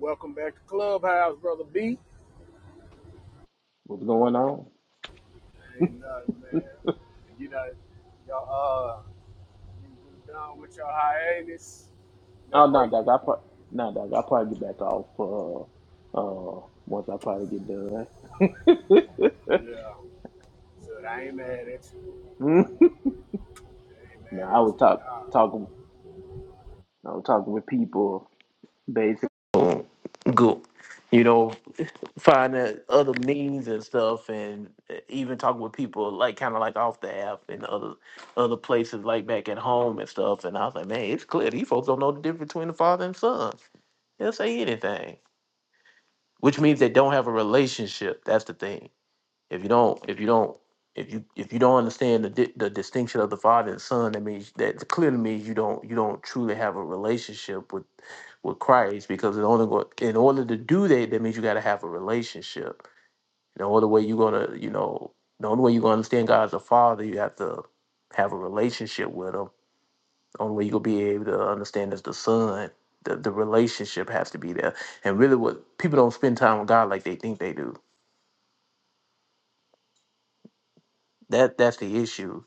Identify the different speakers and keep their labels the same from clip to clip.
Speaker 1: Welcome back to Clubhouse, brother B.
Speaker 2: What's going on?
Speaker 1: Ain't nothing, man. You know, y'all, uh, you done with your hiatus, your
Speaker 2: Oh no,
Speaker 1: break.
Speaker 2: Doc, I pro- no, Doc, I'll probably get back off uh uh once I probably get done.
Speaker 1: Yeah. So I ain't mad at you.
Speaker 2: Mm.
Speaker 1: I ain't mad
Speaker 2: Nah, I
Speaker 1: at
Speaker 2: was
Speaker 1: you
Speaker 2: talk
Speaker 1: at all.
Speaker 2: talking I was talking with people basically go you know, finding other means and stuff and eh, even talking with people like kinda like off the app and other other places like back at home and stuff and I was like, Man, it's clear these folks don't know the difference between the father and son. They'll say anything. which means they don't have a relationship. That's the thing. If you don't, if you don't, if you if you don't understand the di- the distinction of the father and son, that means that clearly means you don't you don't truly have a relationship with with Christ because in order go, in order to do that, that means you got to have a relationship. The only way you're gonna you know the only way you're gonna understand God as a father, you have to have a relationship with him. The only way you're gonna be able to understand is the son. The, the relationship has to be there. And really what people don't spend time with God like they think they do That that's the issue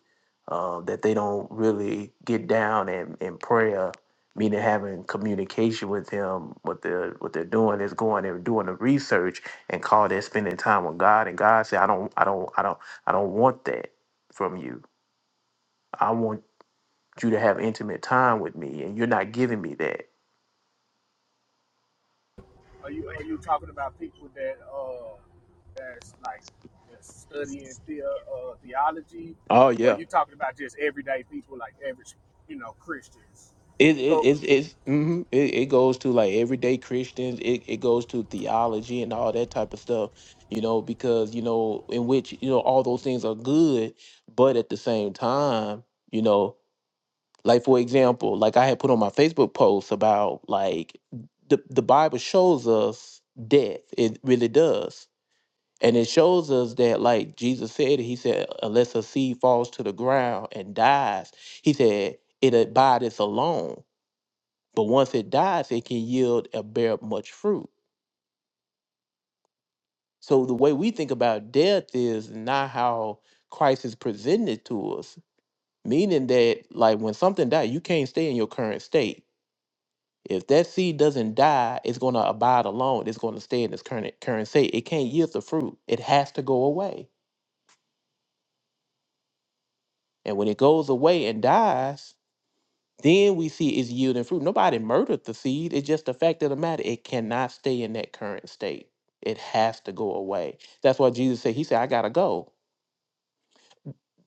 Speaker 2: um, that they don't really get down in, in prayer, meaning having communication with him. What they're what they're doing is going and doing the research and call that spending time with God. And God said, I don't, I don't, I don't, I don't want that from you. I want you to have intimate time with me, and you're not giving me that.
Speaker 1: Are you are you talking about people that uh that's like just studying the, uh, theology,
Speaker 2: Oh
Speaker 1: or
Speaker 2: yeah.
Speaker 1: you talking about just everyday people like average you know Christians?
Speaker 2: It it
Speaker 1: So.
Speaker 2: it's, it's hmm it, it goes to like everyday Christians. It it goes to theology and all that type of stuff, you know, because you know in which you know all those things are good, but at the same time, you know, like for example, like I had put on my Facebook post about like the the Bible shows us death. It really does, and it shows us that like Jesus said, he said, unless a seed falls to the ground and dies, he said it abideth alone but once it dies, it can yield and bear much fruit. So the way we think about death is not how Christ is presented to us, meaning that like when something dies, you can't stay in your current state. If that seed doesn't die, it's going to abide alone. It's going to stay in its current current state. It can't yield the fruit. It has to go away. And when it goes away and dies, Then we see it's yielding fruit. Nobody murdered the seed. It's just the fact of the matter. It cannot stay in that current state. It has to go away. That's why Jesus said, He said, I gotta go.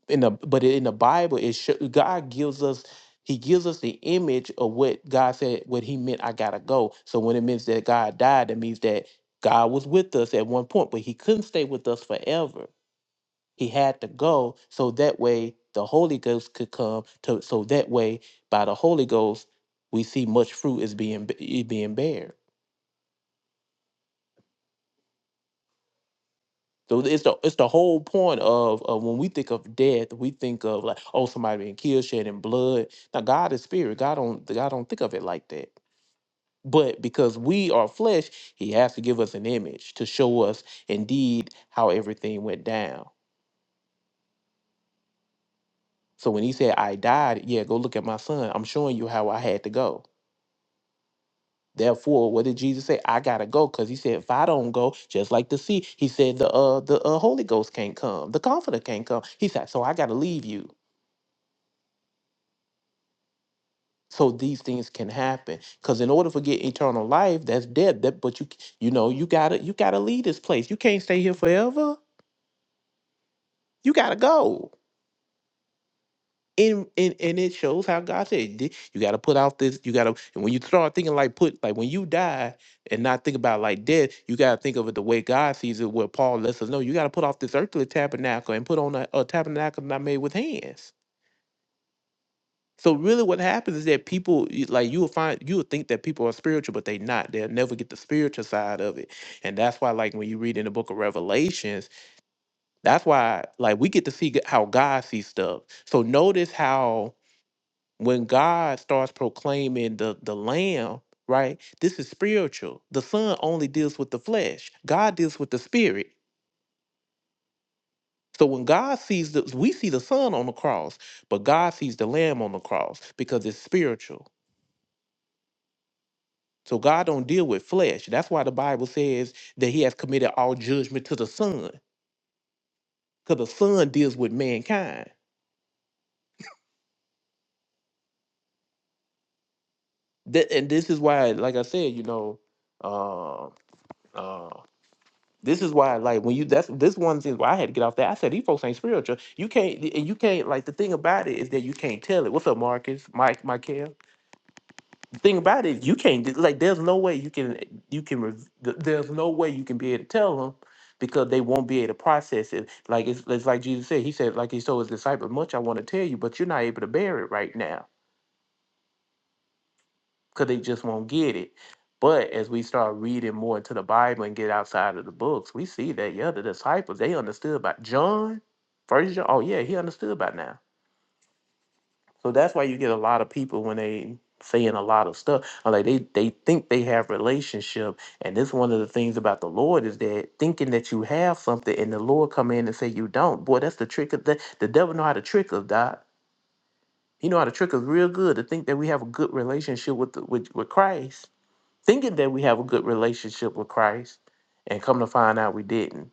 Speaker 2: In the but in the Bible, it sho- God gives us He gives us the image of what God said, what He meant, I gotta go. So when it means that God died, that means that God was with us at one point, but He couldn't stay with us forever. He had to go so that way the Holy Ghost could come. To, so that way, by the Holy Ghost, we see much fruit is being is being bared. So it's the it's the whole point of, of when we think of death, we think of like oh somebody being killed, shedding blood. Now God is spirit. God don't God don't think of it like that. But because we are flesh, He has to give us an image to show us indeed how everything went down. So when He said I died, yeah, go look at my son. I'm showing you how I had to go. Therefore, what did Jesus say? I gotta go, because he said, if I don't go, just like the sea, he said the uh the uh, Holy Ghost can't come, the Comforter can't come. He said, so I gotta leave you. So these things can happen, because in order for get eternal life, that's death. That but you you know you gotta you gotta leave this place. You can't stay here forever. You gotta go. And, and and it shows how God said "Di- you got to put out this you got to and when you start thinking like put like when you die and not think about like death you got to think of it the way God sees it where Paul lets us know you got to put off this earthly tabernacle and put on a, a tabernacle not made with hands so really what happens is that people you- like you'll find you'll think that people are spiritual but they not they'll never get the spiritual side of it and that's why like when you read in the book of Revelations that's why like we get to see g- how God sees stuff so notice how when God starts proclaiming the the lamb, right? This is spiritual. The son only deals with the flesh. God deals with the spirit. So when God sees the we see the son on the cross, but God sees the lamb on the cross because it's spiritual. So God don't deal with flesh. That's why the Bible says that he has committed all judgment to the son cuz the son deals with mankind. That, and this is why like I said, you know, um This is why, like, when you that's this one thing why I had to get off that. I said these folks ain't spiritual. You can't, and you can't like the thing about it is that you can't tell it. What's up, Marcus, Mike, Michael? The thing about it, you can't like. There's no way you can you can. res- th- There's no way you can be able to tell them because they won't be able to process it. Like it's, it's like Jesus said. He said like he told his disciples, "Much I want to tell you, but you're not able to bear it right now." because they just won't get it. But as we start reading more into the Bible and get outside of the books, we see that yeah, the disciples they understood about John, first John. Oh yeah, he understood by now. So that's why you get a lot of people when they saying a lot of stuff. or Like they they think they have relationship, and this one of the things about the Lord is that thinking that you have something, and the Lord come in and say you don't. Boy, that's the trick of the the devil know how to trick us, Doc. He know how to trick us real good to think that we have a good relationship with the, with with Christ thinking that we have a good relationship with Christ and come to find out we didn't.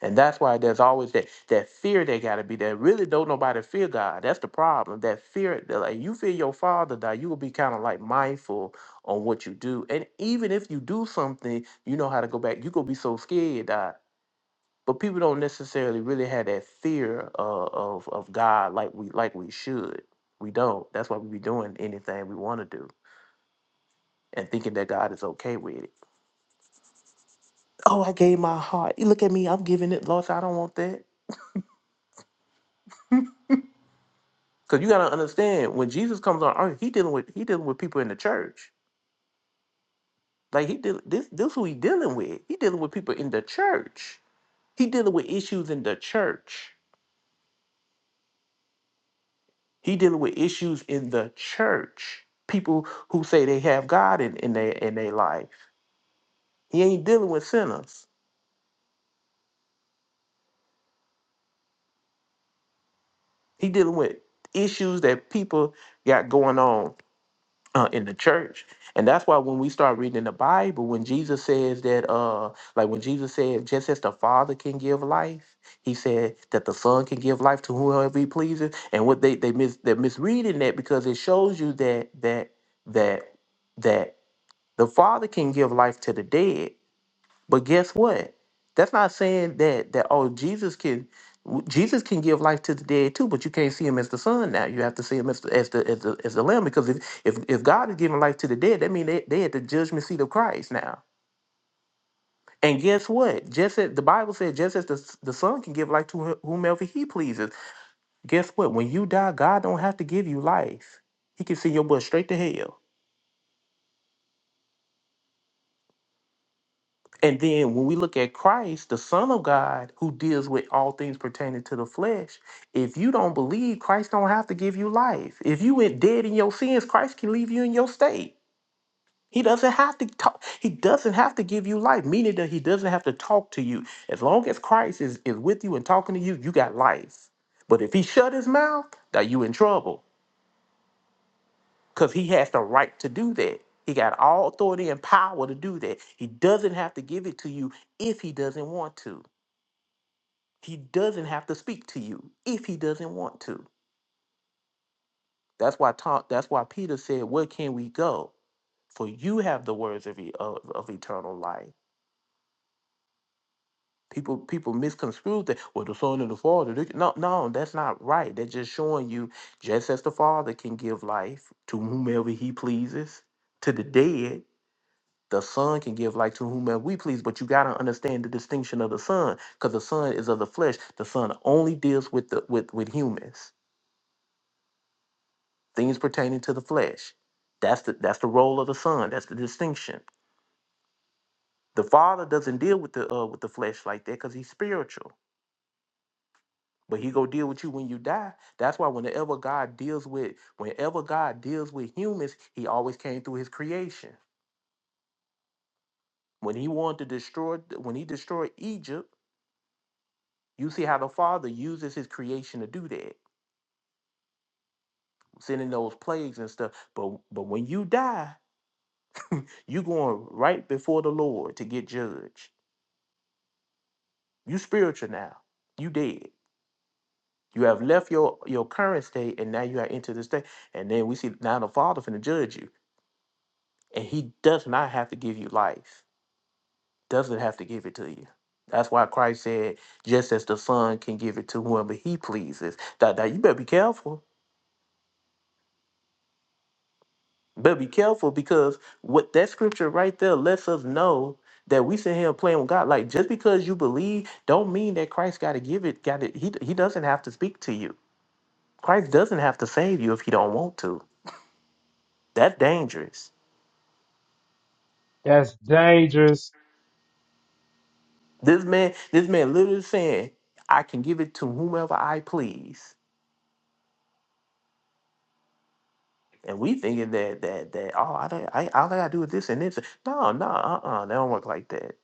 Speaker 2: And that's why there's always that that fear that gotta be there. Really don't nobody fear God. That's the problem. That fear that like you fear your father die, you will be kind of like mindful on what you do. And even if you do something, you know how to go back. You gonna be so scared die. But people don't necessarily really have that fear of, of of God like we like we should. We don't. That's why we be doing anything we want to do and thinking that God is okay with it. Oh, I gave my heart. You Look at me, I'm giving it, Lord. I don't want that. Because you gotta understand, when Jesus comes on earth, he dealing with he dealing with people in the church. Like he deal this this who he dealing with. He dealing with people in the church. He dealing with issues in the church. He dealing with issues in the church. People who say they have God in, in their in their life. He ain't dealing with sinners. He dealing with issues that people got going on uh, in the church. And that's why when we start reading in the Bible, when Jesus says that, uh, like when Jesus said, just as the Father can give life, he said that the Son can give life to whoever he pleases. And what they they mis they're misreading that because it shows you that that that that the Father can give life to the dead, but guess what? That's not saying that that oh Jesus can w- Jesus can give life to the dead too, but you can't see him as the son now. You have to see him as the as the as the, as the lamb because if, if if God is giving life to the dead, that means they they at the judgment seat of Christ now. And guess what? Just as the Bible said, just as the, s- the son can give life to wh- whomever he pleases. Guess what? When you die, God don't have to give you life. He can send your butt straight to hell. And then when we look at Christ, the Son of God, who deals with all things pertaining to the flesh, if you don't believe, Christ don't have to give you life. If you went dead in your sins, Christ can leave you in your state. He doesn't have to talk. He doesn't have to give you life, meaning that he doesn't have to talk to you. As long as Christ is, is with you and talking to you, you got life. But if he shut his mouth, now you in trouble. Because he has the right to do that. He got all authority and power to do that. He doesn't have to give it to you if he doesn't want to. He doesn't have to speak to you if he doesn't want to. That's why Tom, that's why Peter said, "Where can we go? For you have the words of, e- of, of eternal life." People people misconstrue that. Well, the Son and the Father. they No, no, that's not right. They're just showing you, just as the Father can give life to whomever He pleases, to the dead. The Son can give life to whomever we please, but you got to understand the distinction of the Son, because the Son is of the flesh. The Son only deals with the with with humans things pertaining to the flesh. That's the that's the role of the son. That's the distinction. The father doesn't deal with the uh, with the flesh like that because he's spiritual. But he go deal with you when you die. That's why whenever God deals with whenever God deals with humans, he always came through his creation. When he wanted to destroy when he destroyed Egypt, you see how the father uses his creation to do that, sending those plagues and stuff. But but when you die, you going right before the Lord to get judged. You spiritual now. You dead. You have left your your current state, and now you are into the state. And then we see now the Father finna judge you, and He does not have to give you life. Doesn't have to give it to you. That's why Christ said, just as the Son can give it to whoever He pleases. That that you better be careful. Better be careful because what that scripture right there lets us know that we sit here playing with God. Like just because you believe, don't mean that Christ got to give it. Got it. He he doesn't have to speak to you. Christ doesn't have to save you if he don't want to. That's dangerous.
Speaker 3: That's dangerous.
Speaker 2: This man, this man literally saying, I can give it to whomever I please. And we thinking that that that oh I don't I all I gotta do is this and this. No, no, uh-uh, that don't work like that.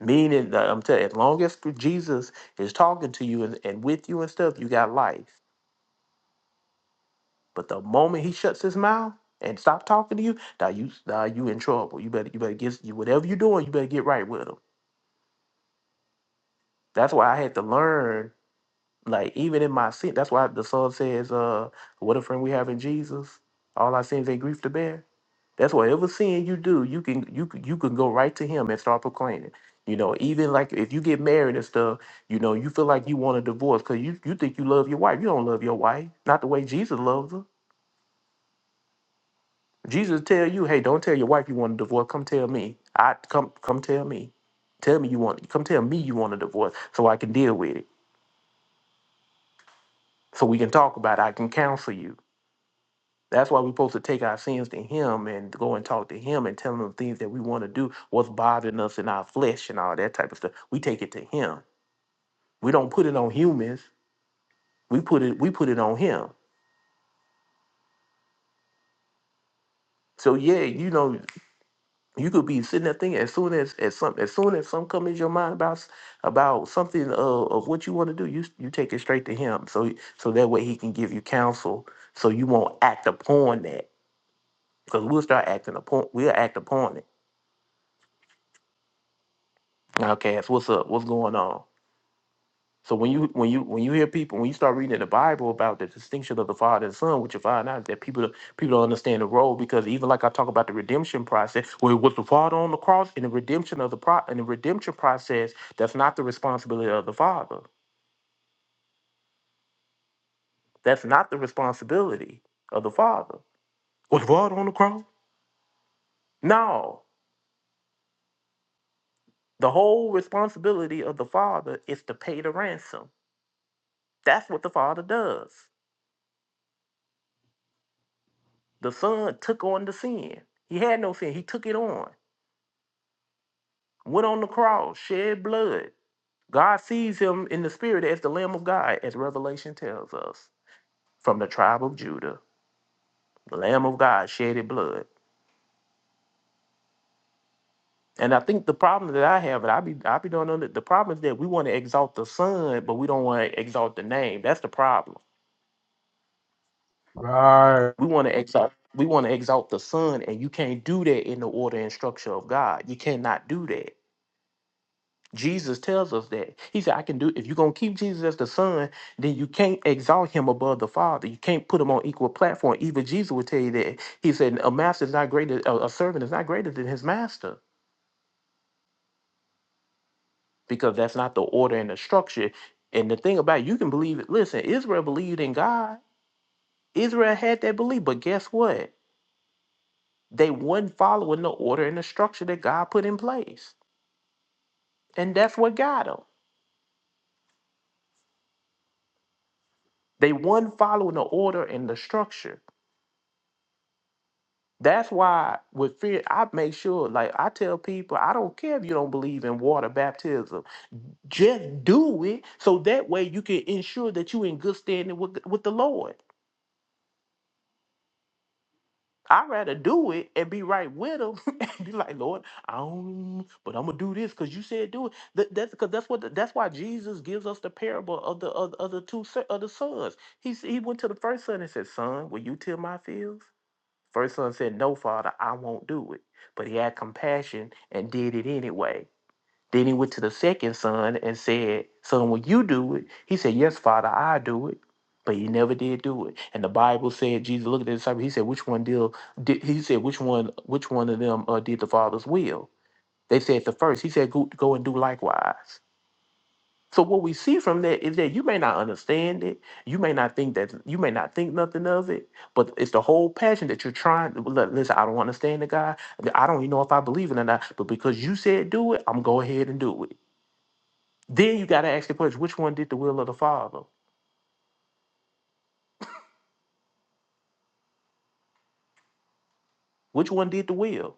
Speaker 2: Meaning that I'm telling you, as long as Jesus is talking to you and, and with you and stuff, you got life. But the moment he shuts his mouth and stop talking to you, now you now you in trouble. You better you better get you whatever you're doing, you better get right with him. That's why I had to learn Like even in my sin, that's why the song says, "Uh, what a friend we have in Jesus." All our sins ain't grief to bear. That's whatever sin you do, you can you can you can go right to Him and start proclaiming. You know, even like if you get married and stuff, you know, you feel like you want a divorce because you you think you love your wife. You don't love your wife, not the way Jesus loves her. Jesus tell you, hey, don't tell your wife you want a divorce. Come tell me. I come come tell me. Tell me you want. Come tell me you want a divorce so I can deal with it. So we can talk about it. I can counsel you That's why we're supposed to take our sins to Him and go and talk to Him and tell Him things that we want to do, what's bothering us in our flesh and all that type of stuff. We take it to Him. We don't put it on humans. We put it. We put it on Him. So yeah, you know, you could be sitting there thinking as soon as as some as soon as something comes in your mind about s- about something uh, of what you want to do, you s- you take it straight to Him. So so that way He can give you counsel. So you won't act upon that because we'll start acting upon we'll act upon it. Okay, so what's up? What's going on? So when you when you when you hear people when you start reading in the Bible about the distinction of the Father and Son, what you find out is that people people don't understand the role because even like I talk about the redemption process, where it was the Father on the cross in the redemption of the pro in the redemption process, that's not the responsibility of the Father. That's not the responsibility of the Father. Was the Father on the cross? No. The whole responsibility of the Father is to pay the ransom. That's what the Father does. The Son took on the sin. He had no sin. He took it on. went on the cross, shed blood. God sees him in the spirit as the Lamb of God, as Revelation tells us, from the tribe of Judah. The Lamb of God shedded blood. And I think the problem that I have, and I be I be don't know that the problem is that we want to exalt the Son, but we don't want to exalt the name. That's the problem.
Speaker 3: All Right.
Speaker 2: We want to exalt we want to exalt the Son, and you can't do that in the order and structure of God. You cannot do that. Jesus tells us that. He said, I can do if you're gonna keep Jesus as the son, then you can't exalt him above the father. You can't put him on equal platform. Even Jesus would tell you that. He said, A master is not greater, a a servant is not greater than his master, because that's not the order and the structure. And the thing about it, you can believe it, listen, Israel believed in God. Israel had that belief, but guess what? They wasn't following the order and the structure that God put in place. And that's what got them. They wasn't following the order and the structure. That's why with fear, I make sure, like I tell people, I don't care if you don't believe in water baptism. Just do it so that way you can ensure that you in good standing with, with the Lord. I'd rather do it and be right with him and be like, Lord, I don't, but I'm gonna do this because you said do it. That, that's because that's what the- that's why Jesus gives us the parable of the of, of the two son- of the sons. He s- he went to the first son and said, Son, will you till my fields? First son said, No, father, I won't do it. But he had compassion and did it anyway. Then he went to the second son and said, Son, will you do it? He said, Yes, father, I do it. But he never did do it. And the Bible said, Jesus looked at the disciples, he said, Which one deal did he said, which one which one of them uh, did the father's will? They said the first. He said, Go, go and do likewise. So what we see from that is that you may not understand it, you may not think that you may not think nothing of it, but it's the whole passion that you're trying. to "Look, Listen, I don't understand the guy. I don't even know if I believe it or not, but because you said do it, I'm go ahead and do it. Then you got to ask the question: Which one did the will of the Father? Which one did the will?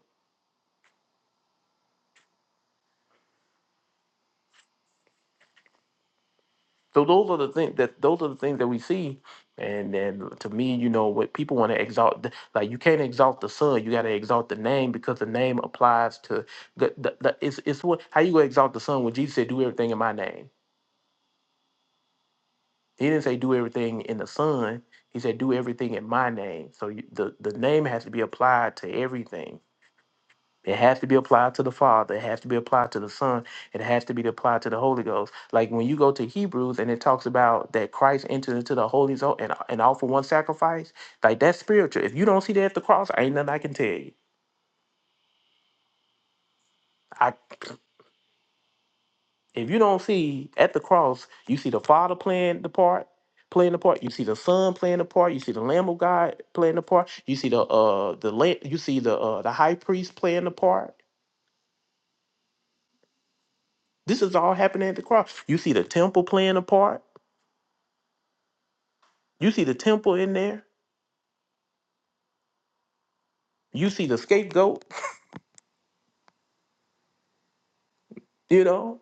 Speaker 2: So those are the things that those are the things that we see. And then to me, you know, what people want to exalt, the- like you can't exalt the son, you got to exalt the name because the name applies to the, the, the it's it's what how you gonna exalt the son when Jesus said, "Do everything in my name." He didn't say do everything in the son. He said, "Do everything in my name." So you, the the name has to be applied to everything It has to be applied to the Father. It has to be applied to the Son. It has to be applied to the Holy Ghost. Like when you go to Hebrews and it talks about that Christ entered into the Holy Zone and, and offered one sacrifice, like that's spiritual. If you don't see that at the cross, ain't nothing I can tell you. I if you don't see at the cross, you see the Father playing the part, playing the part. You see the Son playing the part. You see the Lamb of God playing the part. You see the uh the la- you see the uh the High Priest playing the part. This is all happening at the cross. You see the temple playing a part You see the temple in there. You see the scapegoat. You know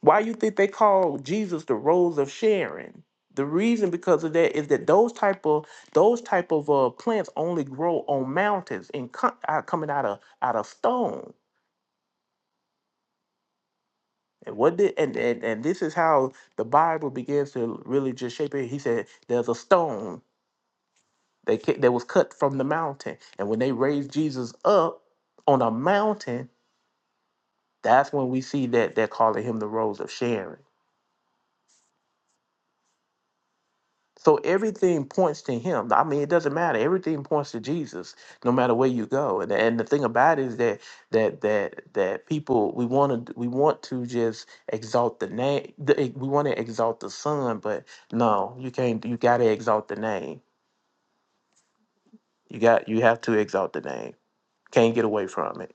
Speaker 2: why you think they call Jesus the rose of Sharon? The reason because of that is that those type of those type of uh, plants only grow on mountains and co- out- coming out of out of stone. And what did and, and and this is how the Bible begins to really just shape it. He said there's a stone that ca- that was cut from the mountain, and when they raised Jesus up on a mountain, that's when we see that they're calling him the rose of Sharon So everything points to him. I mean, it doesn't matter. Everything points to Jesus, no matter where you go. And and the thing about it is that that that that people we want to we want to just exalt the name. we want to exalt the son, but no, you can't. You got to exalt the name. You got you have to exalt the name. Can't get away from it.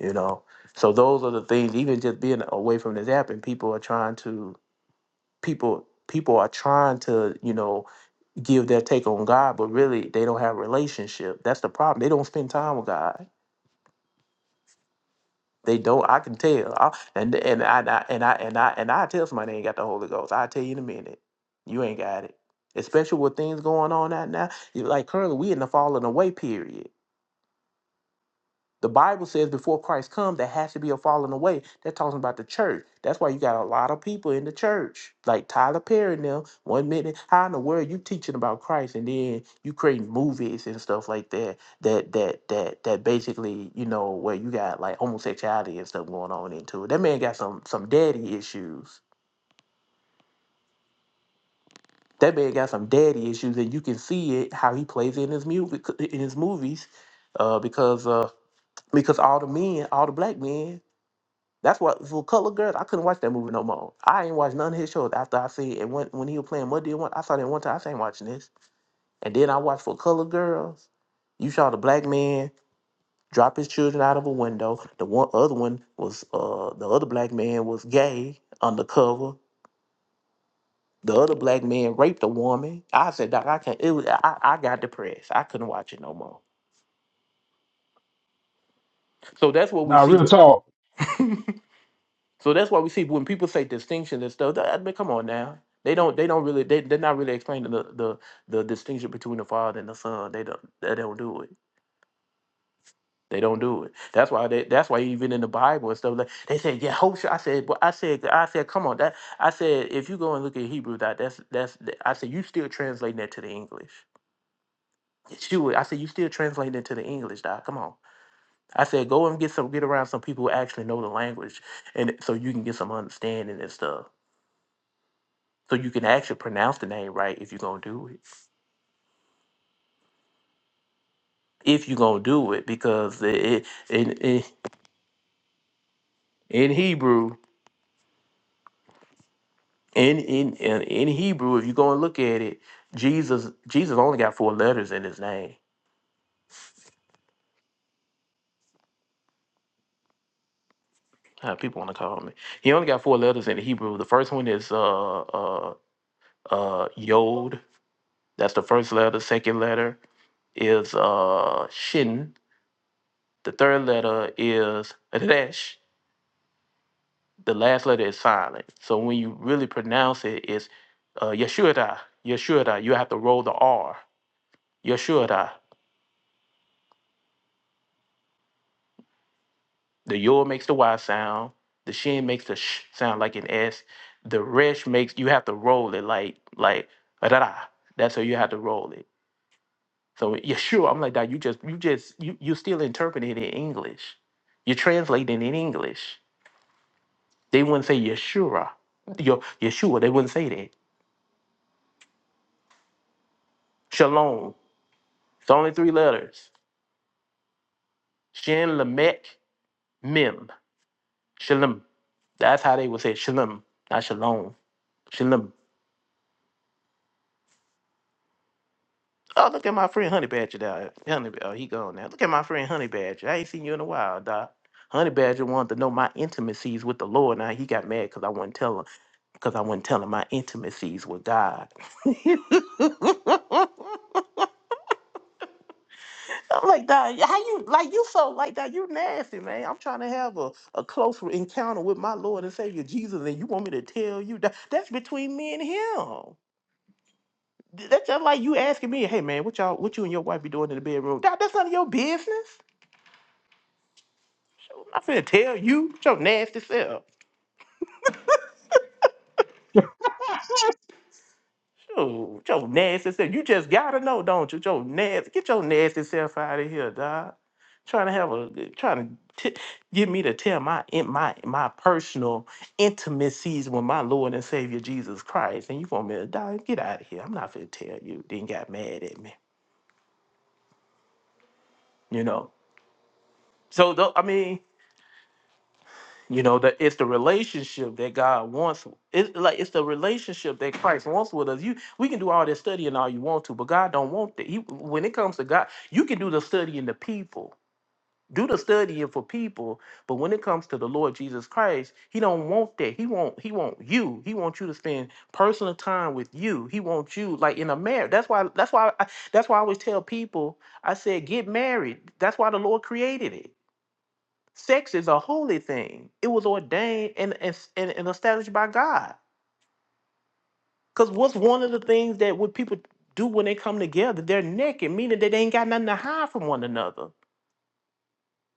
Speaker 2: You know. So those are the things. Even just being away from this app, and people are trying to people people are trying to you know give their take on God, but really they don't have a relationship. That's the problem. They don't spend time with God. They don't. I can tell. I, and and I, and I and I and I and I tell somebody they ain't got the Holy Ghost. I tell you in a minute, you ain't got it. Especially with things going on out now. You- Like currently, we in the falling away period. The Bible says before Christ comes, there has to be a falling away. They're talking about the church. That's why you got a lot of people in the church, like Tyler Perry and them. One minute, how in the world you teaching about Christ, and then you creating movies and stuff like that. That that that that basically, you know, where you got like homosexuality and stuff going on into it. That man got some some daddy issues. That man got some daddy issues, and you can see it how he plays in his music in his movies, uh, because uh, because all the men, all the black men That's why for Cutler Girls, I couldn't watch that movie no more. I ain't watched none of his shows after I see it. And when, when he was playing Muddy and one, I saw that one time. I said, ain't watching this. And then I watched for Color Girls. You saw the black man drop his children out of a window. The one other one was uh the other black man was gay undercover. The other black man raped a woman. I said, Doc, I can't. It was, I, I got depressed. I couldn't watch it no more. So that's what we
Speaker 3: Nah, real
Speaker 2: see.
Speaker 3: talk.
Speaker 2: So that's why we see when people say distinction and stuff. I mean, come on now. They don't. They don't really. They they're not really explaining the the, the distinction between the father and the son. They don't. They don't do it. They don't do it. That's why. They, that's why even in the Bible and stuff like they say yeah, Yahusha. I said. But I said. I said. Come on. That I said. If you go and look at Hebrew, that that's that's. I said you still translating that to the English. Yeshua. I said you still translating it to the English. Doc. Come on. I said go and get some. Get around some people who actually know the language, and so you can get some understanding and stuff. So you can actually pronounce the name right if you're gonna do it. If you're gonna do it, because it, in in in Hebrew, in in in in Hebrew, if you go and look at it, Jesus Jesus only got four letters in his name. Uh, people want to call me. He only got four letters in Hebrew. The first one is uh uh uh Yod. That's the first letter. Second letter is uh Shin. The third letter is Resh. the last letter is silent. So when you really pronounce it, it's uh, Yeshua, Yeshua. You have to roll the R. Yeshua. The Yor makes the Y sound. The Shin makes the Sh sound like an S. The Resh makes you have to roll it like like da. That's how you have to roll it. So Yeshua, I'm like that. You just you just you you still interpreting it in English. You're translating in English. They wouldn't say Yeshua. Yo, Yeshua. They wouldn't say that. Shalom. It's only three letters. Shin Lamech Mim. Shalom. That's how they would say Shalom, not Shalom. Shalom. Oh, look at my friend Honey Badger down there. Honey, oh, he gone now. Look at my friend Honey Badger. I ain't seen you in a while, Doc. Honey Badger wanted to know my intimacies with the Lord. Now he got mad because I wasn't telling because I wasn't telling my intimacies with God. I'm like, dog, how you like you so like that? You nasty, man. I'm trying to have a, a close encounter with my Lord and Savior Jesus, and you want me to tell you that that's between me and him. Th- That's just like you asking me, hey man, what y'all what you and your wife be doing in the bedroom? Dog, that's none of your business. I'm not finna tell you. It's your nasty self. Shoot, your nasty self. You just gotta know, don't you? Your nasty. Get your nasty self out of here, dog. Trying to have a trying to t- get me to tell my in my my personal intimacies with my Lord and Savior Jesus Christ, and you want me to die? Get out of here! I'm not gonna tell you. Then got mad at me, you know. So tho- I mean, You know that it's the relationship that God wants. It's like it's the relationship that Christ wants with us. You, we can do all this studying all you want to, but God don't want that. He, when it comes to God, you can do the studying to people, do the studying for people, but when it comes to the Lord Jesus Christ, He don't want that. He want He want you. He wants you to spend personal time with you. He wants you like in a marriage. That's why. That's why. I, that's why I always tell people. I said, get married. That's why the Lord created it. Sex is a holy thing. It was ordained and and, and, and established by God. Because what's one of the things that what people do when they come together? They're naked, meaning that they ain't got nothing to hide from one another.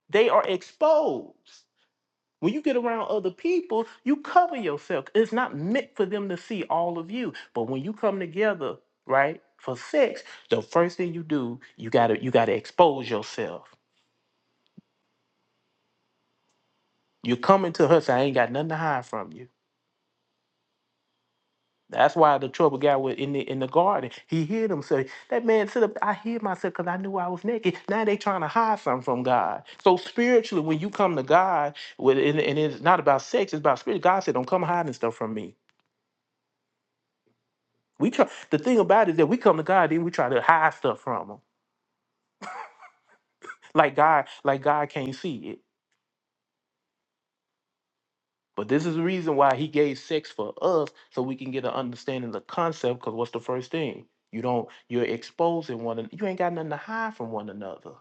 Speaker 2: They are exposed. When you get around other people, you cover yourself. It's not meant for them to see all of you. But when you come together, right, for sex, the first thing you do, you gotta you gotta expose yourself. You're coming to her, so I ain't got nothing to hide from you. That's why the trouble guy was in the in the garden. He hid himself. That man said, "I hid myself because I knew I was naked." Now they trying to hide something from God. So spiritually, when you come to God, with and, and it's not about sex, it's about spirit. God said, "Don't come hiding stuff from me." We try. The thing about it is that we come to God, then we try to hide stuff from Him, like God, like God can't see it. But this is the reason why He gave sex for us, so we can get an understanding of the concept. Because what's the first thing? You don't. You're exposing one. an- You ain't got nothing to hide from one another.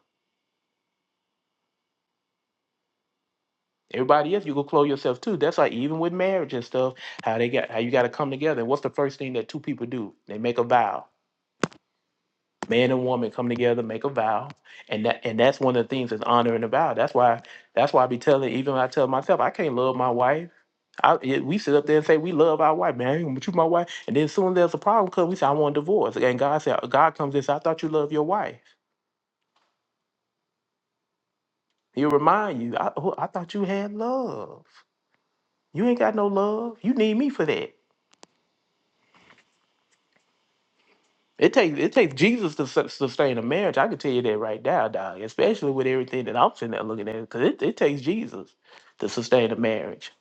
Speaker 2: Everybody else, you go clothe yourself too. That's like even with marriage and stuff, how they got how you got to come together. What's the first thing that two people do? They make a vow. Man and woman come together, make a vow, and that and that's one of the things is honoring the vow. That's why that's why I be telling even I tell myself I can't love my wife. I, it- we sit up there and say we love our wife, man. But you my wife, and then soon there's a problem because we say I want a divorce, and God said God comes and says I thought you love your wife. He'll remind you I, I thought you had love. You ain't got no love. You need me for that. It takes it takes Jesus to sus- sustain a marriage. I can tell you that right now, dog. Especially with everything that I'm sitting there looking at, because it, it takes Jesus to sustain a marriage.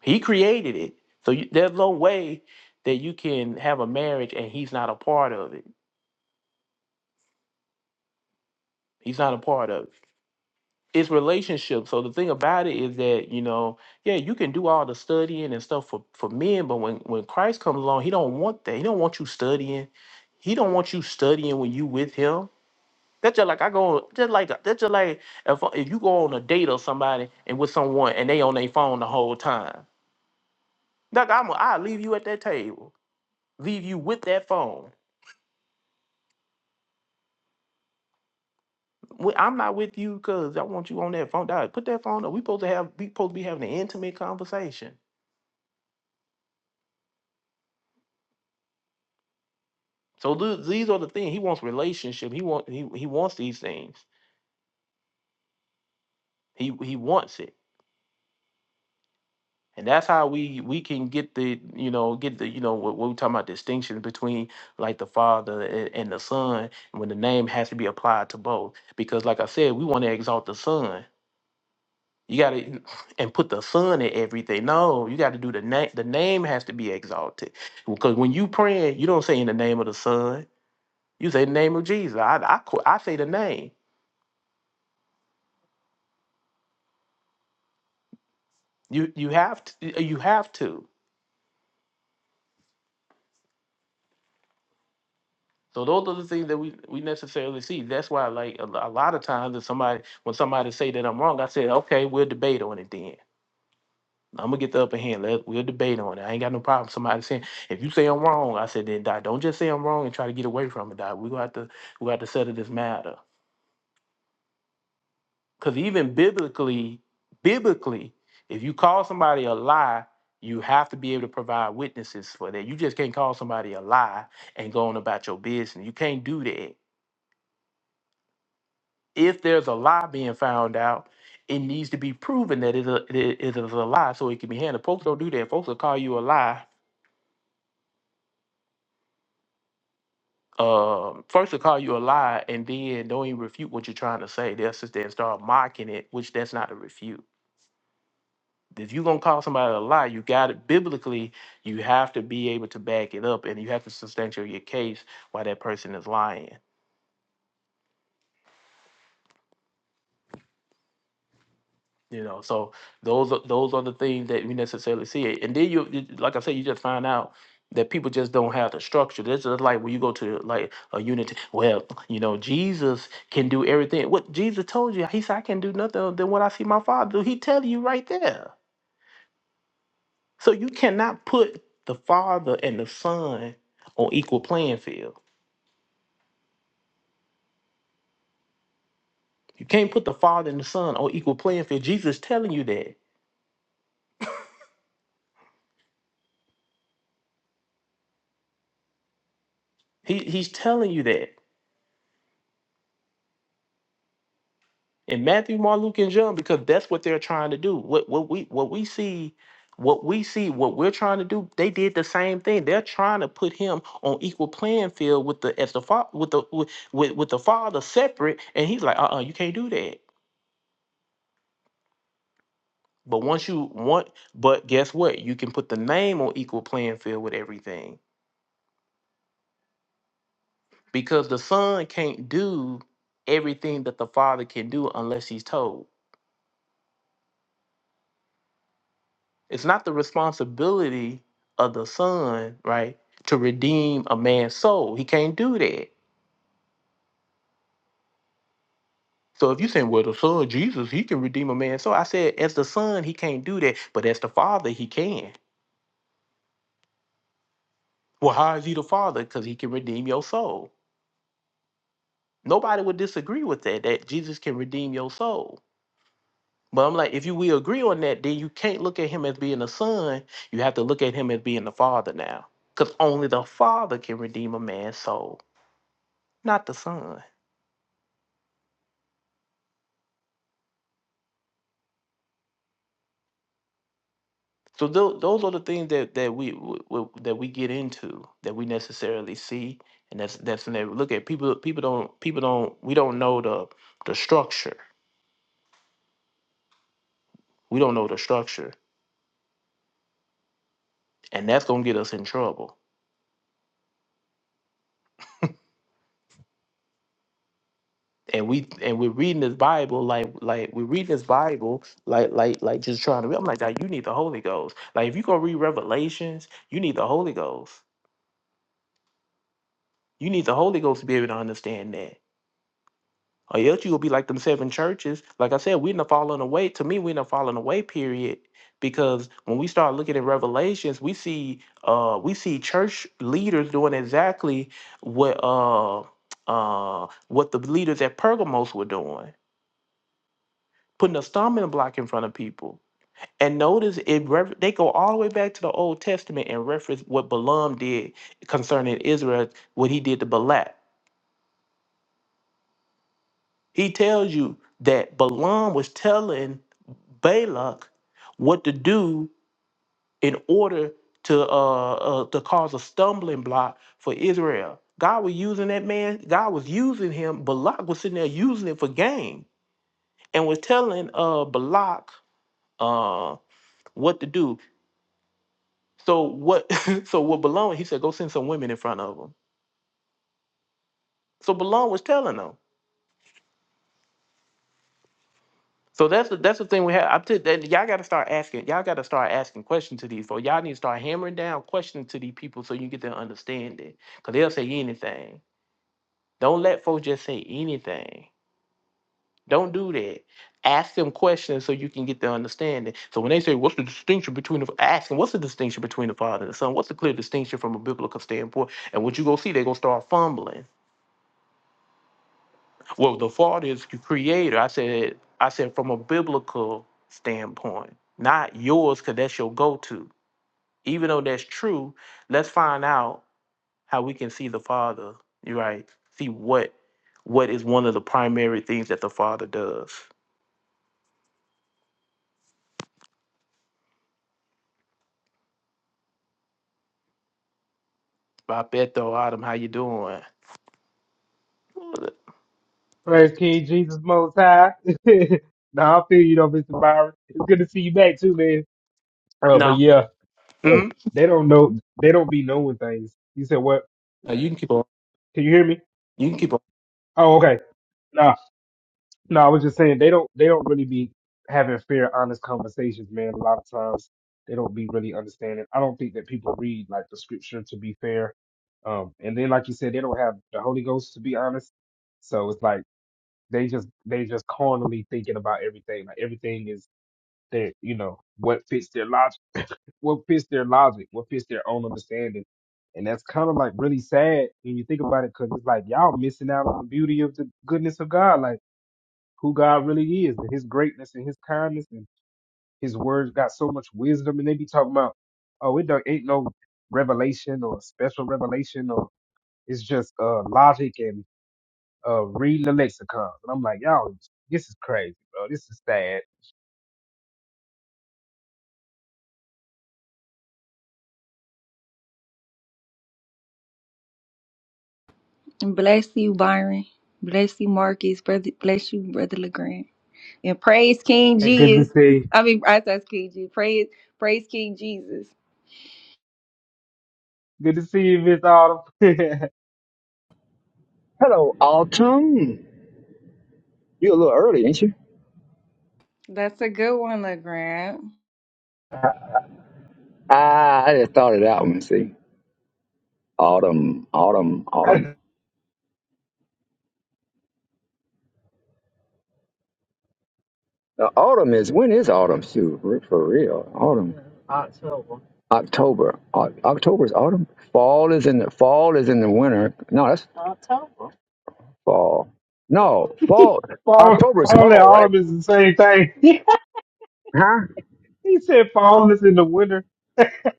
Speaker 2: He created it, so you, there's no way that you can have a marriage and he's not a part of it. He's not a part of it. It's relationship. So the thing about it is that you know, yeah, you can do all the studying and stuff for for men, but when when Christ comes along, he don't want that. He don't want you studying. He don't want you studying when you with him. That's just like I go on, just like that's just like if if you go on a date or somebody and with someone and they on their phone the whole time. Like I'm, I leave you at that table, leave you with that phone. When- I'm not with you because I want you on that phone. Dog, put that phone up. We supposed to have we supposed to be having an intimate conversation. So th- these are the things he wants. Relationship. He want he he wants these things. He he wants it. and that's how we we can get the you know get the you know what, what we talking about distinction between like the father a- and the son when the name has to be applied to both because like i said we want to exalt the son you gotta and put the son in everything no you gotta do the name the name has to be exalted because when you praying you don't say in the name of the son you say in the name of jesus i i, qu- I say the name you you have to you have to So those are the things that we, we necessarily see. That's why, like a, a lot of times, if somebody when somebody say that I'm wrong, I say, okay, we'll debate on it then. I'm gonna get the upper hand. Let we'll debate on it. I ain't got no problem. Somebody saying, if you say I'm wrong, I said then die. Don't just say I'm wrong and try to get away from it, die. We gonna have to we going have to settle this matter. Cause even biblically, biblically, if you call somebody a lie, you have to be able to provide witnesses for that. You just can't call somebody a lie and go on about your business. You can't do that if there's a lie being found out, it needs to be proven that it, a- it it is a lie so it can be handled. Folks don't do that. Folks will call you a lie. Um, first they'll call you a lie and then don't even refute what you're trying to say. They'll sit there and start mocking it, which that's not a refute. If you're gonna call somebody a lie, you got it biblically, you have to be able to back it up and you have to substantiate your case why that person is lying. You know, so those are those are the things that we necessarily see. And then you, you- like I said, you just find out that people just don't have the structure. This is like when you go to like a unity. Well, you know, Jesus can do everything. What Jesus told you, he said, I can do nothing other than what I see my father do. He tell you right there. So you cannot put the father and the son on equal playing field. You can't put the father and the son on equal playing field. Jesus telling you that. He he's telling you that. in Matthew, Mark, Luke, and John because that's what they're trying to do. What what we what we see, what we see, what we're trying to do, they did the same thing. They're trying to put him on equal playing field with the as the father with the with, with with the father separate, and he's like, uh, uh you can't do that. But once you want, but guess what? You can put the name on equal playing field with everything because the son can't do everything that the father can do unless he's told. It's not the responsibility of the son, right, to redeem a man's soul. He can't do that. So if you saying, well, the son, Jesus, he can redeem a man's soul. I said, as the son, he can't do that, but as the father, he can. Well, how is he the father? Because he can redeem your soul. Nobody would disagree with that, that Jesus can redeem your soul. But I'm like, if you we agree on that, then you can't look at him as being the son. You have to look at him as being the father now. Because only the father can redeem a man's soul, not the son. So tho- those are the things that that we, w- w- that we get into that we necessarily see, and that's that's when they look at people. People don't people don't we don't know the the structure. We don't know the structure, and that's gonna get us in trouble. And we and we're reading this Bible like like we're reading this Bible like like like just trying to. read- I'm like, "Nah, you need the Holy Ghost. Like if you gonna read Revelations, you need the Holy Ghost. You need the Holy Ghost to be able to understand that. Or else you will be like them seven churches. Like I said, we're in the falling away. To me, we're in the falling away period. Because when we start looking at Revelations, we see uh we see church leaders doing exactly what uh uh what the leaders at Pergamos were doing, putting a stumbling block in front of people. And notice it refer- they go all the way back to the Old Testament and reference what Balaam did concerning Israel, what he did to Balak. He tells you that Balaam was telling Balak what to do in order to uh, uh to cause a stumbling block for Israel. God was using that man. God was using him. Balak was sitting there using it for gain and was telling uh Balak uh what to do. So what? so what Balaam? He said, go send some women in front of him. So Balaam was telling them. So that's the that's the thing we have. I'm t- that y'all got to start asking. Y'all got to start asking questions to these folks. Y'all need to start hammering down questions to these people so you get their understanding. Cause they'll say anything. Don't let folks just say anything. Don't do that. Ask them questions so you can get their understanding. So when they say, "What's the distinction between the?" f-" Ask them, "What's the distinction between the father and the son? What's the clear distinction from a biblical standpoint?" And what you gonna see, they gonna start fumbling. Well, the Father is the creator. I said, I said from a biblical standpoint, not yours, because that's your go-to. Even though that's true, let's find out how we can see the Father. You're right. See what what is one of the primary things that the Father does. Beto Adam, how you doing?
Speaker 3: Praise King Jesus Most High. nah, I feel you though, Mr. Byron. It's good to see you back too, man. Uh, but
Speaker 2: No.
Speaker 3: yeah, uh,
Speaker 2: Hmm?
Speaker 3: they don't know. They don't be knowing things. You said what?
Speaker 2: Uh, you can keep on.
Speaker 3: Can you hear me?
Speaker 2: You can keep on.
Speaker 3: Oh, okay. Nah, no. I was just saying they don't. They don't really be having fair, honest conversations, man. A lot of times they don't be really understanding. I don't think that people read like the scripture to be fair. Um, and then like you said, they don't have the Holy Ghost to be honest. So it's like. They just they just carnally thinking about everything. Like everything is their you know what fits their logic, what fits their logic, what fits their own understanding, and that's kind of like really sad when you think about it, because it's like y'all missing out on the beauty of the goodness of God, like who God really is, and His greatness and His kindness and His words got so much wisdom, and they be talking about oh it don't, ain't no revelation or special revelation or it's just uh logic and uh, reading the lexicons. And I'm like, y'all, this is crazy, bro. This is sad.
Speaker 4: And Bless you, Byron. Bless you, Marcus. Brother, bless you, Brother Legrand. And praise King
Speaker 3: Hey, good to
Speaker 4: Jesus.
Speaker 3: see.
Speaker 4: I mean, I said King Jesus. Praise, praise King Jesus.
Speaker 3: Good to see you, Miss Autumn.
Speaker 5: Hello, Autumn. You a little early, ain't you?
Speaker 4: That's a good one, Legrand.
Speaker 5: Ah, I just thought it out. Let me see. Autumn, autumn, autumn.
Speaker 3: I-
Speaker 5: Now, autumn is when is autumn, Sue? For for real, autumn. October. O- October is autumn. Fall is in the fall is in the winter. No, that's fall. No, fall.
Speaker 3: fall,
Speaker 5: October is
Speaker 3: fall and
Speaker 5: fall, right?
Speaker 3: autumn is the same thing.
Speaker 5: Huh?
Speaker 3: he said fall is in the winter.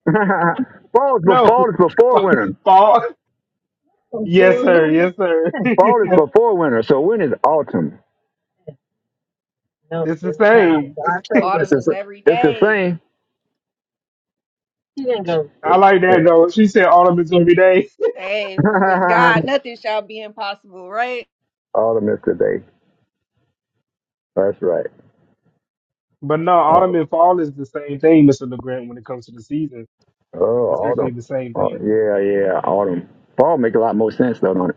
Speaker 5: fall is before
Speaker 3: No,
Speaker 5: fall is before winter.
Speaker 3: fall. Yes, sir. Yes, sir.
Speaker 5: Fall is before winter. So when is autumn? No,
Speaker 3: it's the
Speaker 5: It's wow.
Speaker 3: same.
Speaker 5: October. It's
Speaker 4: Autumn
Speaker 5: the,
Speaker 4: is
Speaker 5: s-
Speaker 4: every
Speaker 5: it's
Speaker 4: day.
Speaker 5: the
Speaker 3: I like that though. She said autumn is every day.
Speaker 4: Hey, for with
Speaker 5: same.
Speaker 4: God, nothing shall be impossible, right?
Speaker 5: Autumn is today. That's right.
Speaker 3: But no,
Speaker 5: Oh,
Speaker 3: autumn and fall is the same thing, Mr. LeGrand, when it comes to the season.
Speaker 5: oh,
Speaker 3: It's actually
Speaker 5: autumn.
Speaker 3: the same
Speaker 5: Oh,
Speaker 3: thing.
Speaker 5: yeah, yeah, autumn. Fall make a lot more sense though, don't it?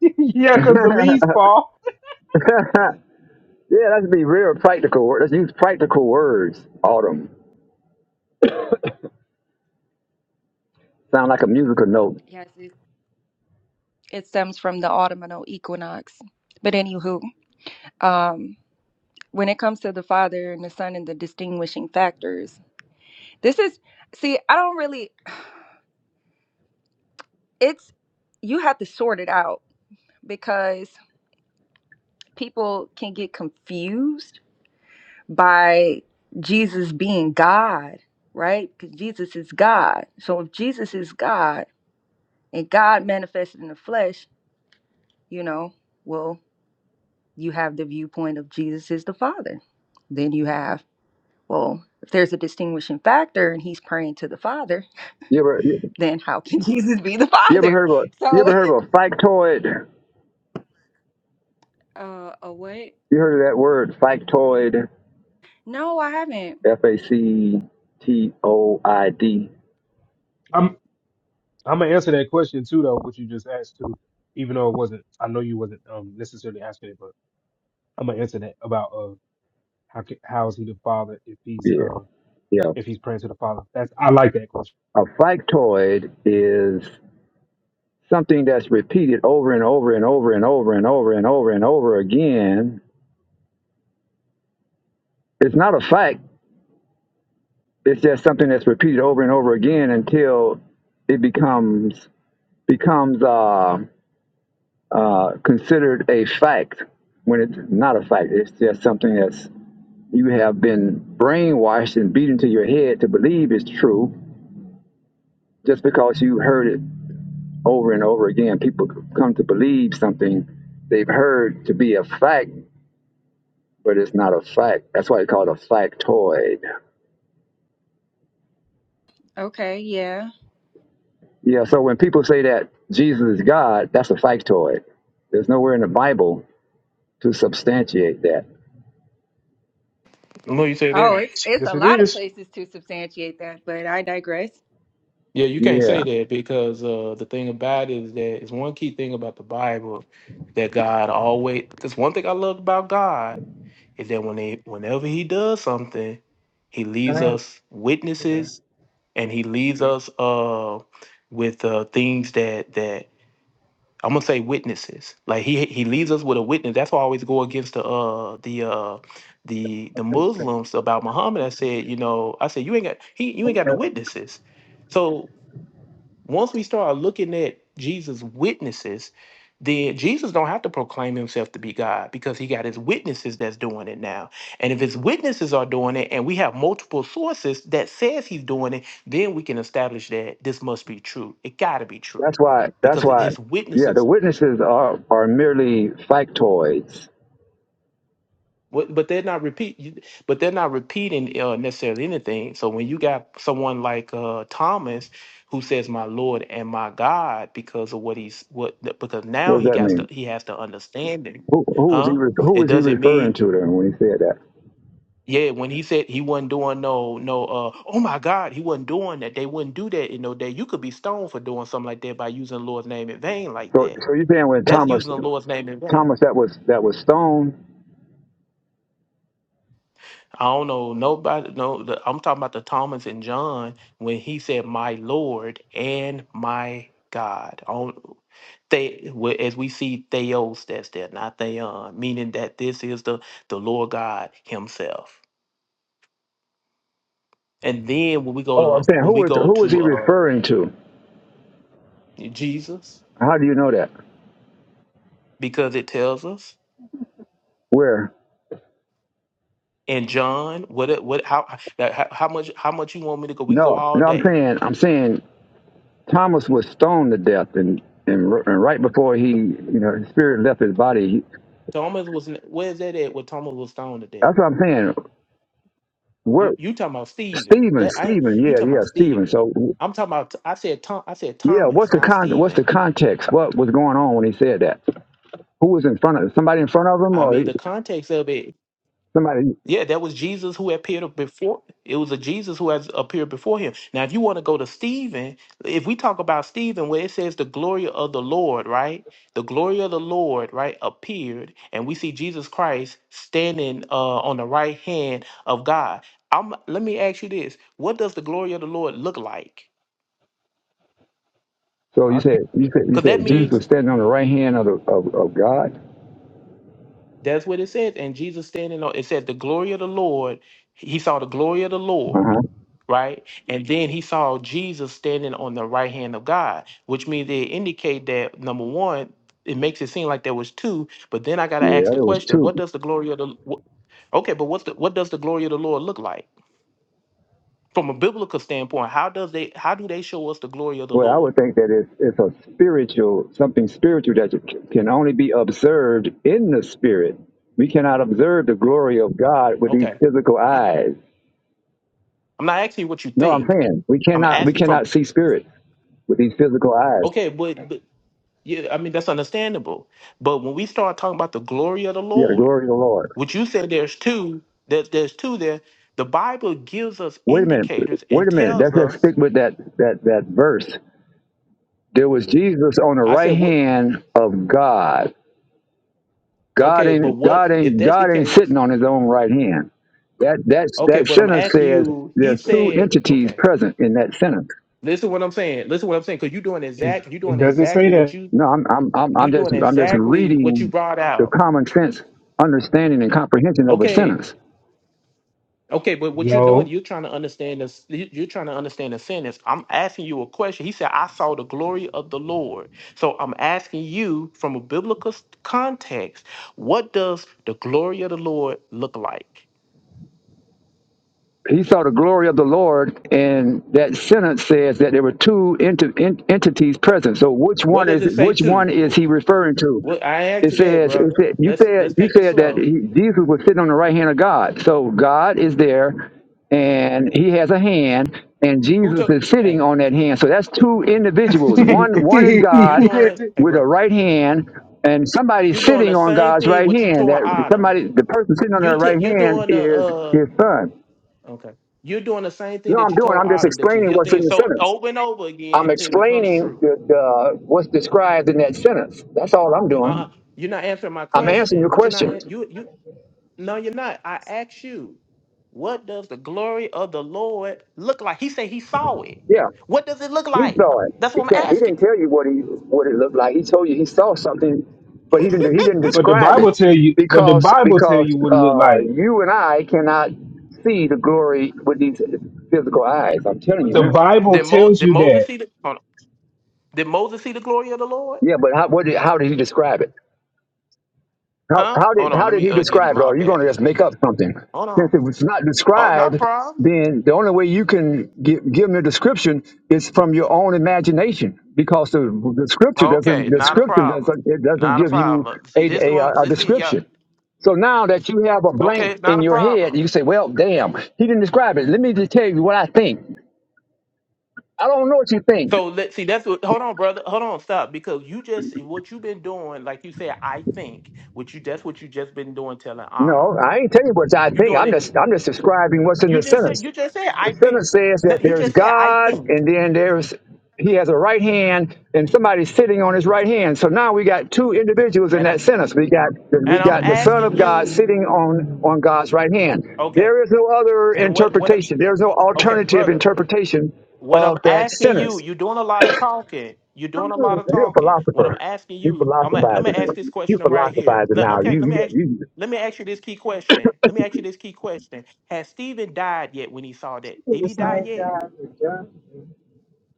Speaker 3: yeah,
Speaker 5: yeah,
Speaker 3: because the leaves fall.
Speaker 5: that that's be real practical. word- Let's use practical words. Autumn sound like a musical note.
Speaker 4: Yes, it, it stems from the autumnal equinox. But anywho, um, when it comes to the Father and the Son and the distinguishing factors, this is see, I don't really. It's you have to sort it out because people can get confused by Jesus being God, right? Because Jesus is God. So if Jesus is God and God manifested in the flesh, you know, well, you have the viewpoint of Jesus is the Father. Then you have, well, if there's a distinguishing factor and he's praying to the Father,
Speaker 5: You ever you,
Speaker 4: then how can Jesus be the
Speaker 5: you ever
Speaker 4: Father?
Speaker 5: heard of a you
Speaker 4: So,
Speaker 5: ever heard of a factoid?
Speaker 4: uh, oh, wait,
Speaker 5: You heard of that word factoid?
Speaker 4: No, I haven't.
Speaker 5: F A C T O I D.
Speaker 3: I'm gonna answer that question too, though, what you just asked too, even though it wasn't. I know you wasn't um, necessarily asking it, but I'm gonna answer that about uh, how ca- how is he the father if he's
Speaker 5: Yeah,
Speaker 3: uh,
Speaker 5: yeah.
Speaker 3: if he's praying to the father? That's I like that question.
Speaker 5: A factoid is something that's repeated over and over and over and over and over and over and over again, it's not a fact. It's just something that's repeated over and over again until it becomes becomes uh, uh, considered a fact. When it's not a fact, it's just something that's you have been brainwashed and beat into your head to believe is true just because you heard it over and over again. People come to believe something they've heard to be a fact but it's not a fact. That's why it's called a factoid.
Speaker 4: Okay, yeah.
Speaker 5: Yeah, so when people say that Jesus is God, that's a factoid. There's nowhere in the Bible to substantiate that.
Speaker 2: What you say
Speaker 4: Oh,
Speaker 2: there.
Speaker 4: it's it's
Speaker 3: Yes,
Speaker 4: a
Speaker 3: it
Speaker 4: lot of
Speaker 3: is.
Speaker 4: places to substantiate that, but I digress.
Speaker 2: Yeah, you can't
Speaker 5: Yeah.
Speaker 2: say that because uh, the thing about it is that it's one key thing about the Bible that God always. Because one thing I love about God is that when they, whenever He does something, He leaves us witnesses and He leaves us uh, with uh, things that that I'm gonna say witnesses. Like He He leaves us with a witness. That's why I always go against the uh, the uh, the the Muslims about Muhammad. I said, you know, I said you ain't got he you ain't got no witnesses. So once we start looking at Jesus' witnesses, then Jesus don't have to proclaim himself to be God because he got his witnesses that's doing it now. And if his witnesses are doing it and we have multiple sources that says he's doing it, then we can establish that this must be true. It got to be true
Speaker 5: That's why that's
Speaker 2: because
Speaker 5: why
Speaker 2: his
Speaker 5: yeah,
Speaker 2: witnesses
Speaker 5: the witnesses are are merely factoids.
Speaker 2: What, but they're not repeat. you- But they're not repeating uh, necessarily anything. So when you got someone like uh, Thomas, who says "My Lord and my God" because of what he's what because
Speaker 5: What
Speaker 2: now
Speaker 5: does
Speaker 2: he
Speaker 5: that
Speaker 2: got to
Speaker 5: mean?
Speaker 2: he has to understand it,
Speaker 5: Who who was he
Speaker 2: huh?
Speaker 5: re- who
Speaker 2: It
Speaker 5: was he
Speaker 2: doesn't
Speaker 5: referring
Speaker 2: mean
Speaker 5: to then when he said that?
Speaker 2: yeah. When he said he wasn't doing no no uh oh my God, he wasn't doing that. They wouldn't do that in no day. You could be stoned for doing something like that by using the Lord's name in vain like
Speaker 5: So
Speaker 2: that.
Speaker 5: so you're saying when
Speaker 2: That's
Speaker 5: Thomas
Speaker 2: using the Lord's name in vain.
Speaker 5: Thomas that was that was stone?
Speaker 2: I don't know nobody. No, the, I'm talking about the Thomas and John when he said, "My Lord and my God." On they, well, as we see Theos, that's there, not Theon, meaning that this is the the Lord God Himself. And then when we go
Speaker 5: Oh, I'm
Speaker 2: to
Speaker 5: saying
Speaker 2: when
Speaker 5: who
Speaker 2: we
Speaker 5: was
Speaker 2: go
Speaker 5: who was
Speaker 2: to
Speaker 5: he
Speaker 2: uh
Speaker 5: referring to?
Speaker 2: Jesus,
Speaker 5: How do you know that?
Speaker 2: because it tells us
Speaker 5: Where?
Speaker 2: in John what it what how how, how much how much you want me to go? We can go
Speaker 5: No,
Speaker 2: all
Speaker 5: no, I'm
Speaker 2: day.
Speaker 5: saying, I'm saying Thomas was stoned to death, and and, r- and right before he, you know, his spirit left his body. He,
Speaker 2: Thomas was where's that at? Where Thomas was stoned to death.
Speaker 5: that's what I'm saying. Where
Speaker 2: You you talking about Stephen?
Speaker 5: Stephen,
Speaker 2: That I
Speaker 5: Stephen,
Speaker 2: you
Speaker 5: yeah,
Speaker 2: talking
Speaker 5: yeah,
Speaker 2: about
Speaker 5: Stephen.
Speaker 2: Stephen?
Speaker 5: So,
Speaker 2: I'm talking about. I said Tom. I said
Speaker 5: yeah, what's
Speaker 2: Thomas,
Speaker 5: the
Speaker 2: not
Speaker 5: con? What's the
Speaker 2: Stephen.
Speaker 5: context? What was going on when he said that? Who was in front of somebody in front of him,
Speaker 2: I
Speaker 5: or he,
Speaker 2: mean the context of it.
Speaker 5: somebody?
Speaker 2: Yeah, that was Jesus who appeared before. It was a Jesus who has appeared before him. Now, if you want to go to Stephen, if we talk about Stephen, where it says the glory of the Lord, right? The glory of the Lord, right, appeared, and we see Jesus Christ standing uh, on the right hand of God. I'm, let me ask you this: What does the glory of the Lord look like?
Speaker 5: So
Speaker 3: I
Speaker 5: you said,
Speaker 3: can't,
Speaker 5: you said, you
Speaker 2: Because
Speaker 5: said
Speaker 2: that means
Speaker 5: Jesus
Speaker 3: Jesus.
Speaker 5: was standing on the right hand of the, of, of God.
Speaker 2: That's what it says. And Jesus standing on it said the glory of the Lord. He saw the glory of the
Speaker 5: Uh
Speaker 2: Lord,
Speaker 5: huh.
Speaker 2: right? And then he saw Jesus standing on the right hand of God, which means it indicate that number one, it makes it seem like there was two. But then I gotta
Speaker 5: Yeah,
Speaker 2: ask the
Speaker 5: it was
Speaker 2: question:
Speaker 5: two.
Speaker 2: What does the glory of the what, okay? But what's the what does the glory of the Lord look like from a biblical standpoint? How does they how do they show us the glory of the
Speaker 5: Well, I
Speaker 2: Lord?
Speaker 5: would think that it's, it's a spiritual, something spiritual that you c- can only be observed in the spirit. We cannot observe the glory of God with these
Speaker 2: Okay,
Speaker 5: physical
Speaker 2: I-
Speaker 5: eyes.
Speaker 2: I'm not asking you what you
Speaker 5: No, I'm
Speaker 2: think.
Speaker 5: saying we
Speaker 2: I'm
Speaker 5: cannot we
Speaker 2: asking
Speaker 5: cannot
Speaker 2: from
Speaker 5: see spirit with these physical eyes.
Speaker 2: okay, but but Yeah, I mean that's understandable. But when we start talking about the glory of the
Speaker 5: Yeah, the
Speaker 2: Lord,
Speaker 5: glory of the Lord.
Speaker 2: which you said there's two, there's there's two there. The Bible gives us
Speaker 5: Wait a minute.
Speaker 2: indicators
Speaker 5: Wait
Speaker 2: and
Speaker 5: a minute.
Speaker 2: tells
Speaker 5: Let's just
Speaker 2: us.
Speaker 5: stick with that that that verse. There was Jesus on the
Speaker 2: I said
Speaker 5: right
Speaker 2: what?
Speaker 5: hand of God. God
Speaker 2: Okay, but
Speaker 5: ain't
Speaker 2: what
Speaker 5: God
Speaker 2: if
Speaker 5: ain't
Speaker 2: that's the
Speaker 5: God ain't
Speaker 2: case?
Speaker 5: sitting on his own right hand. That that's
Speaker 2: Okay,
Speaker 5: that
Speaker 2: but I'm
Speaker 5: sentence
Speaker 2: asking
Speaker 5: says
Speaker 2: you. He
Speaker 5: there's two
Speaker 2: said,
Speaker 5: entities
Speaker 2: okay.
Speaker 5: present in that sentence.
Speaker 2: Listen what I'm saying. Listen what I'm saying. Because you're doing
Speaker 3: It
Speaker 2: exact. You're
Speaker 3: it
Speaker 2: doing
Speaker 3: doesn't say
Speaker 2: exactly what
Speaker 3: that.
Speaker 2: you.
Speaker 5: No, I'm I'm I'm,
Speaker 2: You're
Speaker 5: I'm just
Speaker 2: doing
Speaker 5: I'm just
Speaker 2: exactly what you
Speaker 5: reading
Speaker 2: brought
Speaker 5: the
Speaker 2: out.
Speaker 5: common sense understanding and comprehension of a
Speaker 2: Okay.
Speaker 5: sentence.
Speaker 2: Okay, but what you're doing,
Speaker 3: No.
Speaker 2: you're trying to understand this. you- You're trying to understand the sentence. I'm asking you a question. He said, "I saw the glory of the Lord." So I'm asking you, from a biblical s- context, what does the glory of the Lord look like?
Speaker 5: he saw the glory of the Lord, and that sentence says that there were two ent- ent- entities present. So which
Speaker 2: What
Speaker 5: one
Speaker 2: does
Speaker 5: is
Speaker 2: it say
Speaker 5: which
Speaker 2: too?
Speaker 5: one is
Speaker 2: Wh-
Speaker 5: he referring to?
Speaker 2: What I asked
Speaker 5: It
Speaker 2: you that,
Speaker 5: says, it
Speaker 2: brother.
Speaker 5: said, you
Speaker 2: Let's
Speaker 5: said
Speaker 2: let's
Speaker 5: you
Speaker 2: take it
Speaker 5: said that
Speaker 2: slow.
Speaker 5: he, Jesus was sitting on the right hand of God. So God is there, and He has a hand, and
Speaker 2: Who
Speaker 5: Jesus
Speaker 2: took?
Speaker 5: is sitting
Speaker 2: Hey,
Speaker 5: on that hand. So that's two
Speaker 3: but
Speaker 5: individuals. One one is
Speaker 2: you
Speaker 5: God
Speaker 2: doing?
Speaker 3: the
Speaker 2: Hey,
Speaker 5: with a
Speaker 2: bro,
Speaker 5: right hand, and somebody
Speaker 2: you're doing
Speaker 5: sitting
Speaker 2: the
Speaker 5: on
Speaker 2: same
Speaker 5: God's
Speaker 2: thing
Speaker 5: right
Speaker 2: what you
Speaker 5: hand.
Speaker 2: told
Speaker 5: That
Speaker 2: Adam.
Speaker 5: somebody, the person sitting on
Speaker 2: You
Speaker 5: their right
Speaker 2: took. you're
Speaker 5: hand
Speaker 2: doing the.
Speaker 5: is
Speaker 2: uh,
Speaker 5: His Son.
Speaker 2: Okay. You're doing the same thing
Speaker 5: No,
Speaker 2: that
Speaker 5: I'm
Speaker 2: you
Speaker 5: doing.
Speaker 2: told
Speaker 5: I'm just
Speaker 2: Autumn that you
Speaker 5: explaining
Speaker 2: hear
Speaker 5: what's in
Speaker 2: things
Speaker 5: the
Speaker 2: so
Speaker 5: sentence.
Speaker 2: over and over
Speaker 5: I'm
Speaker 2: again till it becomes
Speaker 5: explaining
Speaker 2: true.
Speaker 5: the, the, what's described in that sentence. That's all I'm
Speaker 2: Uh,
Speaker 5: doing.
Speaker 2: uh you're not answering my
Speaker 5: I'm answering
Speaker 2: question,
Speaker 5: your
Speaker 2: but you're not
Speaker 5: question.
Speaker 2: an- you you no, you're not. I asked you, what does the glory of the Lord look like? He said he saw it.
Speaker 5: Yeah,
Speaker 2: What does it look
Speaker 5: he
Speaker 2: like?
Speaker 5: saw it.
Speaker 2: That's
Speaker 5: He
Speaker 2: what I'm
Speaker 5: can't. He didn't
Speaker 2: asking.
Speaker 5: tell you what he what it looked like. He told you he saw something, but he didn't. He didn't describe it
Speaker 3: Bible tell you. But the
Speaker 5: because
Speaker 3: Bible tell you
Speaker 5: because
Speaker 3: what it look
Speaker 5: uh,
Speaker 3: like.
Speaker 5: you and I cannot see the glory with these physical eyes. I'm telling you
Speaker 3: The
Speaker 5: now.
Speaker 3: Bible
Speaker 2: Did, Mo,
Speaker 3: tells
Speaker 2: did
Speaker 3: you
Speaker 2: Moses
Speaker 3: that.
Speaker 2: see the hold on. Did Moses see the glory of the Lord?
Speaker 5: Yeah, but how what did, how did he describe it? How,
Speaker 2: Huh?
Speaker 5: how did
Speaker 2: Hold on,
Speaker 5: how
Speaker 2: let
Speaker 5: did
Speaker 2: me
Speaker 5: he
Speaker 2: uh get him
Speaker 5: describe it? Or
Speaker 2: my
Speaker 5: are you going
Speaker 2: back.
Speaker 5: to just make up something?
Speaker 2: Hold on.
Speaker 5: Since it was not
Speaker 2: Oh, not a
Speaker 5: described,
Speaker 2: problem.
Speaker 5: then the only way you can give, give him a description is from your own imagination, because the, the scripture doesn't
Speaker 2: Okay,
Speaker 5: the
Speaker 2: not a
Speaker 5: scripture
Speaker 2: problem.
Speaker 5: doesn't it doesn't
Speaker 2: Not a
Speaker 5: give you
Speaker 2: problem. See
Speaker 5: a,
Speaker 2: this
Speaker 5: a,
Speaker 2: one.
Speaker 5: a
Speaker 2: This see y'all.
Speaker 5: description. So now that you have a blank
Speaker 2: Okay, not
Speaker 5: in
Speaker 2: a
Speaker 5: your head,
Speaker 2: problem.
Speaker 5: you say, "Well, damn, he didn't describe it. Let me just tell you what I think. I don't know what you think.
Speaker 2: So let's see. That's what. Hold on, brother. Hold on. Stop. Because you just what you've been doing, like you said, I think. What you that's what you just been doing, telling Autumn.
Speaker 5: No, I ain't telling you what I
Speaker 2: You
Speaker 5: think.
Speaker 2: doing
Speaker 5: I'm
Speaker 2: it. You,
Speaker 5: just I'm just describing what's in
Speaker 2: you
Speaker 5: the
Speaker 2: just said.
Speaker 5: sentence.
Speaker 2: You just said.
Speaker 5: The
Speaker 2: I think.
Speaker 5: sentence says that
Speaker 2: No, you
Speaker 5: there is
Speaker 2: just said. I
Speaker 5: God,
Speaker 2: think.
Speaker 5: and then there's He has a right hand, and somebody's sitting on His right hand. So now we got two individuals in
Speaker 2: And I,
Speaker 5: that sentence. We got we
Speaker 2: and I'm
Speaker 5: got the Son of
Speaker 2: asking
Speaker 5: God
Speaker 2: you.
Speaker 5: sitting on on God's right hand.
Speaker 2: Okay.
Speaker 5: There is no other
Speaker 2: And what what?
Speaker 5: interpretation. There's no
Speaker 2: Okay,
Speaker 5: alternative
Speaker 2: brother.
Speaker 5: interpretation
Speaker 2: What I'm
Speaker 5: of that
Speaker 2: asking you,
Speaker 5: sentence.
Speaker 2: you're doing a lot of talking. You're doing a lot of
Speaker 5: You're a
Speaker 2: talking. What I'm
Speaker 5: philosopher.
Speaker 2: asking
Speaker 5: You
Speaker 2: you, I'm a- let me
Speaker 5: philosophizing.
Speaker 2: ask this
Speaker 5: You
Speaker 2: question right here.
Speaker 5: philosophizing
Speaker 2: Le-
Speaker 5: now.
Speaker 2: okay, let
Speaker 5: You
Speaker 2: me ask.
Speaker 5: you
Speaker 2: Let me ask you this key question. Let me ask you this key question. Has Stephen died yet when he saw that? Did he die yet?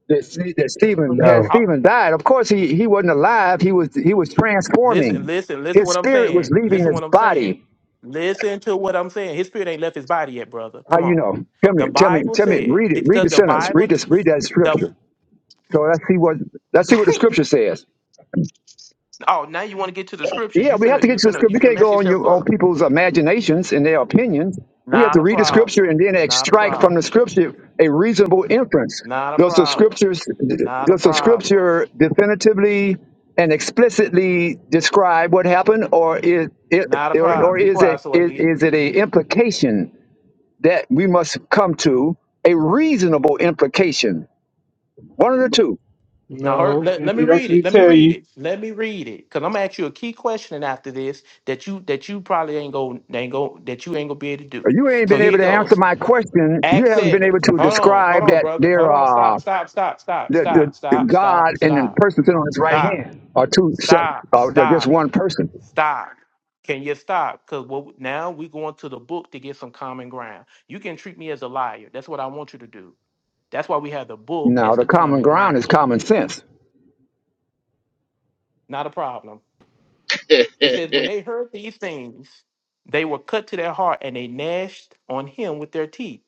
Speaker 5: that, Ste- that Stephen had
Speaker 3: No.
Speaker 2: I-
Speaker 5: Stephen died. Of course, he he wasn't alive. He was he was
Speaker 2: listen,
Speaker 5: transforming.
Speaker 2: listen, listen.
Speaker 5: His
Speaker 2: What I'm
Speaker 5: spirit was
Speaker 2: saying.
Speaker 5: leaving
Speaker 2: Listen
Speaker 5: his
Speaker 2: what I'm saying.
Speaker 5: body.
Speaker 2: Listen to what I'm saying. His spirit ain't left his body yet, brother.
Speaker 5: How
Speaker 2: Come
Speaker 5: you
Speaker 2: on.
Speaker 5: know? Tell me,
Speaker 2: The
Speaker 5: tell me,
Speaker 2: Bible
Speaker 5: tell me.
Speaker 2: said
Speaker 5: Read it. Read the
Speaker 2: because the
Speaker 5: sentence.
Speaker 2: Bible,
Speaker 5: Read
Speaker 2: t-
Speaker 5: this. Read that
Speaker 2: the
Speaker 5: scripture. So let's see what let's see what the scripture says.
Speaker 2: oh now you want to get to the scriptures.
Speaker 5: Yeah,
Speaker 2: You
Speaker 5: we have
Speaker 2: finna
Speaker 5: to
Speaker 2: you
Speaker 5: get to the
Speaker 2: finna
Speaker 5: script.
Speaker 2: you
Speaker 5: We
Speaker 2: finna
Speaker 5: can't
Speaker 2: mess
Speaker 5: go on
Speaker 2: yourself
Speaker 5: your on
Speaker 2: up.
Speaker 5: people's imaginations and their opinions. We have to
Speaker 2: Not a
Speaker 5: read the scripture
Speaker 2: problem.
Speaker 5: and then
Speaker 2: Not a
Speaker 5: extract from the
Speaker 2: problem.
Speaker 5: scripture a reasonable inference.
Speaker 2: Not a
Speaker 5: Does the
Speaker 2: problem.
Speaker 5: scriptures
Speaker 2: Not a
Speaker 5: does the
Speaker 2: problem.
Speaker 5: scripture definitively and explicitly describe what happened, or is it
Speaker 2: Not a
Speaker 5: or, or
Speaker 2: problem. Be
Speaker 5: is
Speaker 2: quiet
Speaker 5: it
Speaker 2: so I
Speaker 5: is,
Speaker 2: can get.
Speaker 5: is it a implication that we must come to a reasonable implication? One of the two.
Speaker 2: Now, her,
Speaker 3: No.
Speaker 2: let,
Speaker 3: It,
Speaker 2: let me
Speaker 3: it
Speaker 2: read it.
Speaker 3: actually
Speaker 2: Let me
Speaker 3: tell
Speaker 2: read
Speaker 3: you.
Speaker 2: it. Let me read it. Cause I'm gonna ask you a key question after this that you that you probably ain't go ain't go that you ain't gonna be able to do.
Speaker 5: You ain't
Speaker 2: So
Speaker 5: been
Speaker 2: here
Speaker 5: able
Speaker 2: it
Speaker 5: to answer
Speaker 2: goes.
Speaker 5: my question. You
Speaker 2: Act
Speaker 5: haven't been able
Speaker 2: seven.
Speaker 5: to
Speaker 2: Hold on. Hold
Speaker 5: describe
Speaker 2: on,
Speaker 5: that
Speaker 2: brother.
Speaker 5: there
Speaker 2: Hold on.
Speaker 5: are
Speaker 2: Stop. Stop. Stop. Stop.
Speaker 5: the, the,
Speaker 2: Stop.
Speaker 5: the
Speaker 2: Stop.
Speaker 5: God
Speaker 2: Stop.
Speaker 5: and the
Speaker 2: Stop.
Speaker 5: person sitting on his right
Speaker 2: Stop.
Speaker 5: hand are two sep-
Speaker 2: Stop.
Speaker 5: uh, they're just
Speaker 2: Stop.
Speaker 5: one person.
Speaker 2: Stop. Can you stop? Because what now we going to the book to get some common ground. You can treat me as a liar. That's what I want you to do. That's why we have the book
Speaker 5: Now
Speaker 2: as
Speaker 5: the
Speaker 2: the
Speaker 5: common
Speaker 2: common
Speaker 5: ground is
Speaker 2: ground.
Speaker 5: common sense.
Speaker 2: Not a problem. It says, when they heard these things, they were cut to their heart and they gnashed on him with their teeth.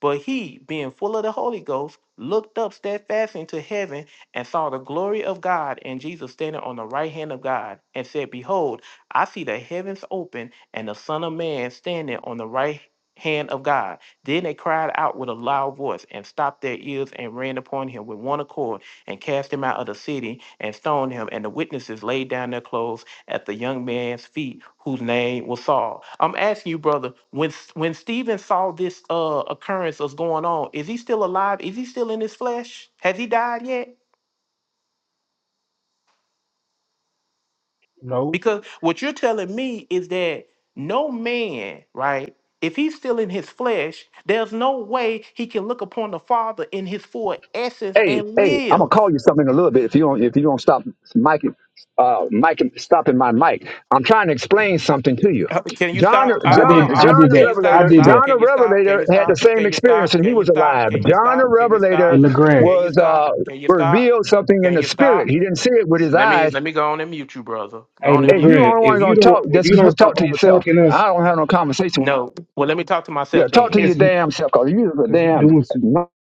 Speaker 2: But he, being full of the Holy Ghost, looked up steadfastly into heaven and saw the glory of God and Jesus standing on the right hand of God and said, Behold, I see the heavens open and the Son of Man standing on the right hand of God. Then they cried out with a loud voice and stopped their ears and ran upon him with one accord and cast him out of the city and stoned him. And the witnesses laid down their clothes at the young man's feet whose name was Saul. I'm asking you, brother, when when Stephen saw this uh occurrence that's going on, is he still alive? Is he still in his flesh? Has he died yet?
Speaker 3: No.
Speaker 2: Because what you're telling me is that no man, right? If he's still in his flesh, there's no way he can look upon the Father in his full essence
Speaker 5: Hey,
Speaker 2: and
Speaker 5: hey, I'm gonna
Speaker 2: live.
Speaker 5: call you something in a little bit if you don't if you don't stop mic uh mic stopping my mic. I'm trying to explain something to you.
Speaker 2: Uh, Can you
Speaker 5: John
Speaker 2: stop? I
Speaker 3: I
Speaker 2: don't. Hold
Speaker 5: John
Speaker 2: on.
Speaker 3: did. I
Speaker 2: I'll,
Speaker 5: John
Speaker 3: did
Speaker 5: the
Speaker 2: can
Speaker 3: that.
Speaker 2: you
Speaker 3: I
Speaker 2: stop?
Speaker 5: Revelator,
Speaker 3: did
Speaker 2: Stop.
Speaker 3: that.
Speaker 5: John
Speaker 2: Can
Speaker 5: the
Speaker 2: you stop? Can
Speaker 5: Revelator
Speaker 2: you
Speaker 5: had the
Speaker 2: stop?
Speaker 5: same
Speaker 2: Can you
Speaker 5: experience
Speaker 2: stop?
Speaker 5: and he
Speaker 2: Can you
Speaker 5: was
Speaker 2: stop?
Speaker 5: alive.
Speaker 2: Can you
Speaker 5: John the
Speaker 2: stop? Can you
Speaker 3: Hey,
Speaker 2: stop?
Speaker 5: Revelator
Speaker 3: Legrand.
Speaker 2: Can you
Speaker 5: was
Speaker 2: stop?
Speaker 5: uh
Speaker 2: Can you stop?
Speaker 5: revealed something in
Speaker 2: Can
Speaker 5: the
Speaker 2: you
Speaker 5: spirit.
Speaker 2: stop?
Speaker 5: He didn't see it with his
Speaker 2: Let me
Speaker 5: eyes
Speaker 2: let me go on and mute you, brother. Go
Speaker 3: Hey,
Speaker 2: on and
Speaker 5: Hey,
Speaker 2: mute
Speaker 5: you the
Speaker 3: Legrand.
Speaker 5: only
Speaker 2: him.
Speaker 5: one
Speaker 3: If you
Speaker 5: gonna talk.
Speaker 3: don't, if
Speaker 5: Just
Speaker 3: you don't stop
Speaker 5: talk to
Speaker 3: over
Speaker 5: yourself.
Speaker 3: talking us,
Speaker 5: I don't have no conversation.
Speaker 2: No. Well, let me talk to
Speaker 5: Yeah,
Speaker 2: myself
Speaker 5: talk to
Speaker 2: then.
Speaker 3: it's
Speaker 5: your
Speaker 3: because
Speaker 5: damn self, cause you is a
Speaker 3: you
Speaker 5: damn.
Speaker 3: doing too.
Speaker 5: You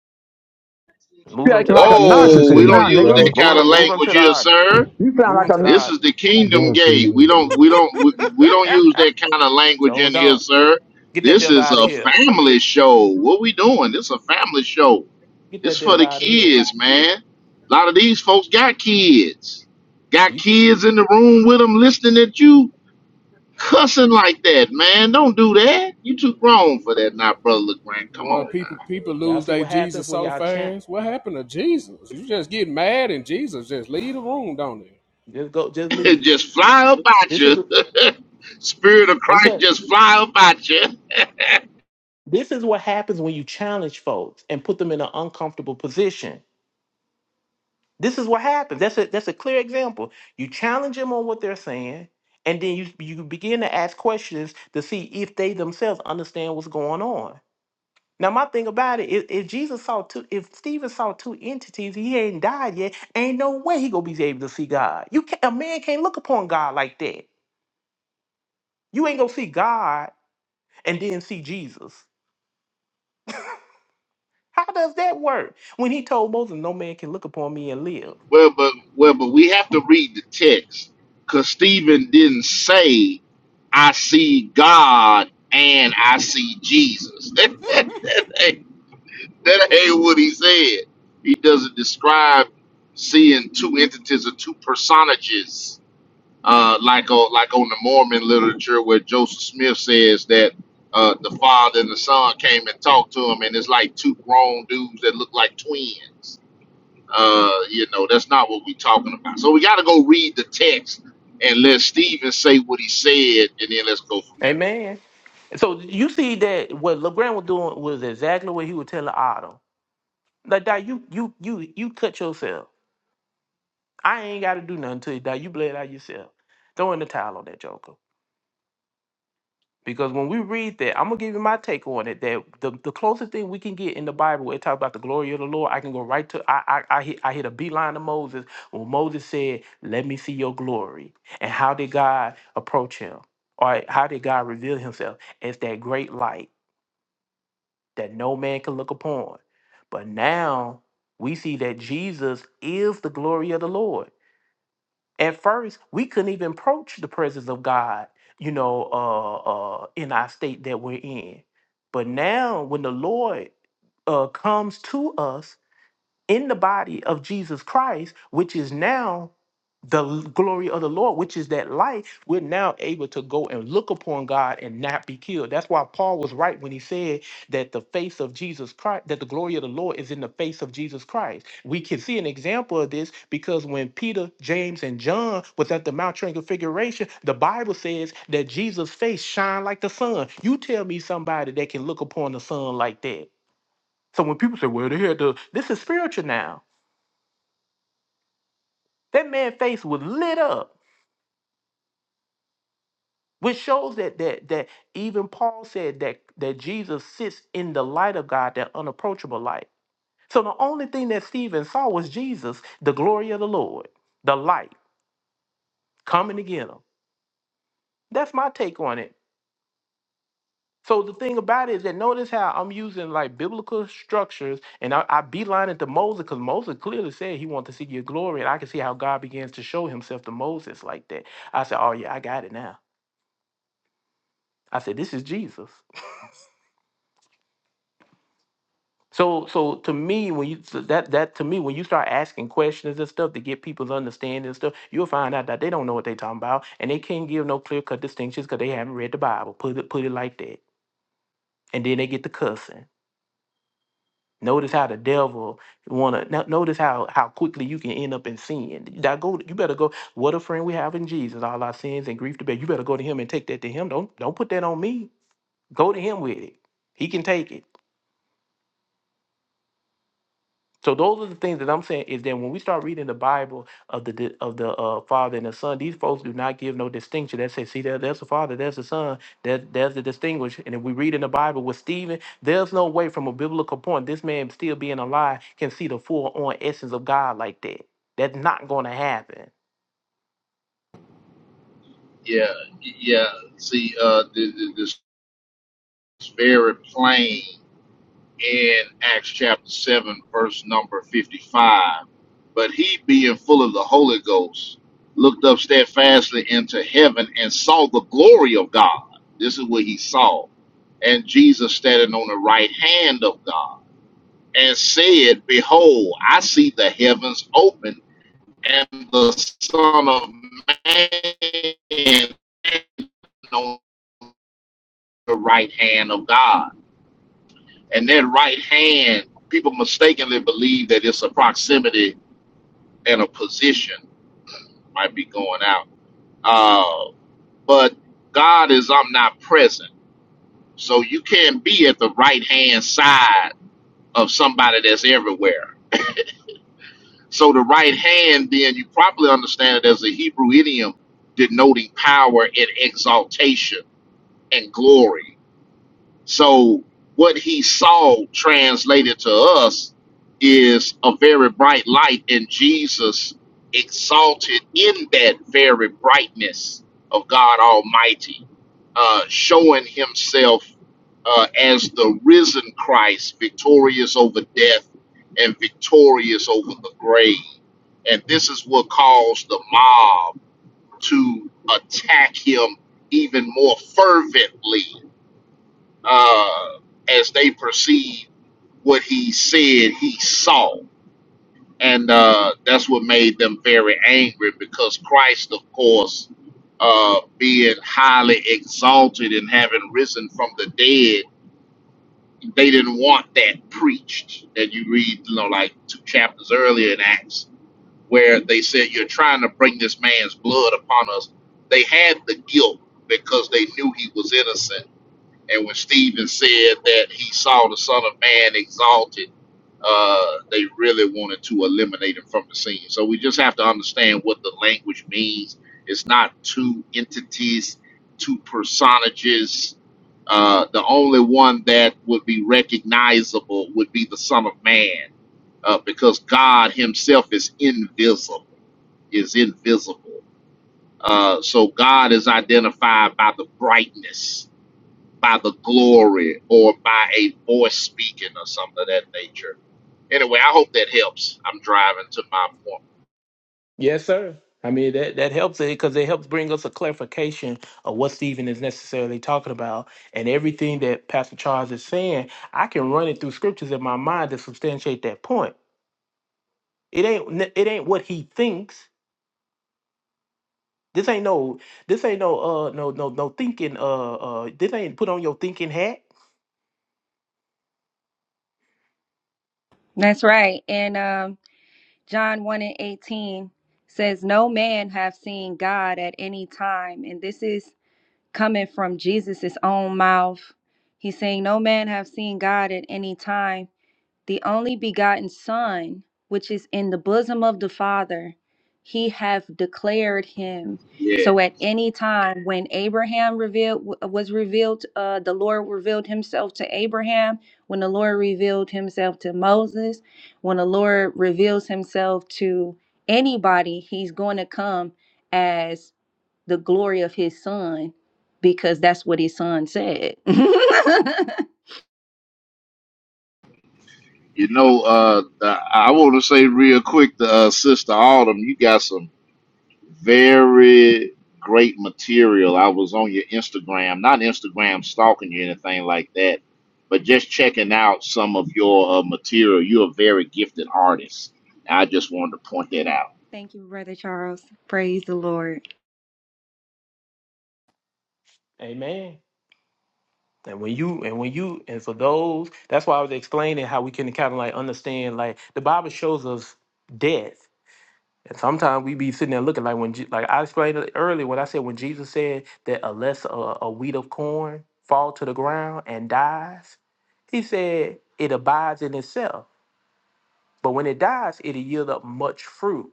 Speaker 2: Move him to
Speaker 5: acting
Speaker 2: the
Speaker 5: like a
Speaker 3: You
Speaker 2: audience.
Speaker 3: doing
Speaker 6: Whoa,
Speaker 3: too
Speaker 6: we
Speaker 5: narcissist
Speaker 6: don't
Speaker 5: now,
Speaker 3: much,
Speaker 6: use that
Speaker 5: nigga.
Speaker 3: bro.
Speaker 2: Move
Speaker 6: kind of
Speaker 2: him. Move him
Speaker 6: language
Speaker 2: to the
Speaker 6: here,
Speaker 2: audience.
Speaker 6: sir.
Speaker 5: You sound
Speaker 2: Move
Speaker 5: like
Speaker 2: him
Speaker 5: a
Speaker 2: to the
Speaker 6: This is
Speaker 2: audience.
Speaker 6: the
Speaker 3: You
Speaker 6: kingdom
Speaker 3: doing too
Speaker 6: gate.
Speaker 3: much,
Speaker 6: We don't
Speaker 3: dude.
Speaker 6: we don't we, we don't use that kind of
Speaker 2: so
Speaker 6: language in
Speaker 2: hold
Speaker 6: here,
Speaker 2: on.
Speaker 6: sir.
Speaker 2: Get that
Speaker 6: This
Speaker 2: devil
Speaker 6: is
Speaker 2: out of
Speaker 6: a
Speaker 2: here.
Speaker 6: family show. What we doing? This is a family show.
Speaker 2: Get
Speaker 6: It's
Speaker 2: that
Speaker 6: for
Speaker 2: devil
Speaker 6: the
Speaker 2: out of here.
Speaker 6: kids, man. A lot of these folks got kids. Got
Speaker 2: You see?
Speaker 6: kids in the room with them listening at you cussing like that, man. Don't do that. You too grown for that now, brother LeGrand. Come
Speaker 1: Boy,
Speaker 6: on
Speaker 1: people
Speaker 6: now.
Speaker 1: people
Speaker 2: Y'all
Speaker 1: lose
Speaker 2: see
Speaker 1: their
Speaker 2: what happens
Speaker 1: Jesus
Speaker 2: when
Speaker 1: so
Speaker 2: y'all chant?
Speaker 1: fast. What happened to Jesus? You just get mad and Jesus just leave the room, don't it?
Speaker 2: Just go. Just leave.
Speaker 6: just fly up at
Speaker 2: This
Speaker 6: you.
Speaker 2: is.
Speaker 6: Spirit of
Speaker 2: I'm
Speaker 6: Christ
Speaker 2: telling.
Speaker 6: just fly up at you.
Speaker 2: This is what happens when you challenge folks and put them in an uncomfortable position. This is what happens. That's a that's a clear example. You challenge them on what they're saying, and then you you begin to ask questions to see if they themselves understand what's going on. Now, my thing about it, if, if Jesus saw two, if Stephen saw two entities, he ain't died yet. Ain't no way he gonna be able to see God. You can't, a man can't look upon God like that. You ain't gonna see God and then see Jesus. How does that work? When he told Moses, no man can look upon me and live.
Speaker 6: Well, but well, but we have to read the text because Stephen didn't say, "I see God and I see Jesus." that, ain't, that ain't what he said. He doesn't describe seeing two entities or two personages uh, like on like on the Mormon literature where Joseph Smith says that uh, the father and the son came and talked to him, and it's like two grown dudes that look like twins. Uh, you know, that's not what we're talking about. So we got to go read the text and let Stephen say what he said, and then let's go from there.
Speaker 2: Amen. So you see that what LeGrand was doing was exactly what he was telling Otto. Like, Doc, you you you you cut yourself. I ain't gotta do nothing to you, Doc. You bled out yourself. Throw in the towel on that joker. Because when we read that, I'm gonna give you my take on it. That the, the closest thing we can get in the Bible, where it talks about the glory of the Lord. I can go right to I I I hit, I hit a beeline to Moses when Moses said, "Let me see your glory." And how did God approach him, or how did God reveal Himself? It's that great light that no man can look upon. But now we see that Jesus is the glory of the Lord at first we couldn't even approach the presence of god you know uh uh in our state that we're in but now when the lord uh comes to us in the body of Jesus Christ, which is now the l- glory of the Lord, which is that light, we're now able to go and look upon God and not be killed. That's why Paul was right when he said that the face of Jesus Christ, that the glory of the Lord is in the face of Jesus Christ. We can see an example of this because when Peter, James, and John was at the Mount Transfiguration, the Bible says that Jesus' face shined like the sun. You tell me somebody that can look upon the sun like that. So when people say, well, they had to, this is spiritual now that man's face was lit up, which shows that that that even Paul said that that Jesus sits in the light of God, that unapproachable light. So the only thing that Stephen saw was Jesus, the glory of the Lord, the light coming to get him. That's my take on it. So the thing about it is that notice how I'm using like biblical structures and I, I beeline it to Moses because Moses clearly said he wanted to see your glory. And I can see how God begins to show himself to Moses like that. I said, Oh yeah, I got it now. I said, This is Jesus. So, so to me, when you so that that to me, when you start asking questions and stuff to get people's understanding and stuff, you'll find out that they don't know what they're talking about, and they can't give no clear cut distinctions because they haven't read the Bible. Put it put it like that, and then they get to cussing. Notice how the devil wanna no- notice how how quickly you can end up in sin. That go you better go. What a friend we have in Jesus, all our sins and grief to bear. You better go to him and take that to him. Don't don't put that on me. Go to him with it. He can take it. So those are the things that I'm saying is that when we start reading the Bible of the di- of the uh, Father and the Son, these folks do not give no distinction. They say, see, there, there's the Father, there's the Son, there, there's the distinguish. And if we read in the Bible with Stephen, there's no way from a biblical point this man still being alive can see the full on essence of God like that. That's not going to happen.
Speaker 6: Yeah, yeah. See, uh, this, this is very plain. in Acts chapter 7, verse number 55. But he, being full of the Holy Ghost, looked up steadfastly into heaven and saw the glory of God. This is what he saw. And Jesus standing on the right hand of God and said, Behold, I see the heavens open and the Son of Man on the right hand of God. and that right hand, people mistakenly believe that it's a proximity and a position might be going out. Uh, but God is omnipresent, so you can't be at the right hand side of somebody that's everywhere. So the right hand, then you probably understand it as a Hebrew idiom denoting power and exaltation and glory So what he saw translated to us is a very bright light, and Jesus exalted in that very brightness of God Almighty, uh, showing himself uh, as the risen Christ, victorious over death and victorious over the grave. And this is what caused the mob to attack him even more fervently uh, as they perceived what he said he saw. And uh, that's what made them very angry because Christ, of course, uh, being highly exalted and having risen from the dead, they didn't want that preached. That you read, you know, like two chapters earlier in Acts, where they said, You're trying to bring this man's blood upon us. They had the guilt because they knew he was innocent and when Stephen said that he saw the Son of Man exalted, uh, they really wanted to eliminate him from the scene. So we just have to understand what the language means. It's not two entities, two personages. Uh, the only one that would be recognizable would be the Son of Man, uh, because God Himself is invisible is invisible. Uh, so God is identified by the brightness by the glory or by a voice speaking or something of that nature. Anyway, I hope that helps. I'm driving to my point.
Speaker 2: Yes, sir. I mean that that helps it because it helps bring us a clarification of what Stephen is necessarily talking about, and everything that Pastor Charles is saying, I can run it through scriptures in my mind to substantiate that point. It ain't it ain't what he thinks. This ain't no this ain't no uh no no no thinking uh uh this ain't put on your thinking hat.
Speaker 4: That's right. And um, John one and eighteen says, "No man have seen God at any time," and this is coming from Jesus' own mouth. He's saying, "No man have seen God at any time." the only begotten Son, which is in the bosom of the Father, he hath declared him.
Speaker 6: Yeah.
Speaker 4: So at any time when Abraham revealed was revealed, uh, the Lord revealed himself to Abraham, when the Lord revealed himself to Moses, when the Lord reveals himself to anybody, he's going to come as the glory of his son because that's what his son said.
Speaker 6: You know, uh, the- I want to say real quick to uh, Sister Autumn, you got some very great material. I was on your Instagram, not Instagram stalking you, anything like that, but just checking out some of your uh, material. You're a very gifted artist. I just wanted to point that out.
Speaker 4: Thank you, Brother Charles. Praise the Lord.
Speaker 2: Amen. And when you and when you and for those, that's why I was explaining how we can kind of like understand like the Bible shows us death And sometimes we be sitting there looking like when, Je- like I explained it earlier when I said when Jesus said that unless a, a wheat of corn fall to the ground and dies, he said it abides in itself. But when it dies, it'll yield up much fruit,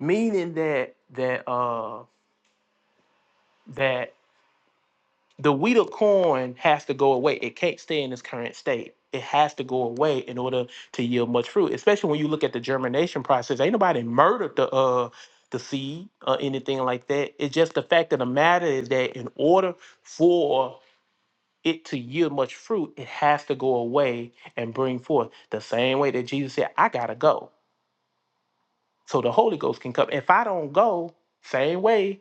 Speaker 2: meaning that that uh that the wheat of corn has to go away. It can't stay in its current state. It has to go away in order to yield much fruit. Especially when you look at the germination process. Ain't nobody murdered the uh the seed or anything like that. It's just the fact of the matter is that in order for it to yield much fruit, it has to go away and bring forth the same way that Jesus said, I gotta go. So the Holy Ghost can come. If I don't go, same way,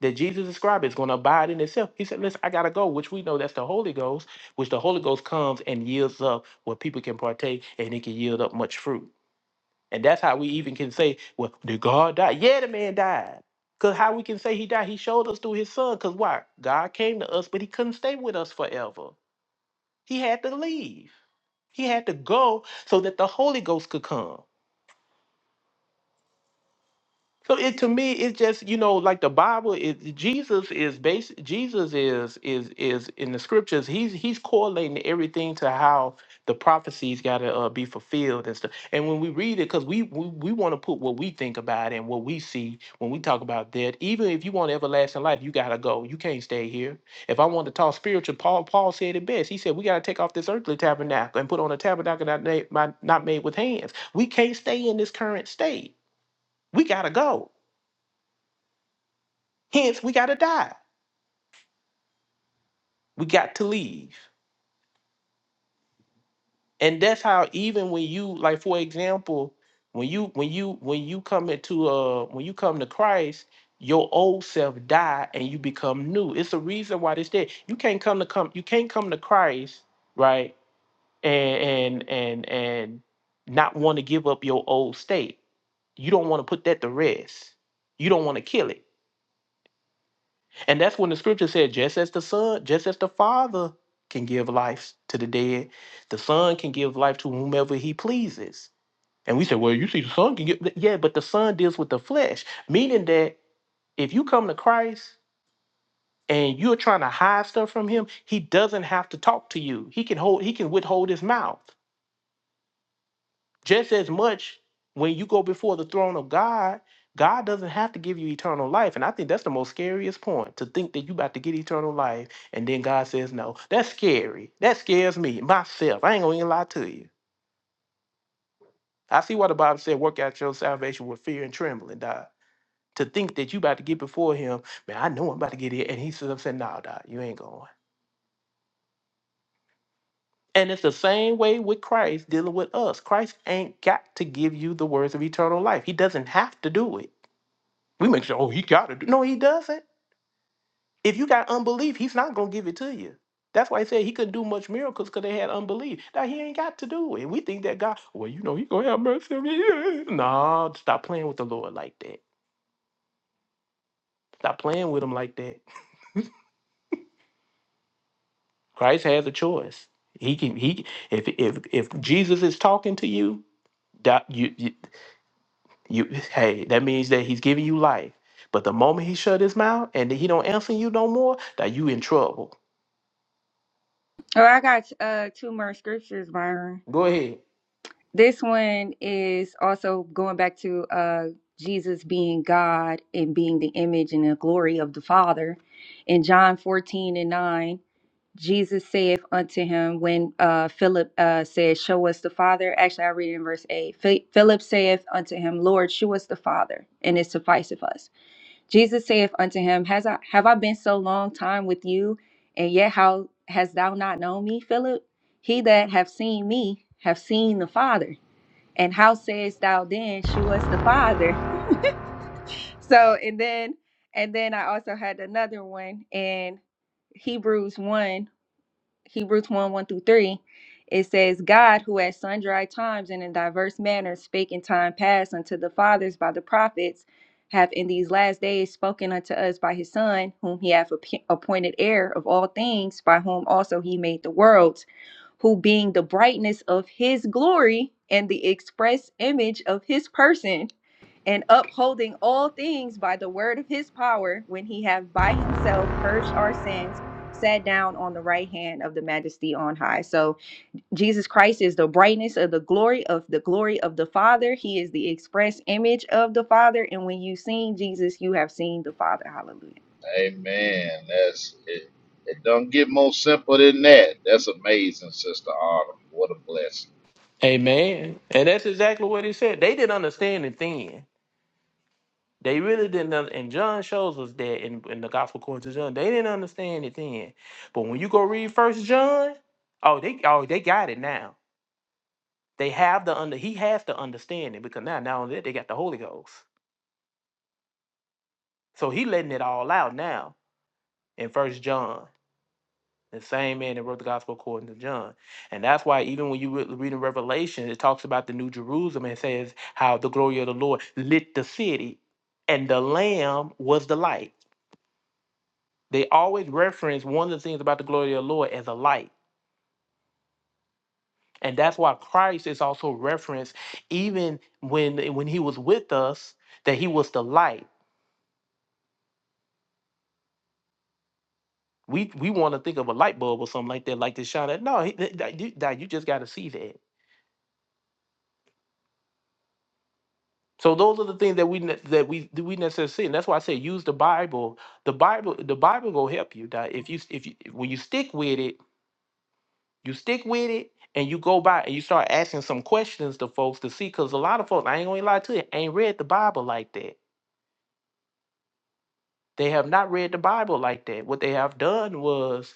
Speaker 2: that Jesus described is going to abide in itself. He said, Listen, I got to go, which we know that's the Holy Ghost, which the Holy Ghost comes and yields up where people can partake and it can yield up much fruit. And that's how we even can say, Well, did God die? Yeah, the man died. Because how we can say he died, he showed us through his son. Because why? God came to us, but he couldn't stay with us forever. He had to leave, he had to go so that the Holy Ghost could come. So it to me, it's just you know, like the Bible is Jesus is base. Jesus is is is in the scriptures. He's he's correlating everything to how the prophecies got to uh, be fulfilled and stuff. And when we read it, because we we, we want to put what we think about and what we see when we talk about that. Even if you want everlasting life, you gotta go. You can't stay here. If I want to talk spiritual, Paul Paul said it best. He said we gotta take off this earthly tabernacle and put on a tabernacle not made, not made with hands. We can't stay in this current state. We gotta go. Hence, we gotta die. We got to leave. And that's how even when you like, for example, when you when you when you come into uh when you come to Christ, your old self die and you become new. It's the reason why this there. You can't come to come you can't come to Christ, right? And and and and not want to give up your old state. You don't want to put that to rest. You don't want to kill it And that's when the scripture said, just as the Son, just as the Father can give life to the dead, the Son can give life to whomever he pleases. And we said, well, you see, the Son can give. Yeah, but the Son deals with the flesh, meaning that if you come to Christ and you're trying to hide stuff from him, he doesn't have to talk to you. He can hold, he can withhold his mouth. Just as much when you go before the throne of God, God doesn't have to give you eternal life. And I think that's the most scariest point to think that you about to get eternal life and then God says no. That's scary. That scares me, myself. I ain't gonna even lie to you. I see why the Bible said, work out your salvation with fear and trembling, Dog. To think that you about to get before him, man, I know I'm about to get it. And he said, I'm saying, no, Dog, you ain't going. And it's the same way with Christ dealing with us. Christ ain't got to give you the words of eternal life. He doesn't have to do it. We make sure, oh, he got it. No, he doesn't. If you got unbelief, he's not going to give it to you. That's why he said he couldn't do much miracles because they had unbelief. Now, he ain't got to do it. We think that God, well, you know, he going to have mercy on me. No, stop playing with the Lord like that. Stop playing with him like that. Christ has a choice. He can, he, if, if, if Jesus is talking to you, that you, you, you, hey, that means that he's giving you life. But the moment he shut his mouth and he don't answer you no more, that you in trouble.
Speaker 4: Oh, I got uh two more scriptures, Byron.
Speaker 2: Go ahead.
Speaker 4: This one is also going back to uh Jesus being God and being the image and the glory of the Father. In John 14 and 9, Jesus saith unto him when uh Philip uh said, Show us the Father. Actually, I read it in verse 8. Phi- Philip saith unto him, Lord, show us the Father, and it sufficeth us. Jesus saith unto him, Has I have I been so long time with you, and yet how hast thou not known me, Philip? He that have seen me have seen the Father. And how sayest thou then, shew us the Father? So and then and then I also had another one in Hebrews 1. Hebrews 1 1 through 3, it says, God, who at sundry times and in diverse manners spake in time past unto the fathers by the prophets, hath in these last days spoken unto us by his Son, whom he hath appe- appointed heir of all things, by whom also he made the worlds, who being the brightness of his glory and the express image of his person and upholding all things by the word of his power, when he hath by himself purged our sins, sat down on the right hand of the majesty on high. So Jesus Christ is the brightness of the glory of the glory of the Father. He is the express image of the Father. And when you've seen Jesus, you have seen the Father. Hallelujah.
Speaker 6: Amen. That's it. It don't get more simple than that. That's amazing, Sister Autumn. What a blessing.
Speaker 2: Amen. And that's exactly what he said. They didn't understand it then. They really didn't. un- And John shows us that in, in the Gospel according to John, they didn't understand it then. But when you go read First John, oh, they oh they got it now. They have the under. He has to understand it because now now that they got the Holy Ghost, so he letting it all out now in First John. the same man that wrote the gospel according to John. And that's why even when you re- read in Revelation, it talks about the New Jerusalem and says how the glory of the Lord lit the city and the Lamb was the light. They always reference one of the things about the glory of the Lord as a light. And that's why Christ is also referenced even when when he was with us, that he was the light. We we want to think of a light bulb or something like that, like this shine. at- No, he, that, that- you that you just got to see that. So those are the things that we ne- that we that we necessarily see, and that's why I say use the Bible. The Bible, the Bible will help you. That if you if you when you stick with it, you stick with it, and you go by and you start asking some questions to folks to see, because a lot of folks, I ain't gonna lie to you, ain't read the Bible like that. They have not read the Bible like that. What they have done was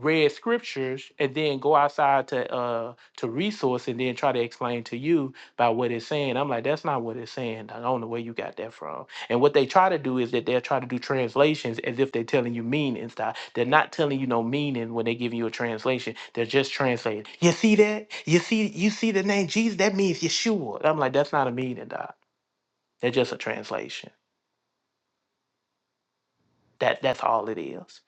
Speaker 2: read scriptures and then go outside to uh to resource and then try to explain to you about what it's saying. I'm like, that's not what it's saying. I don't know where you got that from. And what they try to do is that they'll try to do translations as if they're telling you meaning stuff. They're not telling you no meaning when they giving you a translation. They're just translating. You see that? You see you see the name Jesus? That means Yeshua. I'm like, that's not a meaning, doc. That's just a translation. That that's all it is.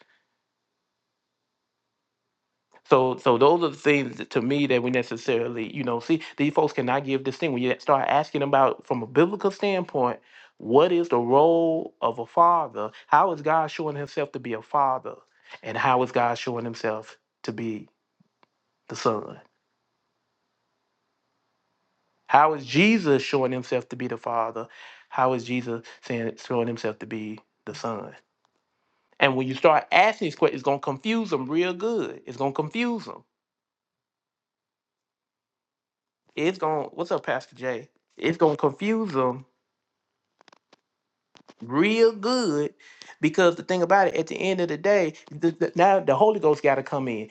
Speaker 2: So, so those are the things that, to me that we necessarily, you know, see these folks cannot give this thing. When you start asking about from a biblical standpoint, what is the role of a father? How is God showing Himself to be a father, and how is God showing Himself to be the son? How is Jesus showing Himself to be the father? How is Jesus saying showing Himself to be the son? And when you start asking these questions, it's gonna confuse them real good. It's gonna confuse them. It's gonna. What's up, Pastor Jay? It's gonna confuse them real good because the thing about it at the end of the day the, the- now the holy ghost got to come in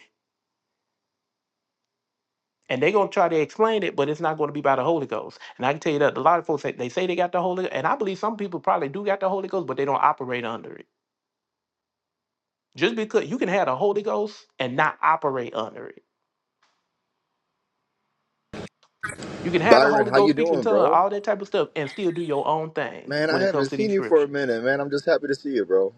Speaker 2: and they're going to try to explain it but it's not going to be by the holy ghost and i can tell you that a lot of folks say, they say they got the holy and i believe some people probably do got the holy ghost but they don't operate under it just because you can have the holy ghost and not operate under it you can have the
Speaker 7: Byron,
Speaker 2: holy
Speaker 7: how
Speaker 2: ghost
Speaker 7: you
Speaker 2: speaking
Speaker 7: doing,
Speaker 2: tongue
Speaker 7: bro?
Speaker 2: all that type of stuff and still do your own thing
Speaker 7: Man, I
Speaker 2: when it comes
Speaker 7: haven't
Speaker 2: to
Speaker 7: seen
Speaker 2: these
Speaker 7: you for a
Speaker 2: scriptures
Speaker 7: minute, man. I'm just happy to see you, bro.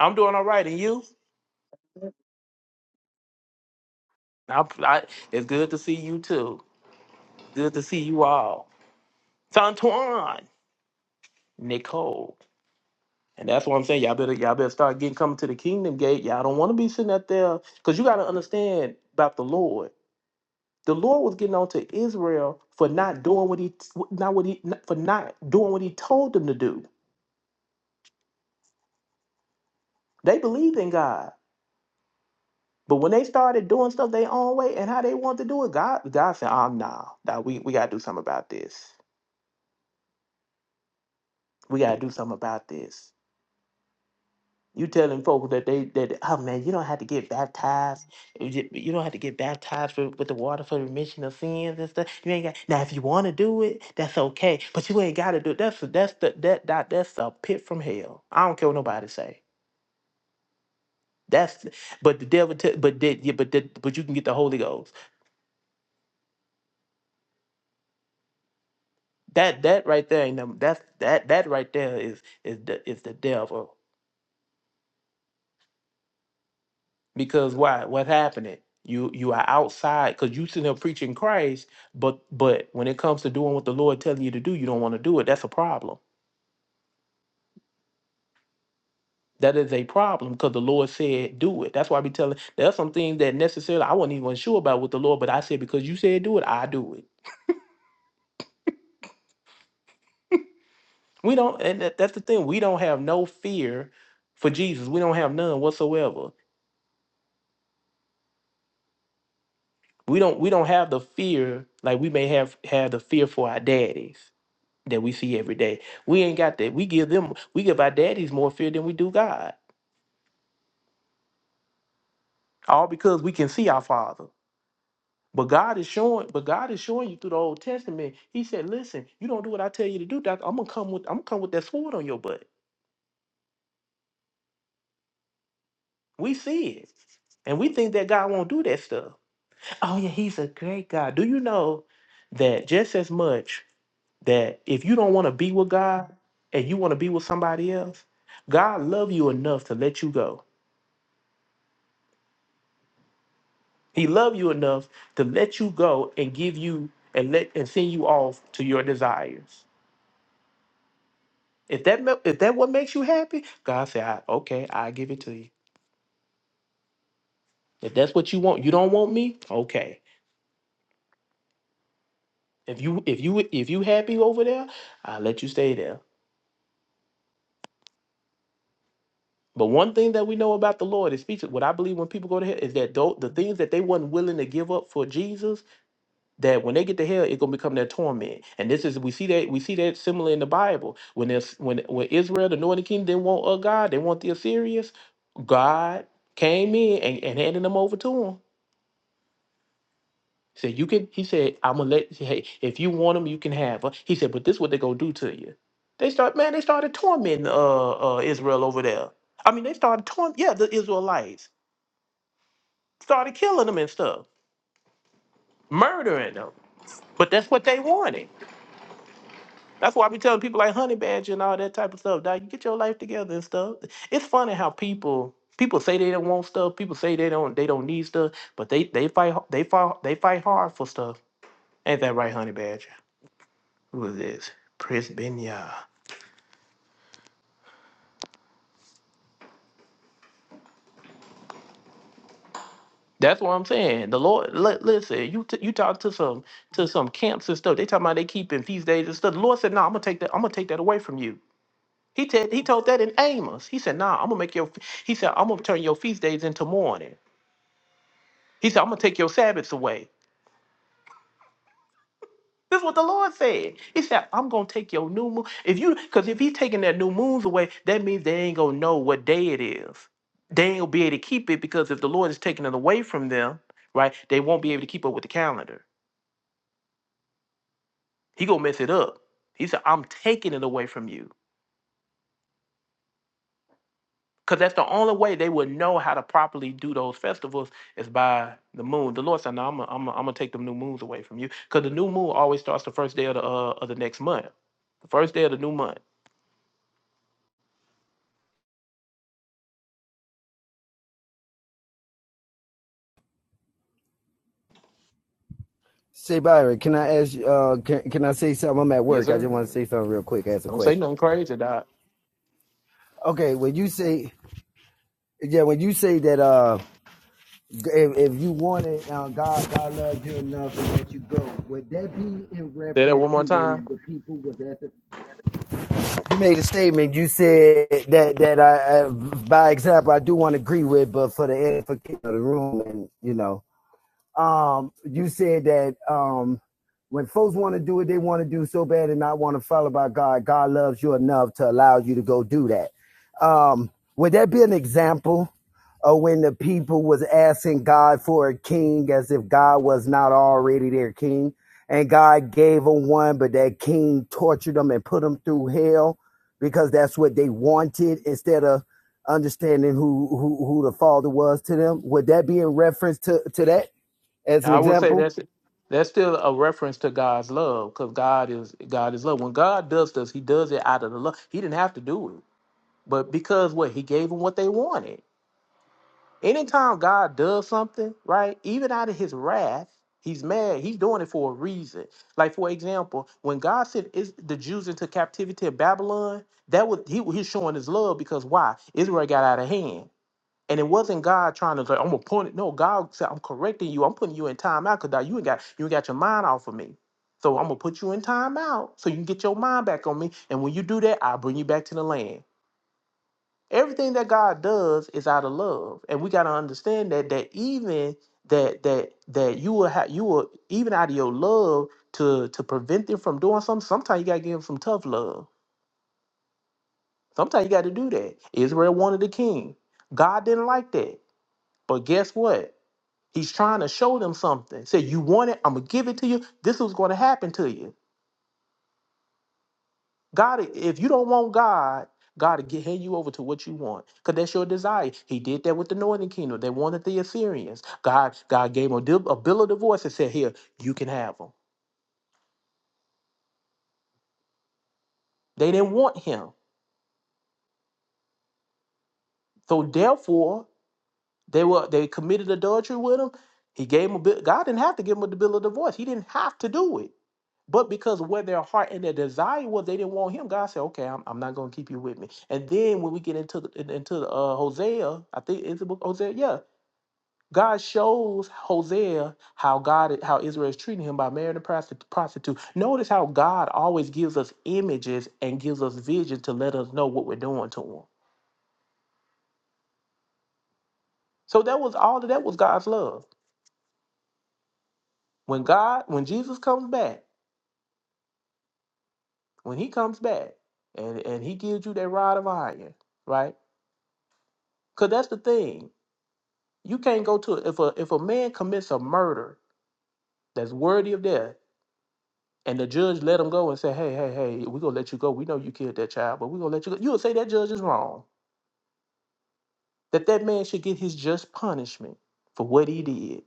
Speaker 2: i'm doing all right and you I, I, it's good to see you too good to see you all santuan Nicole. And that's what I'm saying. Y'all better y'all better start getting coming to the kingdom gate. Y'all don't want to be sitting out there because you got to understand about the Lord. The Lord was getting on to Israel for not doing what he not what he for not doing what he told them to do. They believed in God. But when they started doing stuff their own way and how they wanted to do it, God God said, Oh nah, nah, we, we gotta do something about this. We gotta do something about this. You telling folks that they that oh man, you don't have to get baptized. You ju- you don't have to get baptized for, with the water for the remission of sins and stuff. You ain't got now. If you want to do it, that's okay. But you ain't got to do it. That's that's the that, that that's a pit from hell. I don't care what nobody say. That's but the devil. T- but did yeah, but that but you can get the Holy Ghost. That that right there ain't no, that's that that right there is is the is the devil. because why What's happening you you are outside because you sitting there preaching christ but but when it comes to doing what the lord telling you to do you don't want to do it that's a problem that is a problem because the lord said do it that's why i be telling there's some things that necessarily i wasn't even sure about with the lord but i said because you said do it i do it we don't and that, that's the thing we don't have no fear for jesus we don't have none whatsoever we don't we don't have the fear like we may have had the fear for our daddies that we see every day. We ain't got that. We give them, we give our daddies more fear than we do God. All because we can see our father. But God is showing, but God is showing you through the Old Testament. He said, "Listen, you don't do what I tell you to do. Doc, I'm gonna come with, I'm gonna come with that sword on your butt." We see it, and we think that God won't do that stuff. Oh yeah, He's a great God. Do you know that just as much that if you don't want to be with God and you want to be with somebody else, God love you enough to let you go He loved you enough to let you go and give you and let and send you off to your desires. If that ma- if that what makes you happy, God said, I, "Okay, I give it to you." If that's what you want, you don't want me. Okay. If you if you if you happy over there, I let you stay there. But one thing that we know about the Lord is speaks. What I believe when people go to hell is that tho- the things that they wasn't willing to give up for Jesus, that when they get to hell, it's gonna become their torment. And this is we see that we see that similar in the Bible. When there's when when Israel, the northern kingdom, didn't want a God, they want the Assyrians, God came in and, and handed them over to him. He said, You can he said, I'm gonna let hey, if you want them, you can have her. He said, But this is what they gonna do to you. They start man, they started tormenting uh uh Israel over there. I mean they started torment yeah, the Israelites started killing them and stuff, murdering them. But that's what they wanted. That's why I be telling people like Honey Badger and all that type of stuff, dog. You get your life together and stuff. It's funny how people people say they don't want stuff, people say they don't they don't need stuff, but they they fight h- they fight they fight hard for stuff. Ain't that right, Honey Badger? Who is this? Chris Benya. That's what I'm saying. The Lord, li- listen. You t- you talk to some to some camps and stuff. They talking about they keeping feast days and stuff. The Lord said, "No, I'm gonna take that. I'm gonna take that away from you." He said he told that in Amos. He said, "Nah, I'm gonna make your." He said, "I'm gonna turn your feast days into mourning." He said, I'm gonna take your Sabbaths away. This is what the Lord said. He said, I'm gonna take your new moon. If you because if he's taking their new moons away, that means they ain't gonna know what day it is. They ain't gonna be able to keep it because if the Lord is taking it away from them, right, they won't be able to keep up with the calendar. He gonna mess it up. He said, I'm taking it away from you. Because that's the only way they would know how to properly do those festivals is by the moon. The Lord said, No, I'm gonna I'm to I'm gonna take the new moons away from you. Because the new moon always starts the first day of the uh, of the next month. The first day of the new month.
Speaker 8: Say Byron, can I ask? you- Uh, can can I say something? I'm at
Speaker 2: Yes,
Speaker 8: work. I
Speaker 2: sir.
Speaker 8: just want to say something real quick. Ask a
Speaker 2: Don't say
Speaker 8: question.
Speaker 2: nothing crazy, Doc.
Speaker 8: Okay, when you say, yeah, when you say that, uh, if, if you wanted, uh, God, God loved you enough to let you go. Would that be in
Speaker 2: Say that
Speaker 8: reference
Speaker 2: one more
Speaker 8: to
Speaker 2: time.
Speaker 8: when the people was at the? You made a statement. You said that that I, I by example, I do want to agree with, but for the edification of the room, and you know, Um, you said that um, when folks want to do what they want to do so bad and not want to follow by God, God loves you enough to allow you to go do that. Um, would that be an example of when the people was asking God for a king as if God was not already their king? And God gave them one, but that king tortured them and put them through hell because that's what they wanted instead of understanding who, who, who the father was to them. Would that be in reference to, to that? as an
Speaker 2: I would say
Speaker 8: example
Speaker 2: that's that's still a reference to God's love, because God is God is love. When God does this, He does it out of the love. He didn't have to do it, but because what He gave them what they wanted. Anytime God does something, right, even out of His wrath, He's mad. He's doing it for a reason. Like for example, when God sent is the Jews into captivity in Babylon, that was He He's showing His love because why Israel got out of hand. And it wasn't God trying to like, I'm gonna point it. No, God said, I'm correcting you. I'm putting you in time out because you ain't got you ain't got your mind off of me. So I'm gonna put you in time out so you can get your mind back on me. And when you do that, I'll bring you back to the land. Everything that God does is out of love. And we gotta understand that that even that that that you will have you will even out of your love to to prevent them from doing something, sometimes you gotta give them some tough love. Sometimes you gotta do that. Israel wanted a king. God didn't like that. But guess what? He's trying to show them something. Say, you want it, I'm gonna give it to you. This is what's gonna happen to you. God, if you don't want God, God will get hand you over to what you want. Because that's your desire. He did that with the northern kingdom. They wanted the Assyrians. God, God gave them a, dib- a bill of divorce and said, Here, you can have them. They didn't want him. So therefore, they were they committed adultery with him. He gave him a bill. God didn't have to give him a bill of divorce. He didn't have to do it. But because where their heart and their desire was, they didn't want him. God said, "Okay, I'm, I'm not going to keep you with me." And then when we get into the, in- into the, uh, Hosea, I think it's the book of Hosea. Yeah, God shows Hosea how God how Israel is treating him by marrying a prosti- prostitute. Notice how God always gives us images and gives us vision to let us know what we're doing to him. So that was all of that was God's love. When God, when Jesus comes back, when He comes back, and and He gives you that rod of iron, right? Because that's the thing You can't go to if a if a man commits a murder that's worthy of death, and the judge let him go and say, "Hey, hey, hey, we're gonna let you go. We know you killed that child, but we're gonna let you go." You would say that judge is wrong. That that man should get his just punishment for what he did.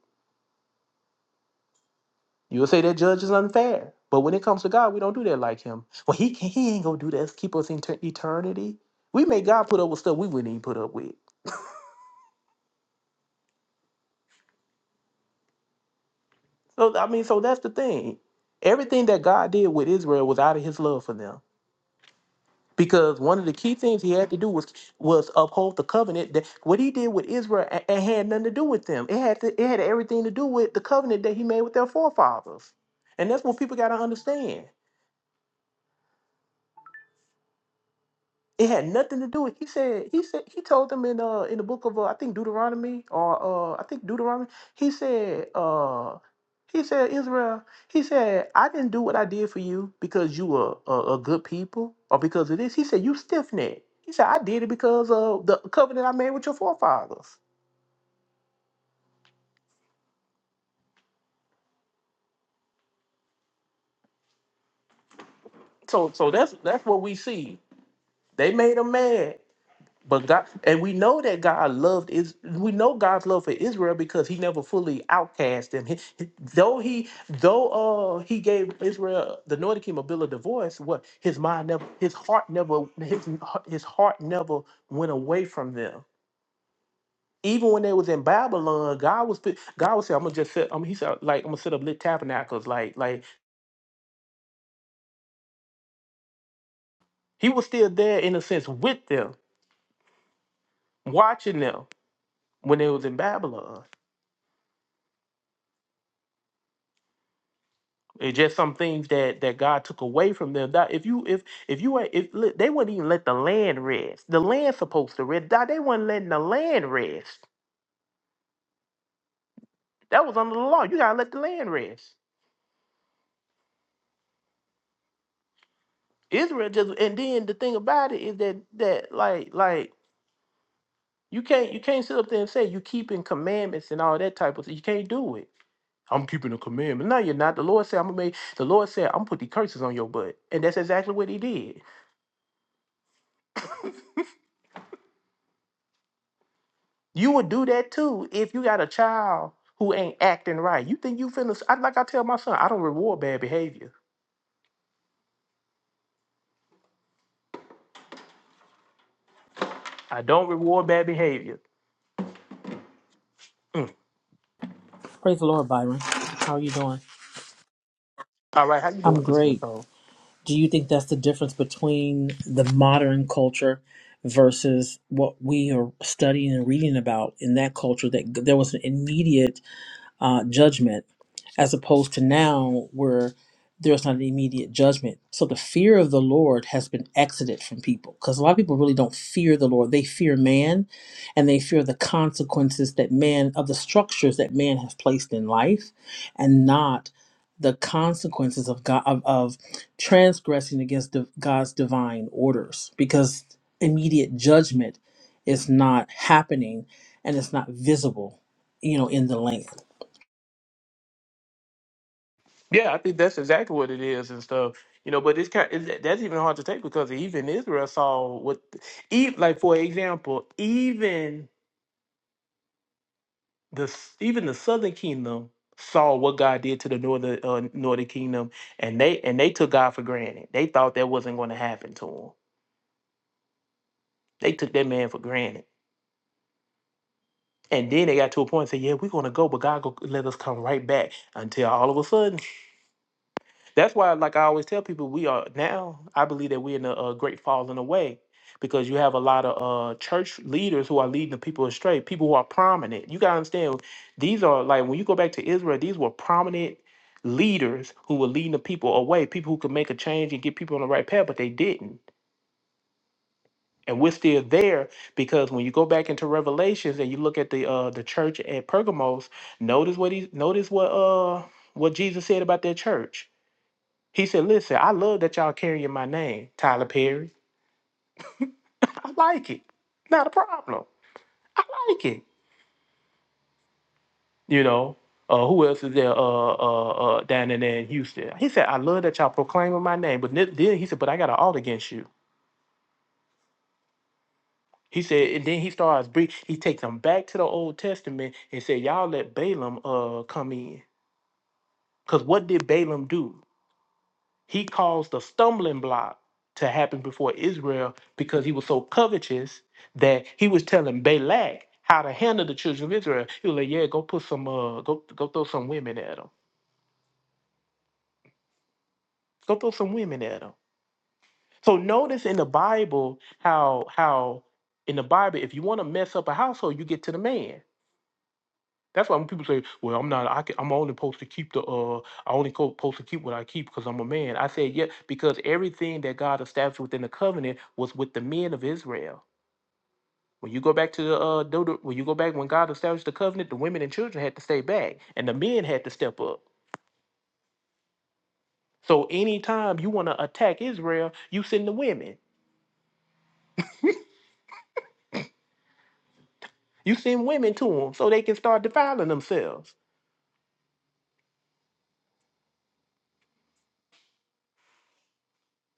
Speaker 2: You would say that judge is unfair. But when it comes to God, we don't do that like him. Well, he can, he ain't gonna do that. Keep us in ter- eternity. We make God put up with stuff we wouldn't even put up with. So I mean, so that's the thing. Everything that God did with Israel was out of His love for them. because one of the key things he had to do was was uphold the covenant that what he did with Israel a- it had nothing to do with them. It had to, it had everything to do with the covenant that he made with their forefathers, and that's what people got to understand. It had nothing to do with. He said. He said. He told them in uh in the book of uh, I think Deuteronomy or uh I think Deuteronomy. He said. Uh, he said Israel. He said I didn't do what I did for you because you were a, a good people or because of this. He said you stiff necked. He said I did it because of the covenant I made with your forefathers. So so that's that's what we see. They made him mad. But God, and we know that God loved is we know God's love for Israel because He never fully outcast them. He- he- though He, though uh, He gave Israel the Northern Kingdom a bill of divorce. What His mind never, His heart never, His His heart never went away from them. Even when they was in Babylon, God was put- God was saying, "I'm gonna just set." Um, he said, "Like I'm gonna set up lit tabernacles." Like like He was still there in a sense with them, watching them when they was in Babylon. It's just some things that that God took away from them. That if you if if you were- if look, they wouldn't even let the land rest. The land's supposed to rest. That They weren't letting the land rest. That was under the law. You gotta let the land rest. Israel just and then the thing about it is that that like like you can't you can't sit up there and say you keeping commandments and all that type of thing. You can't do it. I'm keeping a commandment. No, you're not. The Lord said I'm gonna make the Lord said I'm gonna put the curses on your butt. And that's exactly what he did. You would do that too if you got a child who ain't acting right. You think you finna? I, like I tell my son, I don't reward bad behavior. I don't reward bad behavior.
Speaker 9: Praise the Lord, Byron. How are you doing?
Speaker 2: All right, how you
Speaker 9: I'm
Speaker 2: doing, Sister
Speaker 9: great.
Speaker 2: Nicole?
Speaker 9: Do you think that's the difference between the modern culture versus what we are studying and reading about in that culture? That there was an immediate uh, judgment as opposed to now where there's not an immediate judgment. So the fear of the Lord has been exited from people because a lot of people really don't fear the Lord. They fear man and they fear the consequences that man, of the structures that man has placed in life and not the consequences of God, of, of transgressing against the, God's divine orders because immediate judgment is not happening and it's not visible, you know, in the land.
Speaker 2: Yeah, I think that's exactly what it is and stuff. You know, but it's kind. It, that's even hard to take because even Israel saw what, even like for example, even the even the Southern Kingdom saw what God did to the northern uh, northern kingdom, and they and they took God for granted. They thought that wasn't going to happen to them. They took that man for granted. And then they got to a point and said, "Yeah, we're gonna go, but God go let us come right back." Until all of a sudden, that's why, like I always tell people, we are now. I believe that we're in a, a great falling away because you have a lot of uh, church leaders who are leading the people astray. People who are prominent. You gotta understand, these are like when you go back to Israel, these were prominent leaders who were leading the people away. People who could make a change and get people on the right path, but they didn't and we're still there because when you go back into revelations and you look at the uh the church at pergamos notice what he notice what uh what jesus said about that church he said listen i love that y'all carrying my name tyler perry i like it not a problem i like it you know uh, who else is there? Uh, uh, uh, down in there in Houston. He said, "I love that y'all proclaiming my name," but then then he said, "But I got an alt against you." He said, and then he starts bring. He takes them back to the Old Testament and said, "Y'all let Balaam uh come in, because what did Balaam do? He caused a stumbling block to happen before Israel because he was so covetous that he was telling Balak how to handle the children of Israel. He was like, "Yeah, go put some uh, go go throw some women at them. Go throw some women at them." So notice in the Bible how how in the Bible if you want to mess up a household, you get to the man. That's why when people say, "Well, I'm not. I can, I'm only supposed to keep the. Uh, I only co- supposed to keep what I keep because I'm a man." I said, "Yeah," because everything that God established within the covenant was with the men of Israel. When you go back to the uh, Deuter- when you go back when God established the covenant, the women and children had to stay back, and the men had to step up. So anytime you want to attack Israel, you send the women. You send women to them so they can start defiling themselves.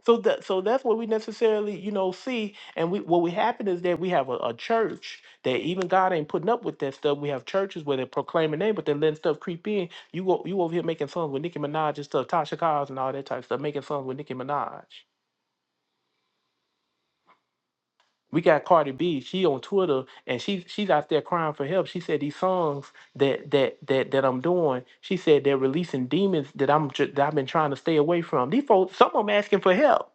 Speaker 2: So that so that's what we necessarily, you know, see. And we what we happen is that we have a, a church that even God ain't putting up with that stuff. We have churches where they're proclaiming name, but they're letting stuff creep in. You go you over here making songs with Nicki Minaj and stuff, Tasha Cobbs and all that type of stuff, making songs with Nicki Minaj. We got Cardi B, she on Twitter and she she's out there crying for help. She said these songs that that that that I'm doing, she said they're releasing demons that I'm tr- that I've been trying to stay away from. These folks, some of them asking for help.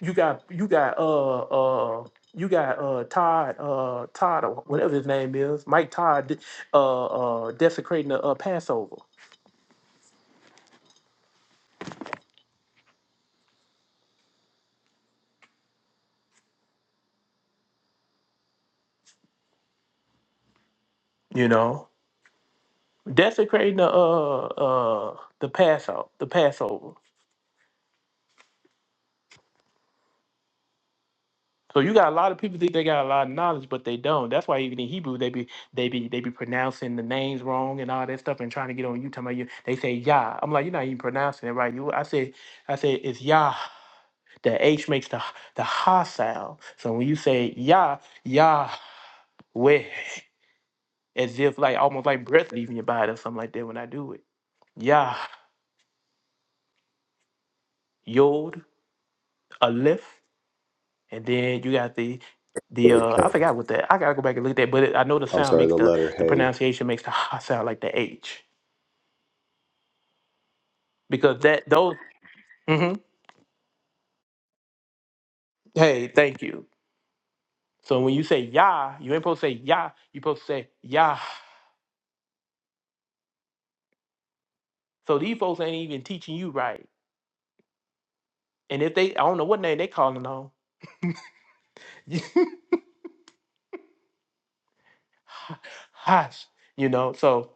Speaker 2: you got you got uh uh you got uh Todd uh Todd or whatever his name is Mike Todd uh uh desecrating the uh, Passover. You know, desecrating the uh uh the Passover the Passover. So you got a lot of people think they got a lot of knowledge, but they don't. That's why even in Hebrew they be they be they be pronouncing the names wrong and all that stuff and trying to get on you. Talking about you, they say Yah. I'm like, you're not even pronouncing it right. You, I say, I say it's Yah. The H makes the the ha sound. So when you say Yah, Yahweh, as if like almost like breath leaving your body or something like that when I do it. Yah, Yod, Aleph, and then you got the the
Speaker 7: Word,
Speaker 2: uh I
Speaker 7: hey.
Speaker 2: forgot what that I gotta go back and look at that, but it, I know the
Speaker 7: I'm
Speaker 2: sound
Speaker 7: sorry,
Speaker 2: makes
Speaker 7: the
Speaker 2: the
Speaker 7: letter
Speaker 2: the
Speaker 7: hey.
Speaker 2: pronunciation makes the ha sound like the H because that those. hmm Hey, thank you. So when you say Yah, you ain't supposed to say Yah. You supposed to say Yah. So these folks ain't even teaching you right. And if they, I don't know what name they calling on, Hush, you know. So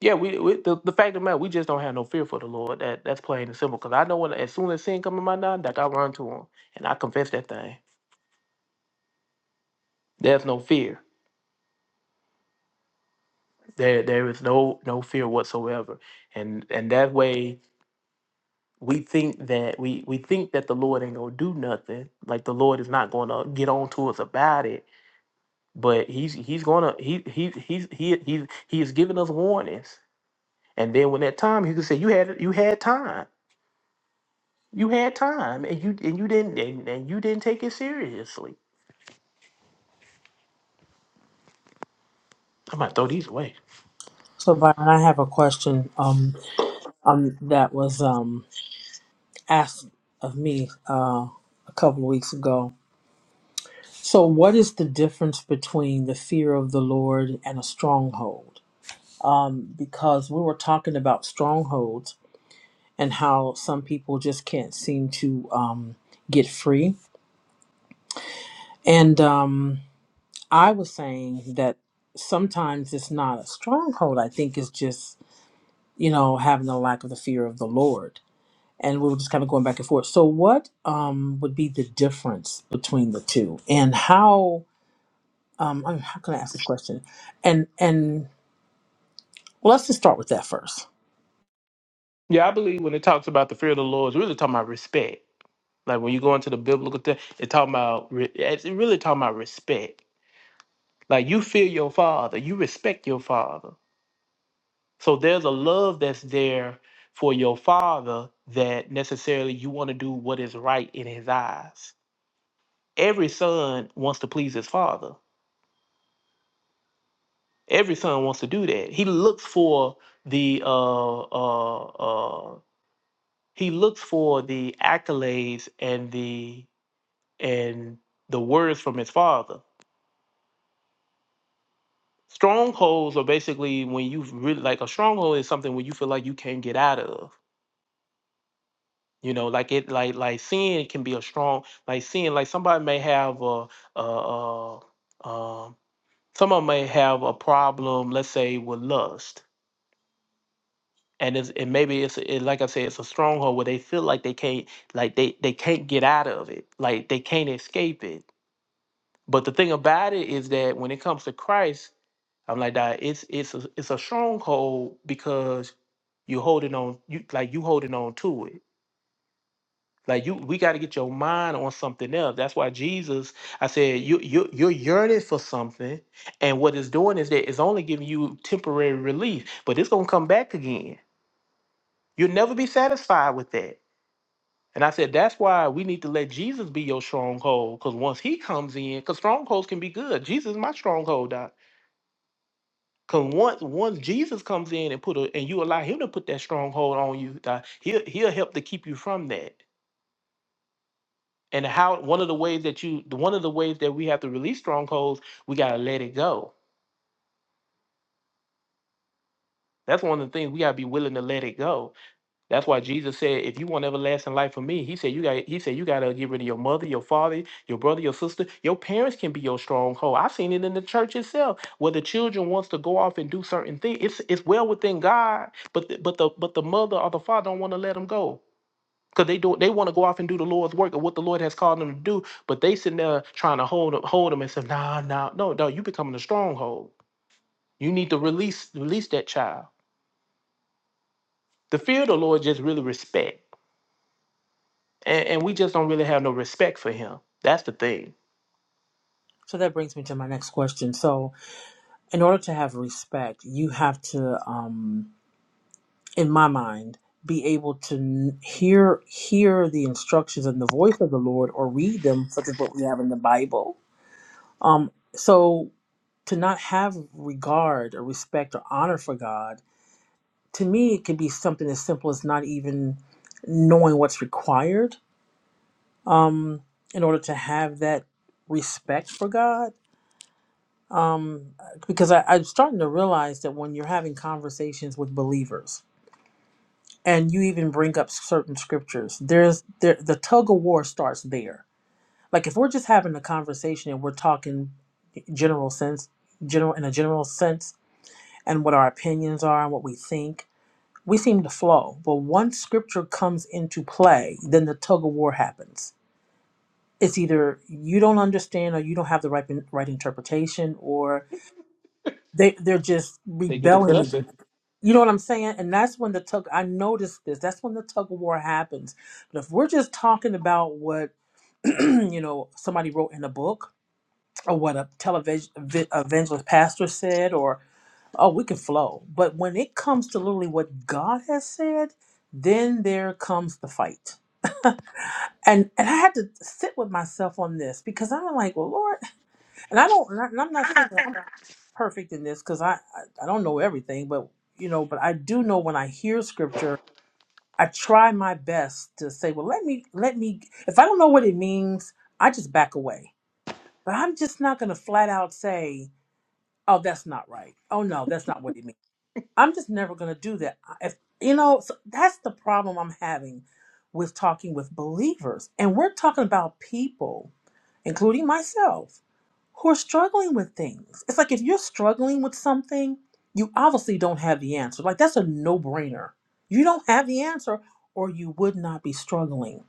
Speaker 2: yeah, we, we the, the fact of the matter, we just don't have no fear for the Lord. That that's plain and simple. Cause I know when as soon as sin come in my mind, like I run to Him and I confess that thing. There's no fear. There there is no no fear whatsoever. And and that way we think that we we think that the Lord ain't gonna do nothing. Like the Lord is not gonna get on to us about it. But he's he's gonna he he he's he he he is giving us warnings. And then when that time, he could say, "You had you had time." You had time, and you and you didn't and, and you didn't take it seriously. I'm gonna throw these away.
Speaker 9: So Byron, I have a question um um that was um asked of me uh a couple of weeks ago. So what is the difference between the fear of the Lord and a stronghold? Um because we were talking about strongholds and how some people just can't seem to um get free. And um I was saying that sometimes it's not a stronghold. I think it's just, you know, having a lack of the fear of the Lord and we were just kind of going back and forth. So, what um, would be the difference between the two, and how? Um, I'm, how can I ask this question? And and well, let's just start with that first.
Speaker 2: Yeah, I believe when it talks about the fear of the Lord, it's really talking about respect. Like when you go into the biblical thing, it's talking about re- it's really talking about respect. Like you fear your father, you respect your father. So there's a love that's there for your father that necessarily you want to do what is right in his eyes. Every son wants to please his father. Every son wants to do that. He looks for the uh, uh, uh, he looks for the accolades and the and the words from his father. Strongholds are basically when you really like a stronghold is something where you feel like you can't get out of. You know, like it like like sin can be a strong like sin. Like somebody may have a, a, a um, some of 'em may have a problem. Let's say with lust and it's, and maybe it's it, like I said, it's a stronghold where they feel like they can't, like they they can't get out of it, like they can't escape it. But the thing about it is that when it comes to Christ, I'm like that. It's it's a, it's a stronghold because you holding on, you like you holding on to it. Like you, we got to get your mind on something else. That's why Jesus, I said, you you you're yearning for something, and what it's doing is that it's only giving you temporary relief, but it's gonna come back again. You'll never be satisfied with that And I said, that's why we need to let Jesus be your stronghold. Because once he comes in, because strongholds can be good. Jesus is my stronghold, Doc. Because once once Jesus comes in and put a, and you allow him to put that stronghold on you, Doc, he'll he'll help to keep you from that. And how one of the ways that you one of the ways that we have to release strongholds, we gotta let it go. That's one of the things we gotta be willing to let it go That's why Jesus said, if you want everlasting life from me, he said you got he said you gotta get rid of your mother, your father, your brother, your sister. Your parents can be your stronghold. I've seen it in the church itself, where the children wants to go off and do certain things. It's it's well within God, but the, but the but the mother or the father don't want to let them go. Cause they do they want to go off and do the Lord's work or what the Lord has called them to do, but they sitting there trying to hold them, hold them and say, nah, nah, no, no, you becoming a stronghold. You need to release release that child. The fear of the Lord just really respect. and, and we just don't really have no respect for him. That's the thing.
Speaker 9: So that brings me to my next question. So, in order to have respect, you have to, um, in my mind, be able to n- hear hear the instructions and the voice of the Lord, or read them, such as what we have in the Bible. Um, so to not have regard or respect or honor for God to me it could be something as simple as not even knowing what's required um, in order to have that respect for god um, because I, i'm starting to realize that when you're having conversations with believers and you even bring up certain scriptures there's there, the tug of war starts there like if we're just having a conversation and we're talking general sense general in a general sense and what our opinions are and what we think we seem to flow, but once scripture comes into play, then the tug of war happens. It's either you don't understand or you don't have the right right interpretation, or they they're just
Speaker 2: They get the
Speaker 9: rebelling.
Speaker 2: cussing.
Speaker 9: against- You know what I'm saying? And that's when the tug. I noticed this. That's when the tug of war happens. But if we're just talking about what you know somebody wrote in a book or what a television evangelist pastor said, oh, we can flow. But when it comes to literally what God has said, then there comes the fight. And and I had to sit with myself on this because I'm like, well, Lord, and I don't, and I'm not saying that I'm perfect in this because I, I I don't know everything, but you know, but I do know when I hear scripture, I try my best to say, well, let me let me. If I don't know what it means, I just back away. But I'm just not going to flat out say, oh, that's not right. Oh no, that's not what it means I'm just never going to do that. If you know, so that's the problem I'm having with talking with believers. And we're talking about people, including myself, who are struggling with things. It's like if you're struggling with something, you obviously don't have the answer. Like that's a no-brainer. You don't have the answer or you would not be struggling.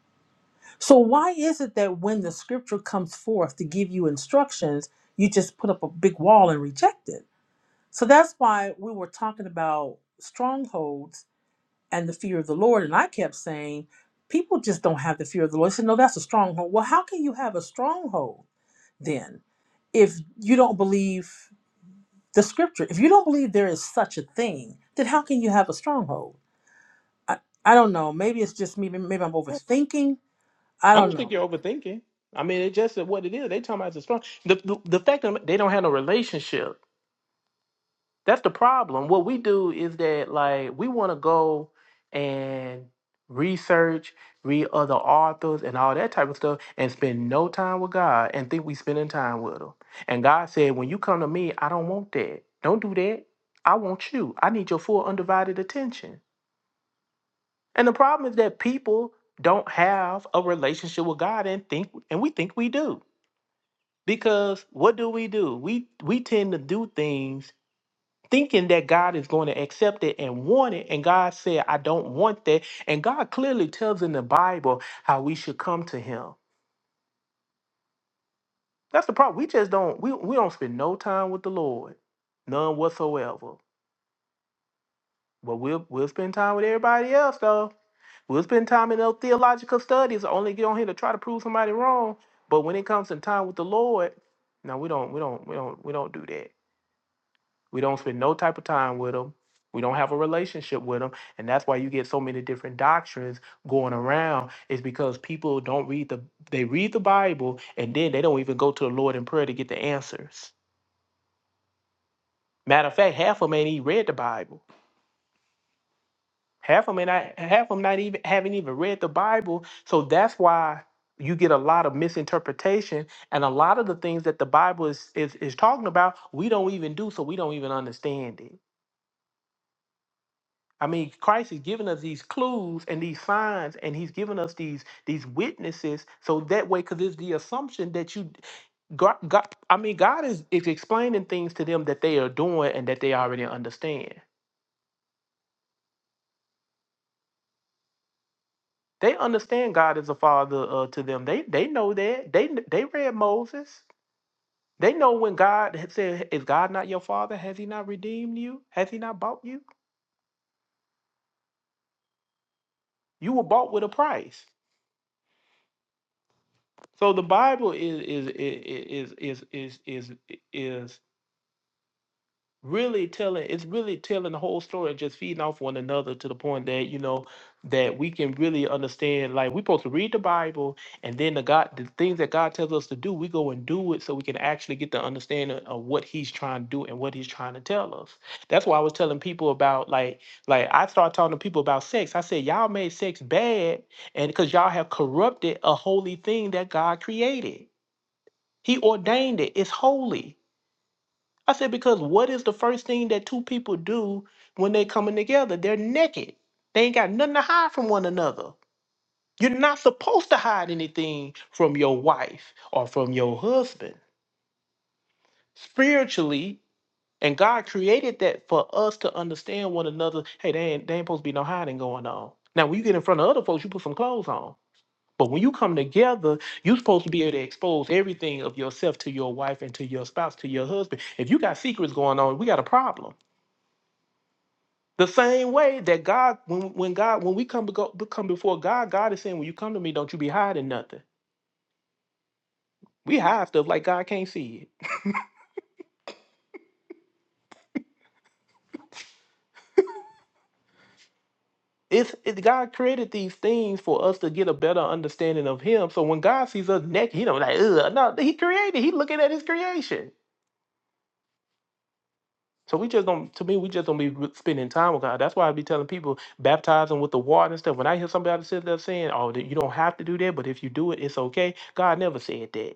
Speaker 9: So why is it that when the scripture comes forth to give you instructions, you just put up a big wall and reject it? So that's why we were talking about strongholds and the fear of the Lord. And I kept saying, people just don't have the fear of the Lord. I said, no, that's a stronghold. Well, how can you have a stronghold then if you don't believe the scripture? If you don't believe there is such a thing, then how can you have a stronghold? I, I don't know. Maybe it's just me. Maybe I'm overthinking. I
Speaker 2: I
Speaker 9: don't
Speaker 2: don't think
Speaker 9: know.
Speaker 2: you're overthinking. I mean, it's just what it is. They talking about the strong. The, the the fact that they don't have no relationship. That's the problem. What we do is that like we want to go and research, read other authors and all that type of stuff, and spend no time with God and think we spending time with Him. And God said, when you come to me, I don't want that. Don't do that. I want you. I need your full undivided attention. And the problem is that people don't have a relationship with God and think and we think we do. Because what do we do? We we tend to do things thinking that God is going to accept it and want it and God said I don't want that and God clearly tells in the Bible how we should come to him. That's the problem. We just don't we, we don't spend no time with the Lord. None whatsoever. But we'll we'll spend time with everybody else though. We'll spend time in those theological studies. only get on here to try to prove somebody wrong. But when it comes in time with the Lord, no, we don't, we don't, we don't, we don't do that. We don't spend no type of time with them. We don't have a relationship with them, and that's why you get so many different doctrines going around. Is because people don't read the they read the Bible, and then they don't even go to the Lord in prayer to get the answers. Matter of fact, half of them ain't even read the Bible. Half of them not half of them not even haven't even read the Bible. So that's why you get a lot of misinterpretation and a lot of the things that the Bible is is, is talking about, we don't even do, so we don't even understand it. I mean, Christ is giving us these clues and these signs, and He's giving us these these witnesses, so that way, because it's the assumption that you, God, God, I mean, God is is explaining things to them that they are doing and that they already understand. They understand God is a father uh, to them. They they know that. They kn- they read Moses. They know when God had said, "Is God not your father? Has He not redeemed you? Has He not bought you? You were bought with a price." So the Bible is is is is is is is, is really telling it's really telling the whole story and just feeding off one another to the point that you know that we can really understand like we're supposed to read the bible and then the god the things that god tells us to do we go and do it so we can actually get the understanding of what he's trying to do and what he's trying to tell us that's why i was telling people about like like i started talking to people about sex i said y'all made sex bad and because y'all have corrupted a holy thing that god created he ordained it it's holy I said, because what is the first thing that two people do when they coming together? They're naked. They ain't got nothing to hide from one another. You're not supposed to hide anything from your wife or from your husband spiritually. And God created that for us to understand one another. Hey, they ain't, they ain't supposed to be no hiding going on. Now, when you get in front of other folks, you put some clothes on. But when you come together, you're supposed to be able to expose everything of yourself to your wife and to your spouse, to your husband. If you got secrets going on, we got a problem. The same way that God, when when God, when we come to go, come before God, God is saying, "When you come to me, don't you be hiding nothing." We hide stuff like God can't see it. It's it, God created these things for us to get a better understanding of Him. So when God sees us naked, He don't like, Ugh, no, He created. He looking at His creation. So we just don't. To me, we just don't be spending time with God. That's why I be telling people baptizing with the water and stuff. When I hear somebody sit there saying, "Oh, that you don't have to do that," but if you do it, it's okay. God never said that.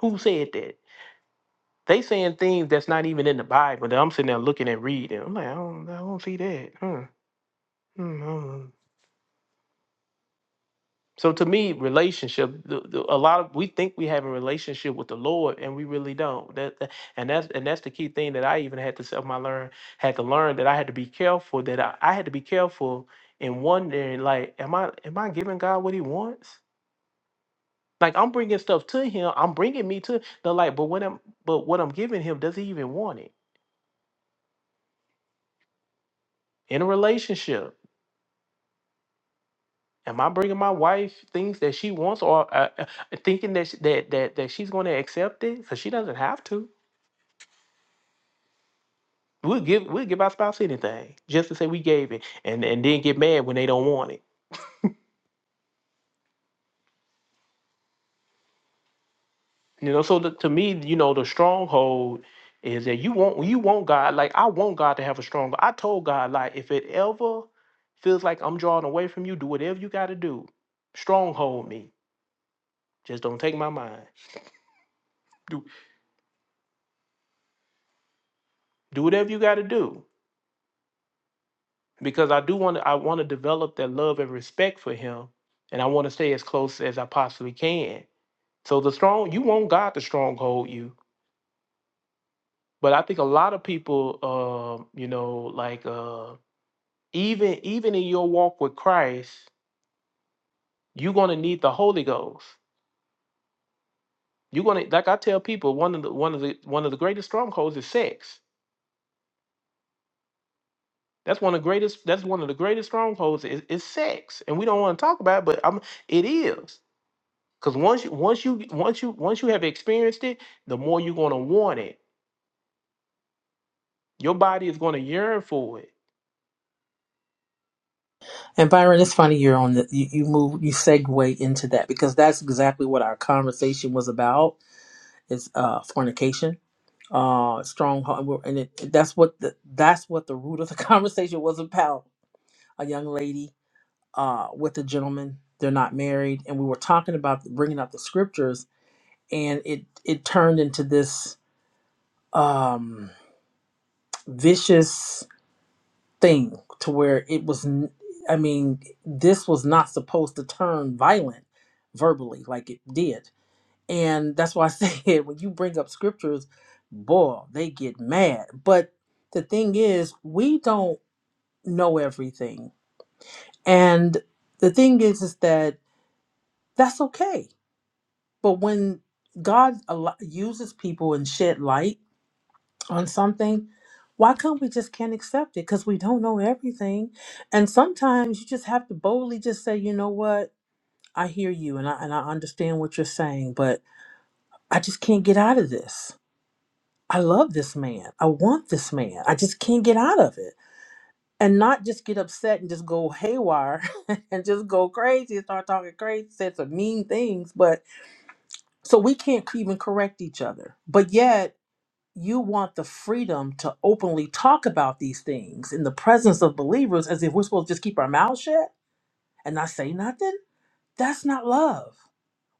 Speaker 2: Who said that? They saying things that's not even in the Bible that I'm sitting there looking and reading. I'm like, I don't, I don't see that. Huh. Hmm, I don't- know. So to me, relationship, the, the, a lot of we think we have a relationship with the Lord, and we really don't. That, that- and that's and that's the key thing that I even had to self my learn had to learn that I had to be careful that I, I had to be careful in wondering like, am I am I giving God what He wants? Like I'm bringing stuff to Him, I'm bringing me to the like, but what I'm but what I'm giving Him, does He even want it in a relationship? Am I bringing my wife things that she wants, or uh, uh, thinking that, she, that that that she's going to accept it? Because she doesn't have to. We'll give we'll give our spouse anything just to say we gave it, and and then get mad when they don't want it. You know, so the, to me, you know, the stronghold is that you want you want God. Like I want God to have a strong. I told God like if it ever feels like I'm drawing away from you, do whatever you got to do. Stronghold me. Just don't take my mind. Do do whatever you got to do because I do want to I want to develop that love and respect for him and I want to stay as close as I possibly can. So the strong you want God to stronghold you, but I think a lot of people um you know like uh even even in your walk with Christ, you're going to need the Holy Ghost. You're going to like I tell people one of the one of the one of the greatest strongholds is sex. That's one of the greatest that's one of the greatest strongholds is, is sex. And we don't want to talk about it, but I'm it is. Cause once you once you once you once you have experienced it, the more you're gonna want it. Your body is gonna yearn for it.
Speaker 9: And Byron, it's funny you're on the you, you move you segue into that because that's exactly what our conversation was about. Is uh fornication uh stronghold and we're- and it, that's what the that's what the root of the conversation was about a young lady uh with a gentleman they're not married and we were talking about bringing up the scriptures and it it turned into this um vicious thing to where it was n- i mean this was not supposed to turn violent verbally like it did And that's why I said when you bring up scriptures, boy, they get mad. But the thing is, we don't know everything. And the thing is, is that that's okay. But when God al- uses people and shed light on something, why can't we just can't accept it? Because we don't know everything. And sometimes you just have to boldly just say, you know what? I hear you and I, and I understand what you're saying, but I just can't get out of this I love this man. I want this man. I just can't get out of it. And not just get upset and just go haywire and just go crazy and start talking crazy, say some mean things. But so we can't even correct each other. But yet, you want the freedom to openly talk about these things in the presence of believers as if we're supposed to just keep our mouths shut and not say nothing? That's not love.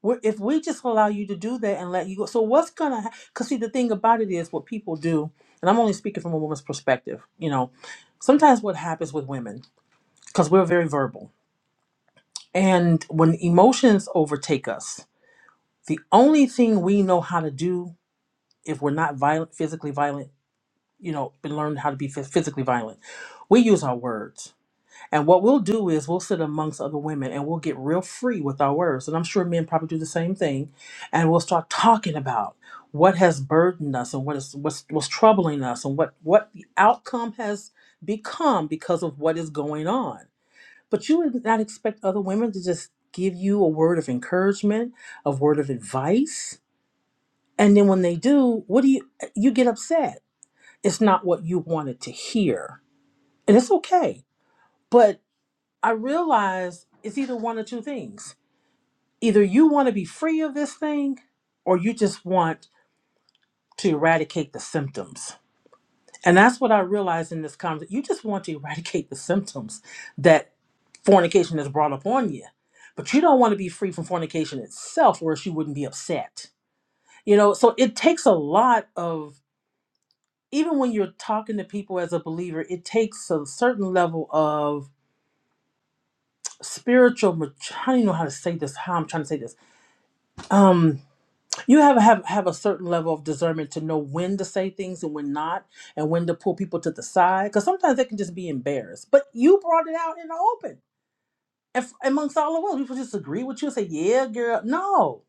Speaker 9: We're, if we just allow you to do that and let you go, so what's gonna? ha- Cause see, the thing about it is what people do, and I'm only speaking from a woman's perspective. You know, sometimes what happens with women, cause we're very verbal, and when emotions overtake us, the only thing we know how to do if we're not violent, physically violent, you know, been learned how to be phys- physically violent, we use our words And what we'll do is we'll sit amongst other women and we'll get real free with our words. And I'm sure men probably do the same thing. And we'll start talking about what has burdened us and what is what's what's troubling us and what what the outcome has become because of what is going on. But you would not expect other women to just give you a word of encouragement, a word of advice. And then when they do, what do you you get upset? It's not what you wanted to hear. And it's okay. but. I realized it's either one or two things. Either you want to be free of this thing, or you just want to eradicate the symptoms. And that's what I realized in this conversation. You just want to eradicate the symptoms that fornication has brought upon you. But you don't want to be free from fornication itself, or else you wouldn't be upset. You know, so it takes a lot of, even when you're talking to people as a believer, it takes a certain level of spiritual, mat- I don't even know how to say this, how I'm trying to say this. Um, you have have have a certain level of discernment to know when to say things and when not and when to pull people to the side because sometimes they can just be embarrassed but you brought it out in the open and f- amongst all of us people just agree with you and say yeah girl no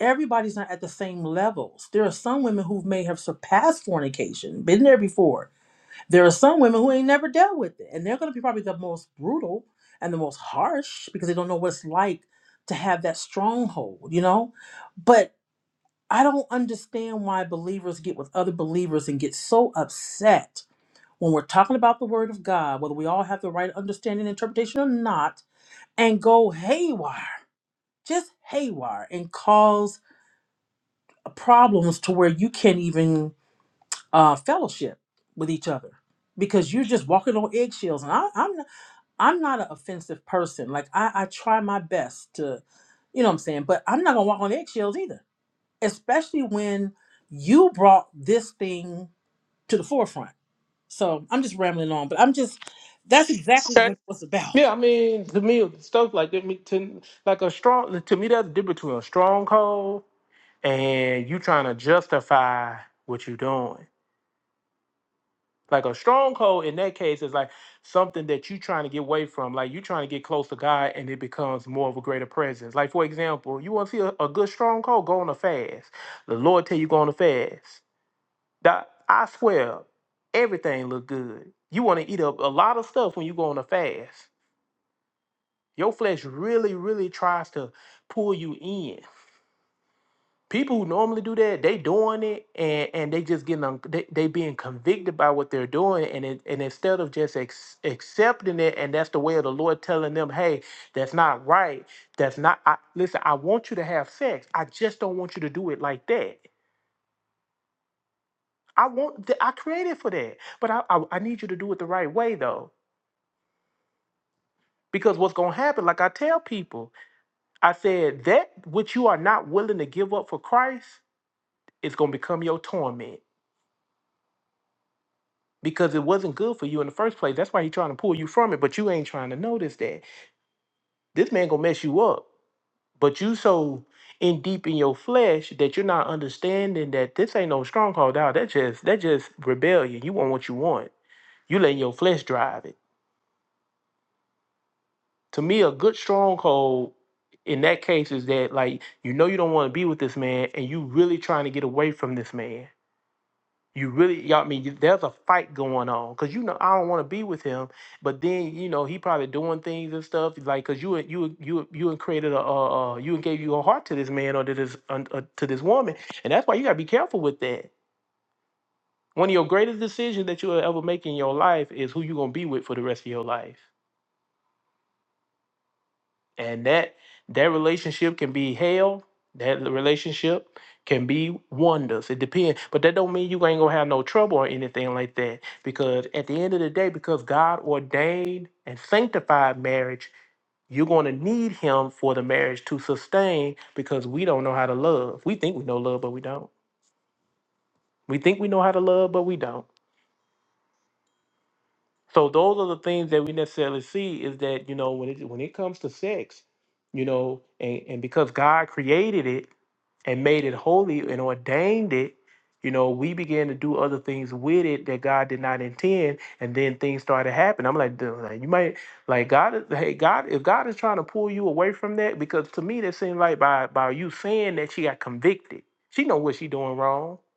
Speaker 9: everybody's not at the same levels there are some women who may have surpassed fornication been there before there are some women who ain't never dealt with it and they're going to be probably the most brutal and the most harsh because they don't know what it's like to have that stronghold you know but I don't understand why believers get with other believers and get so upset when we're talking about the word of God, whether we all have the right understanding and interpretation or not, and go haywire, just haywire, and cause problems to where you can't even uh, fellowship with each other because you're just walking on eggshells. And I, I'm I'm not an offensive person. Like I, I try my best to, you know what I'm saying, but I'm not gonna walk on eggshells either, especially when you brought this thing to the forefront. So I'm just rambling on, but I'm just that's exactly what
Speaker 2: Okay.
Speaker 9: it was about.
Speaker 2: Yeah, I mean, to me, stuff like that, me- to, like a strong, to me, that's the difference between a stronghold and you trying to justify what you're doing. Like a stronghold in that case is like something that you're trying to get away from. Like you're trying to get close to God and it becomes more of a greater presence. Like, for example, you want to see a, a good stronghold, go on a fast. The Lord tell you go on a fast. Doc, I swear, everything look good. You want to eat up a lot of stuff when you go on a fast. Your flesh really, really tries to pull you in. People who normally do that, they doing it and, and they just getting un- they, they being convicted by what they're doing and it, and instead of just ex- accepting it and that's the way of the Lord telling them, hey, that's not right. That's not. I, listen, I want you to have sex. I just don't want you to do it like that. I want. th- I created for that, but I I, I need you to do it the right way though Because what's going to happen, like I tell people, I said, that which you are not willing to give up for Christ is going to become your torment because it wasn't good for you in the first place. That's why he's trying to pull you from it, but you ain't trying to notice that. This man going to mess you up, but you so in deep in your flesh that you're not understanding that this ain't no stronghold out. That just, that just rebellion. You want what you want. You letting your flesh drive it. to me a good stronghold in that case is that like you know you don't want to be with this man and you really trying to get away from this man you really y'all I mean you- there's a fight going on because you know i don't want to be with him but then you know he probably doing things and stuff like because you you you you and created a uh, uh you and gave your heart to this man or to this un- uh, to this woman and that's why you got to be careful with that one of your greatest decisions that you'll ever make in your life is who you going to be with for the rest of your life and that that relationship can be hell that relationship can be wonders it depends but that don't mean you ain't gonna have no trouble or anything like that because at the end of the day because god ordained and sanctified marriage you're going to need him for the marriage to sustain because we don't know how to love we think we know love but we don't we think we know how to love but we don't so those are the things that we necessarily see is that you know when it when it comes to sex you know and, and because god created it and made it holy and ordained it, you know, we began to do other things with it that God did not intend, and then things started happening. I'm like, dude, like, you might like God. is- Hey, God, if God is trying to pull you away from that, because to me that seemed like by by you saying that she got convicted. She know what she doing wrong.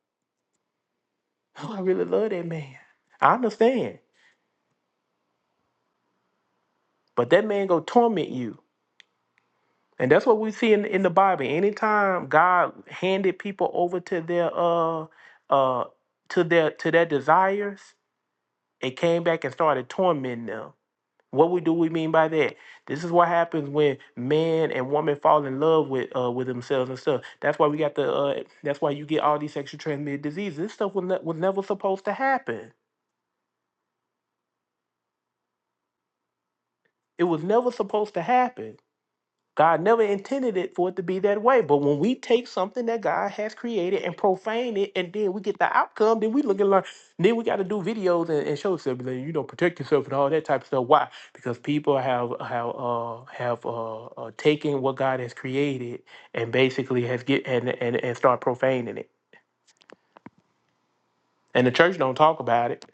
Speaker 2: Oh, I really love that man. I understand, but that man go torment you. And that's what we see in, in the Bible. Anytime God handed people over to their uh uh to their to their desires, It came back and started tormenting them. What we do we mean by that? This is what happens when man and woman fall in love with uh, with themselves and stuff. That's why we got the. Uh, that's why you get all these sexually transmitted diseases. This stuff was, ne- was never supposed to happen. It was never supposed to happen. God never intended it for it to be that way. But when we take something that God has created and profane it, and then we get the outcome, then we look and learn. Then we got to do videos and, and show yourself, like, you know, protect yourself and all that type of stuff. Why? Because people have have uh, have uh, uh, taken what God has created and basically has get and, and and start profaning it. And the church don't talk about it.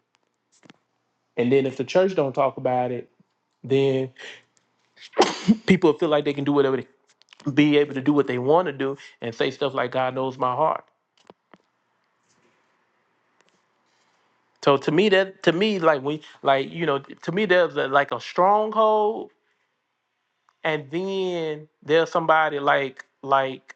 Speaker 2: And then if the church don't talk about it, then people feel like they can do whatever, they, be able to do what they want to do, and say stuff like God knows my heart So to me, that to me, like we like you know, to me there's a, like a stronghold, and then there's somebody like like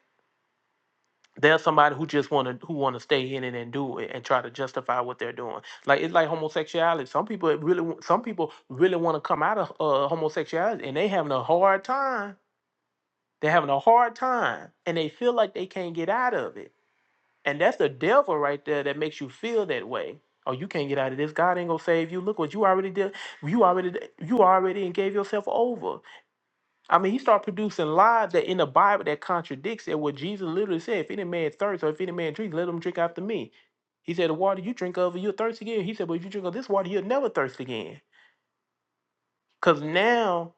Speaker 2: there's somebody who just want to who want to stay in it and do it and try to justify what they're doing. Like it's like homosexuality. Some people it really wa- some people really want to come out of uh, homosexuality, and they having a hard time. They're having a hard time, and they feel like they can't get out of it And that's the devil right there that makes you feel that way. Oh, you can't get out of this. God ain't gonna save you. Look what you already did. You already you already and gave yourself over. I mean, he started producing lies that in the Bible that contradicts it. What Jesus literally said: If any man thirst, or if any man drink, let him drink after me. He said, the water you drink of, you'll thirst again. He said, but if you drink of this water, you'll never thirst again. Cause now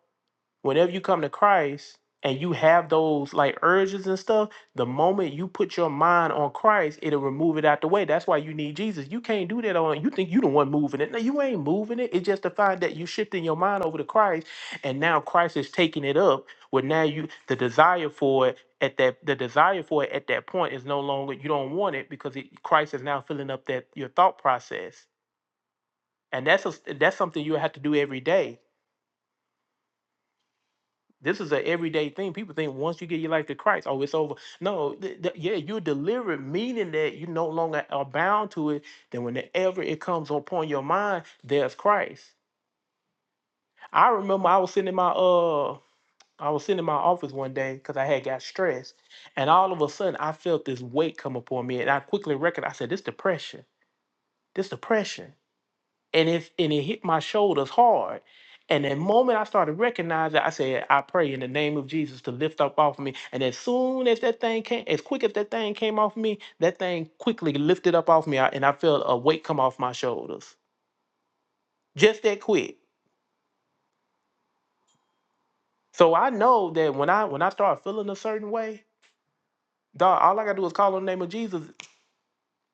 Speaker 2: whenever you come to Christ and you have those like urges and stuff, the moment you put your mind on Christ, it'll remove it out the way. That's why you need Jesus. You can't do that on you think you the one moving it. No, you ain't moving it. It's just the fact that you shifting your mind over to Christ and now Christ is taking it up where now you the desire for it at that the desire for it at that point is no longer you don't want it because it, Christ is now filling up that your thought process. And that's a, that's something you have to do every day This is an everyday thing. People think once you give your life to Christ, oh, it's over. No, th- th- yeah, you're delivered, meaning that you no longer are bound to it. Then whenever it comes upon your mind, there's Christ. I remember I was sitting in my uh, I was sitting in my office one day because I had got stressed, and all of a sudden I felt this weight come upon me, and I quickly recognized. I said, "This depression. This depression." and it and it hit my shoulders hard. And the moment I started recognizing, I said, I pray in the name of Jesus to lift up off of me. And as soon as that thing came, as quick as that thing came off me, that thing quickly lifted up off me, I- and I felt a weight come off my shoulders. Just that quick. So I know that when I when I start feeling a certain way, dog, all I gotta do is call on the name of Jesus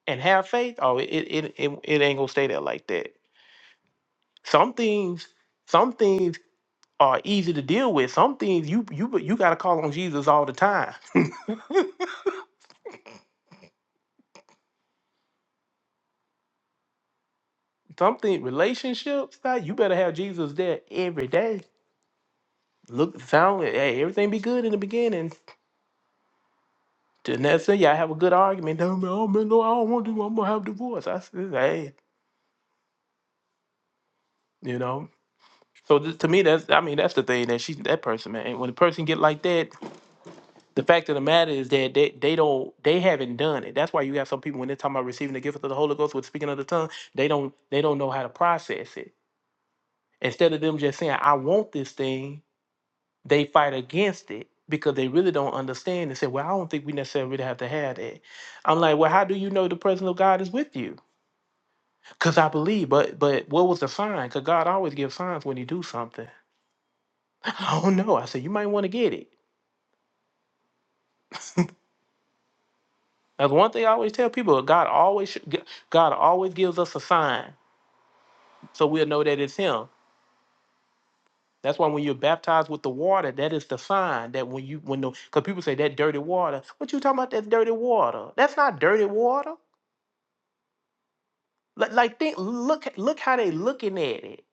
Speaker 2: and have faith. Oh, it it it, it it ain't gonna stay there like that. Some things, some things are easy to deal with. Some things you you you got to call on Jesus all the time. Something relationships, like, you better have Jesus there every day. Look, sound, hey, everything be good in the beginning. To next say, y'all have a good argument. "No, man, I don't, man, no, I don't want to. I'm gonna have divorce. I said, hey, you know. So th- to me, that's I mean that's the thing that she that person man. When a person get like that, the fact of the matter is that they, they don't they haven't done it. That's why you have some people when they're talking about receiving the gift of the Holy Ghost with speaking of the tongue, they don't they don't know how to process it Instead of them just saying, I want this thing, they fight against it because they really don't understand and say, Well, I don't think we necessarily really have to have that. I'm like, Well, how do you know the presence of God is with you? Because I believe, but but what was the sign? Because God always gives signs when he do something. I don't know. I said, You might want to get it. That's one thing I always tell people. God always sh- God always gives us a sign so we'll know that it's him. That's why when you're baptized with the water, that is the sign that when you when the because people say that dirty water. What you talking about? That dirty water. That's not dirty water. Like, like think, look, look how they looking at it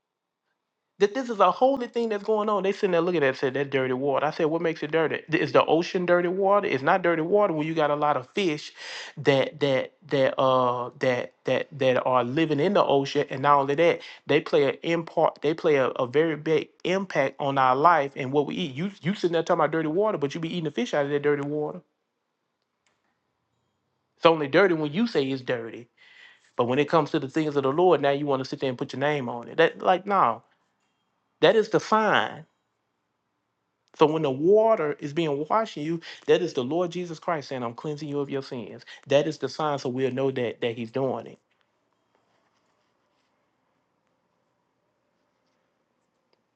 Speaker 2: that this is a holy thing that's going on. They sitting there looking at it and said, that's dirty water. I said, what makes it dirty? Th- Is the ocean dirty water? It's not dirty water when you got a lot of fish that that that uh that that that are living in the ocean. And not only that, they play an impart they play a, a very big impact on our life and what we eat. You you sitting there talking about dirty water, but you be eating the fish out of that dirty water. It's only dirty when you say it's dirty. But when it comes to the things of the Lord, now you want to sit there and put your name on it. That like no, that is the sign. So when the water is being washed in you, that is the Lord Jesus Christ saying, I'm cleansing you of your sins. That is the sign so we'll know that that He's doing it.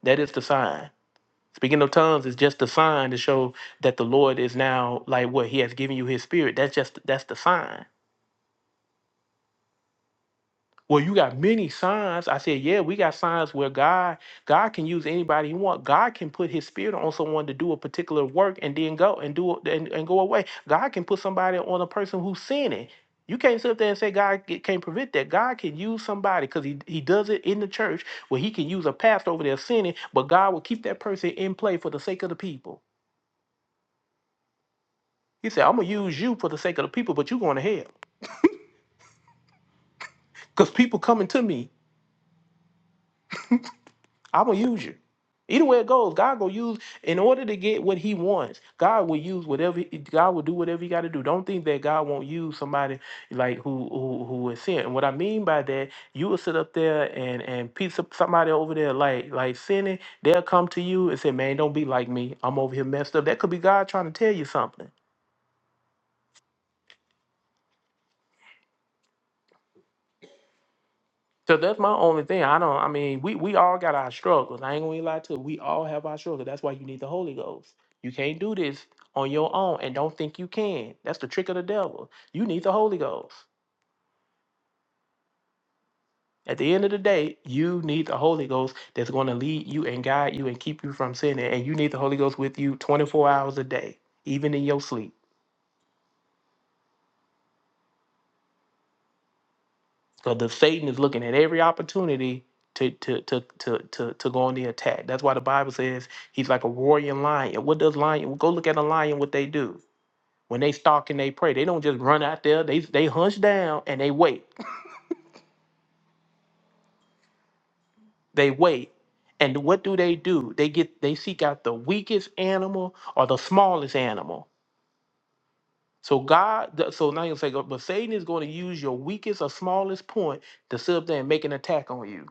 Speaker 2: That is the sign. Speaking of tongues is just the sign to show that the Lord is now like what He has given you His Spirit. That's just that's the sign. Well, you got many signs. I said, yeah, we got signs where God, God can use anybody he want. God can put his spirit on someone to do a particular work and then go and do it and, and go away. God can put somebody on a person who's sinning. You can't sit up there and say God ca- can't prevent that. God can use somebody because he, he does it in the church where he can use a pastor over there sinning, but God will keep that person in play for the sake of the people. He said, I'm gonna use you for the sake of the people, but you're going to hell. Because people coming to me. I'm gonna use you. Either way it goes, God gonna use in order to get what He wants. God will use whatever God will do whatever He got to do. Don't think that God won't use somebody like who who who is sin. And what I mean by that, you will sit up there and and piece up somebody over there like like sinning. They'll come to you and say, "Man, don't be like me. I'm over here messed up." That could be God trying to tell you something. So that's my only thing. I don't. I mean, we we all got our struggles. I ain't gonna lie to. you. We all have our struggles. That's why you need the Holy Ghost. You can't do this on your own, and don't think you can. That's the trick of the devil. You need the Holy Ghost. At the end of the day, you need the Holy Ghost that's going to lead you and guide you and keep you from sinning. And you need the Holy Ghost with you 24 hours a day, even in your sleep. So the Satan is looking at every opportunity to to to to to to go on the attack. That's why the Bible says he's like a roaring lion. What does lion? Go look at a lion. What they do when they stalk and they prey. They don't just run out there. They they hunch down and they wait. They wait. And what do they do? They get they seek out the weakest animal or the smallest animal. So God, th- so now you say, but Satan is going to use your weakest or smallest point to sit up there and make an attack on you.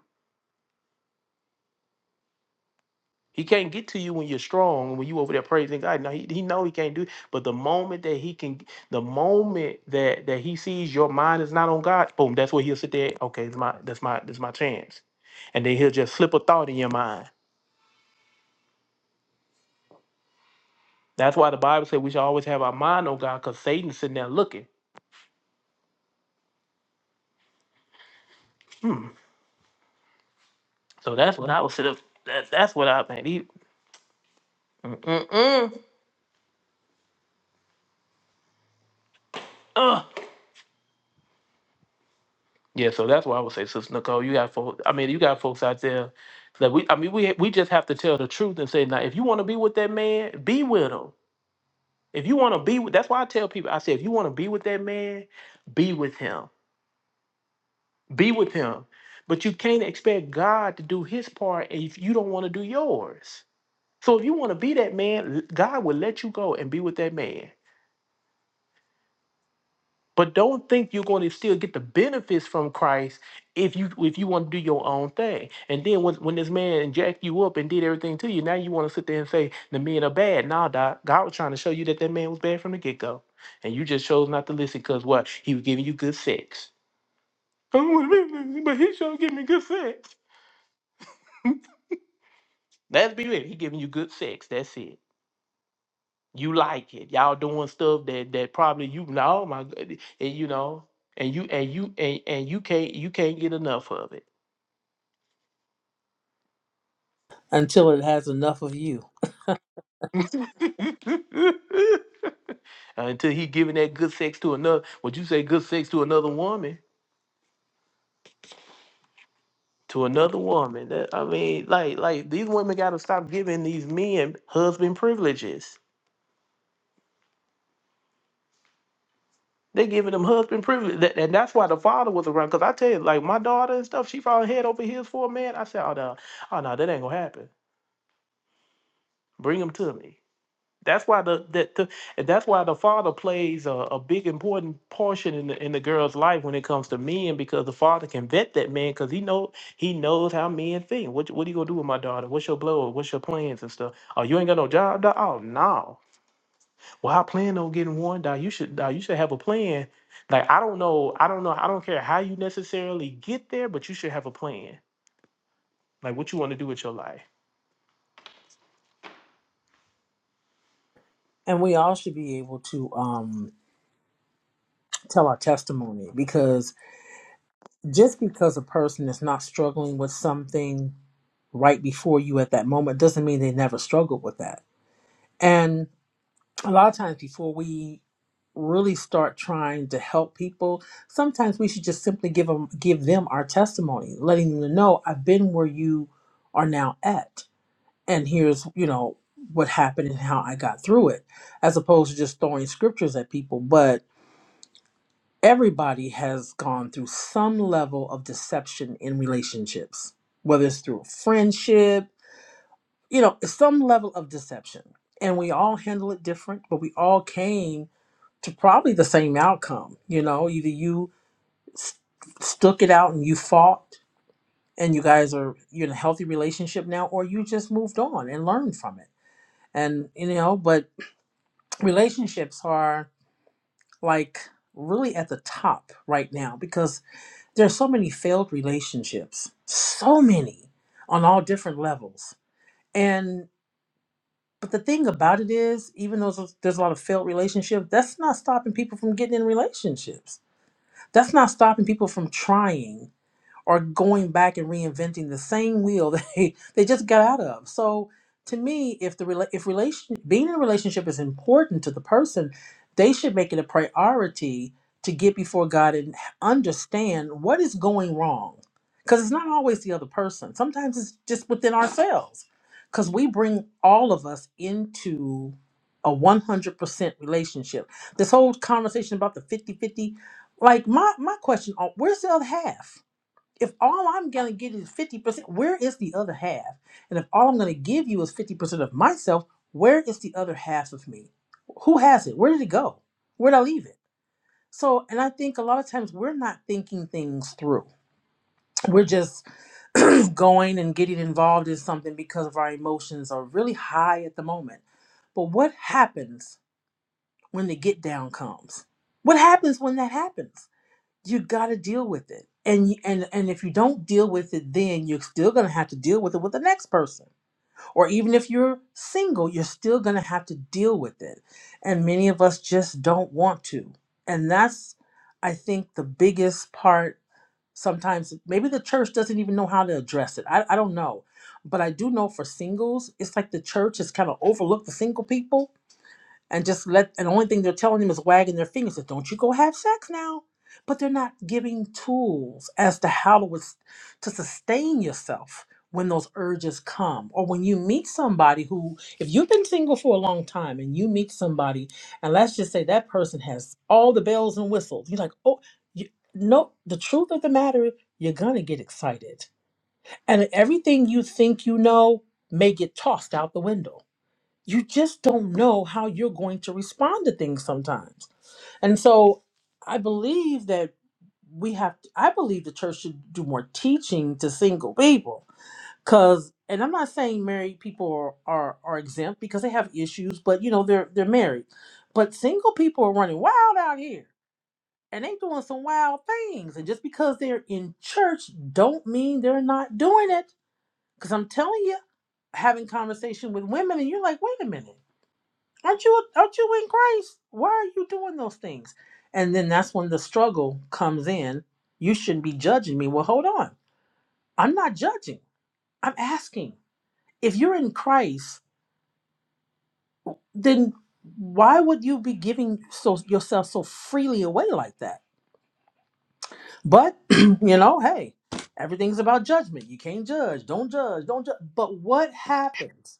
Speaker 2: He can't get to you when you're strong, when you over there praising God. Now he, he know he can't do it. But the moment that he can, the moment that that he sees your mind is not on God, boom, that's where he'll sit there. Okay, it's my that's my that's my chance. And then he'll just slip a thought in your mind. That's why the Bible said we should always have our mind on God, because Satan's sitting there looking. Hmm. So that's what I would sit up. That, that's what I man. He, mm, mm, mm. Ugh. Yeah, so that's why I would say, Sister Nicole, you got folks. I mean, you got folks out there that we. I mean, we we just have to tell the truth and say, now, if you want to be with that man, be with him. If you want to be with, that's why I tell people, I say, if you want to be with that man, be with him. Be with him. But you can't expect God to do His part if you don't want to do yours. So if you want to be that man, God will let you go and be with that man. But don't think you're going to still get the benefits from Christ if you if you want to do your own thing. And then when, when this man jacked you up and did everything to you, now you want to sit there and say the men are bad. Nah, doc, God was trying to show you that that man was bad from the get go, and you just chose not to listen because what he was giving you good sex. I don't want to be with him, but he sure giving me good sex. Let's be real, he giving you good sex. That's it. You like it. Y'all doing stuff that that probably you know. My, God, and you know, and you and you and, and you can't you can't get enough of it
Speaker 9: Until it has enough of you.
Speaker 2: Uh, Until he giving that good sex to another, would you say good sex to another woman? To another woman. That, I mean, like, like these women gotta stop giving these men husband privileges. They giving them husband privilege, that, and that's why the father was around. Cause I tell you, like my daughter and stuff, she fall head over heels for a man. I said, oh no, oh no, that ain't gonna happen. Bring him to me. That's why the that the, and that's why the father plays a, a big important portion in the in the girl's life when it comes to men because the father can vet that man because he know he knows how men think. What you- what are you gonna do with my daughter? What's your blow? What's your plans and stuff? Oh, you ain't got no job? Dog? Oh no. Well, I plan on getting one. Dog. You should dog, you should have a plan. Like I don't know, I don't know, I don't care how you necessarily get there, but you should have a plan. Like what you want to do with your life.
Speaker 9: And we all should be able to um tell our testimony because just because a person is not struggling with something right before you at that moment doesn't mean they never struggled with that. and. a lot of times before we really start trying to help people sometimes we should just simply give them give them our testimony letting them know i've been where you are now at and here's you know what happened and how i got through it as opposed to just throwing scriptures at people but everybody has gone through some level of deception in relationships whether it's through friendship you know some level of deception and we all handle it different but we all came to probably the same outcome. You know, either you st- stuck it out and you fought and you guys are you're in a healthy relationship now, or you just moved on and learned from it. And you know, but relationships are like really at the top right now because there's so many failed relationships, so many on all different levels. And but the thing about it is, even though there's there's a lot of failed relationships, that's not stopping people from getting in relationships That's not stopping people from trying or going back and reinventing the same wheel they they just got out of. So to me, if the rela- if relation being in a relationship is important to the person, they should make it a priority to get before God and understand what is going wrong. Because it's not always the other person. Sometimes it's just within ourselves. Because we bring all of us into a 100% relationship. This whole conversation about the 50 50, like my, my question, uh, where's the other half? if all I'm going to get is 50%, where is the other half? And if all I'm going to give you is 50% of myself, where is the other half of me? Who has it? Where did it go? Where did I leave it? So, and I think a lot of times we're not thinking things through. We're just going and getting involved in something because of our emotions are really high at the moment. But what happens when the get down comes? What happens when that happens? you got to deal with it and and and if you don't deal with it then you're still going to have to deal with it with the next person or even if you're single you're still going to have to deal with it and many of us just don't want to and that's i think the biggest part sometimes maybe the church doesn't even know how to address it i, I don't know but i do know for singles it's like the church has kind of overlooked the single people and just let and the only thing they're telling them is wagging their fingers that don't you go have sex now but they're not giving tools as to how to, wis- to sustain yourself when those urges come or when you meet somebody who if you've been single for a long time and you meet somebody and let's just say that person has all the bells and whistles you're like oh you, no the truth of the matter is you're gonna get excited and everything you think you know may get tossed out the window you just don't know how you're going to respond to things sometimes. And so I believe that we have to, I believe the church should do more teaching to single people cuz and I'm not saying married people are, are are exempt because they have issues, but you know they're they're married. But single people are running wild out here and they doing some wild things and just because they're in church don't mean they're not doing it cuz I'm telling you having conversation with women and you're like, "Wait a minute. Aren't you aren't you in Christ? Why are you doing those things? And then that's when the struggle comes in. You shouldn't be judging me. Well, hold on. I'm not judging. I'm asking. If you're in Christ, then why would you be giving so yourself so freely away like that? But you know, hey, everything's about judgment. You can't judge. Don't judge. Don't judge. But what happens?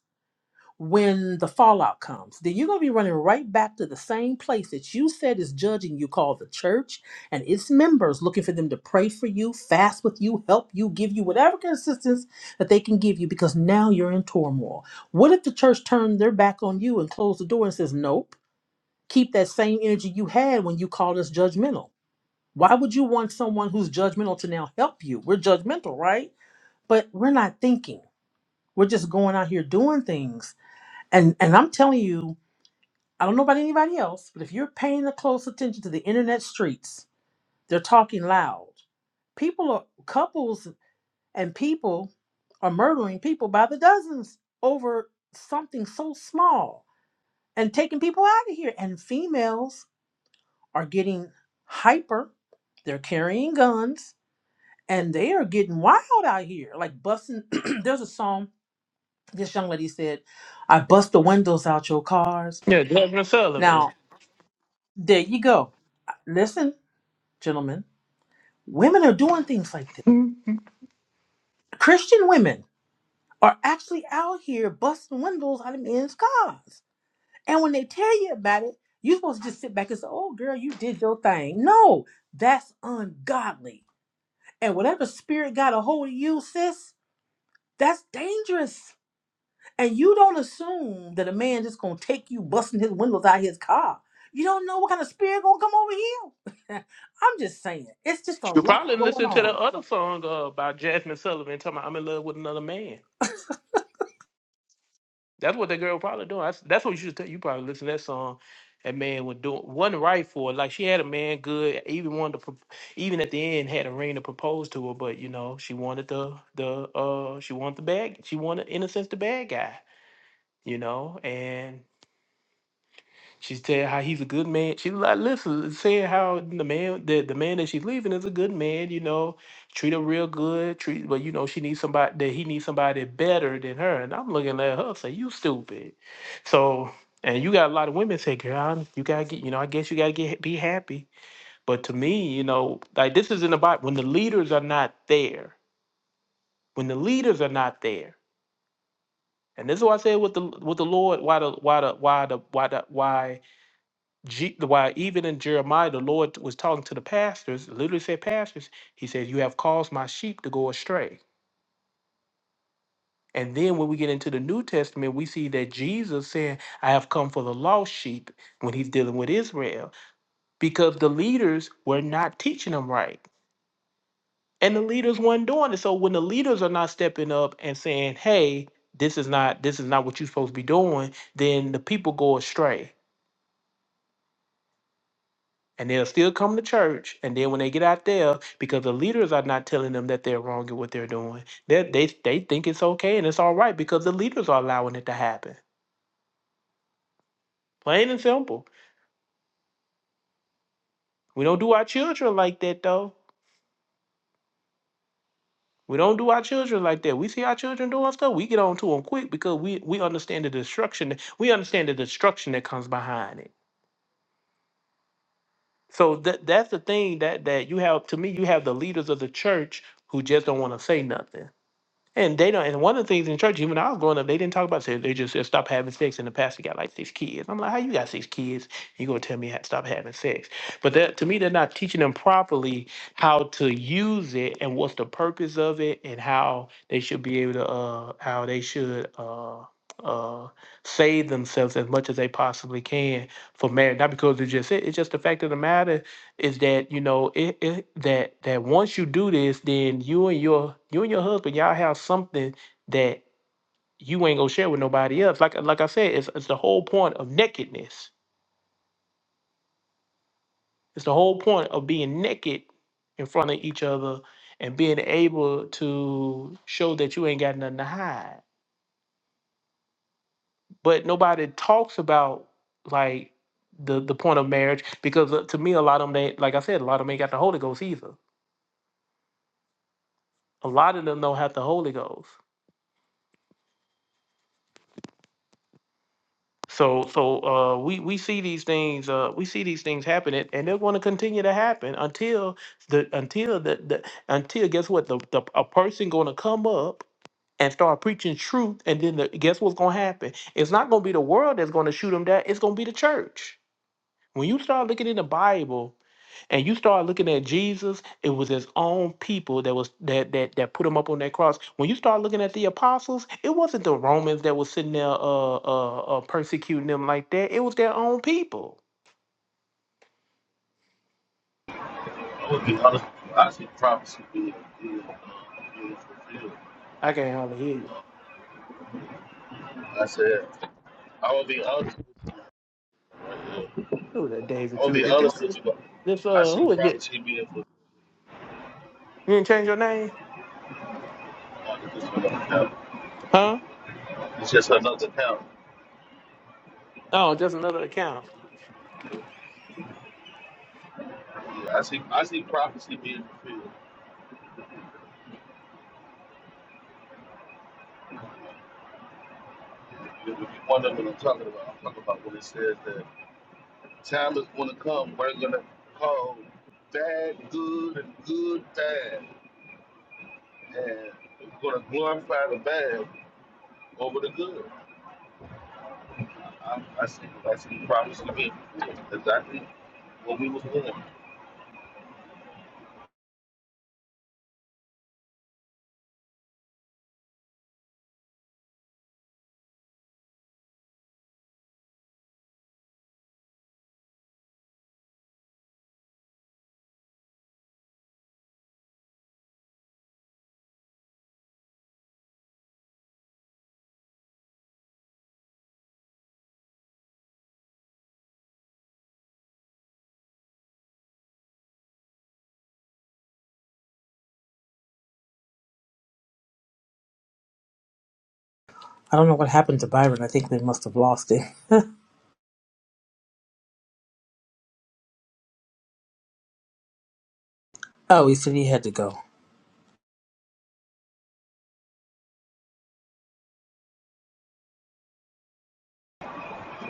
Speaker 9: when the fallout comes, then you're going to be running right back to the same place that you said is judging you, called the church and its members, looking for them to pray for you, fast with you, help you, give you whatever kind of assistance that they can give you because now you're in turmoil. What if the church turned their back on you and closed the door and says, Nope, keep that same energy you had when you called us judgmental? Why would you want someone who's judgmental to now help you? We're judgmental, right? But we're not thinking. We're just going out here doing things. And and I'm telling you, I don't know about anybody else, but if you're paying a close attention to the internet streets, they're talking loud. People are couples and people are murdering people by the dozens over something so small and taking people out of here. And females are getting hyper. They're carrying guns and they are getting wild out here. Like busting there's a song this young lady said, I bust the windows out your cars.
Speaker 2: Yeah, Jasmine
Speaker 9: Now,
Speaker 2: Sullivan.
Speaker 9: there you go. Listen, gentlemen Women are doing things like this. Christian women are actually out here busting windows out of men's cars. And when they tell you about it, you're supposed to just sit back and say, oh, girl, you did your thing. No, that's ungodly. And whatever spirit got a hold of you, sis, that's dangerous. And you don't assume that a man just gonna take you busting his windows out of his car. You don't know what kind of spirit gonna come over here. I'm just saying, it's just a
Speaker 2: You
Speaker 9: lot
Speaker 2: probably
Speaker 9: going
Speaker 2: listen to the
Speaker 9: on.
Speaker 2: other song uh, by Jasmine Sullivan talking about I'm in love with another man. That's what that girl probably doing. That's, that's what you should tell. You probably listen to that song. That man was doing wasn't right for her. Like she had a man good, even wanted to, pro- even at the end had a ring to propose to her. But you know she wanted the the uh she wanted the bad she wanted in a sense the bad guy. You know and She's said how he's a good man. She like listen, saying how the man that the man that she's leaving is a good man, you know, treat her real good, treat but you know, she needs somebody that he needs somebody better than her. And I'm looking at her say, You stupid. So and you got a lot of women say, girl, you gotta get, you know, I guess you gotta get be happy. But to me, you know, like this is in the Bible when the leaders are not there, when the leaders are not there, and this is why I said with the with the Lord, why the why the why the why the why Je- why even in Jeremiah, the Lord was talking to the pastors, literally said, Pastors, he says, You have caused my sheep to go astray. And then when we get into the New Testament, we see that Jesus saying, I have come for the lost sheep when he's dealing with Israel, because the leaders were not teaching them right. And the leaders weren't doing it. So when the leaders are not stepping up and saying, Hey, this is not this is not what you're supposed to be doing, then the people go astray. and they'll still come to church. And then when they get out there, because the leaders are not telling them that they're wrong in what they're doing, they they they think it's okay and it's all right because the leaders are allowing it to happen. Plain and simple. We don't do our children like that though. We don't do our children like that. We see our children doing stuff, we get on to them quick because we we understand the destruction. We understand the destruction that comes behind it. So that that's the thing that that you have to me. You have the leaders of the church who just don't want to say nothing And they don't. And one of the things in church, even when I was growing up, they didn't talk about sex. They just said stop having sex, and the pastor got like six kids. I'm like, how you got six kids? You gonna tell me how to stop having sex? But that to me, they're not teaching them properly how to use it and what's the purpose of it, and how they should be able to, uh, how they should. Uh, uh save themselves as much as they possibly can for marriage not because it's just it it's just the fact of the matter is that you know it, it that that once you do this then you and your you and your husband y'all have something that you ain't gonna share with nobody else like like i said it's, it's the whole point of nakedness it's the whole point of being naked in front of each other and being able to show that you ain't got nothing to hide but nobody talks about like the the point of marriage because uh, to me a lot of them they like i said a lot of them ain't got the holy ghost either a lot of them don't have the holy ghost So, so uh, we we see these things. Uh, we see these things happening, and they're going to continue to happen until the until the, the until guess what? The, the a person going to come up and start preaching truth, and then the, guess what's going to happen? It's not going to be the world that's going to shoot them down. It's going to be the church. When you start looking in the Bible and you start looking at Jesus, it was his own people that was that that that put him up on that cross. When you start looking at the apostles, it wasn't the Romans that was sitting there uh uh, uh persecuting them like that. It was their own people.
Speaker 10: would be eligible. I see the prophecy being, being, being fulfilled.
Speaker 2: I can't hardly hear you.
Speaker 10: I said, I will be honest with you. right now.
Speaker 2: Who was that David
Speaker 10: I will
Speaker 2: too?
Speaker 10: be
Speaker 2: Did
Speaker 10: honest
Speaker 2: this
Speaker 10: with you. But
Speaker 2: this
Speaker 10: I
Speaker 2: uh
Speaker 10: see
Speaker 2: who is this?
Speaker 10: prophecy being fulfilled.
Speaker 2: You didn't change your name?
Speaker 10: Oh, this is another count.
Speaker 2: Huh?
Speaker 10: It's just another count.
Speaker 2: Oh, just another account.
Speaker 10: Yeah, I see. I see prophecy being fulfilled. You know, If you wonder what I'm talking about, I'm talking about when it says that time is going to come. We're going to call bad good and good bad, and we're going to glorify the bad over the good. I, I see, I see the promise to me. Exactly what we was doing.
Speaker 9: I don't know what happened to Byron. I think they must have lost it. Oh, he said he had to go.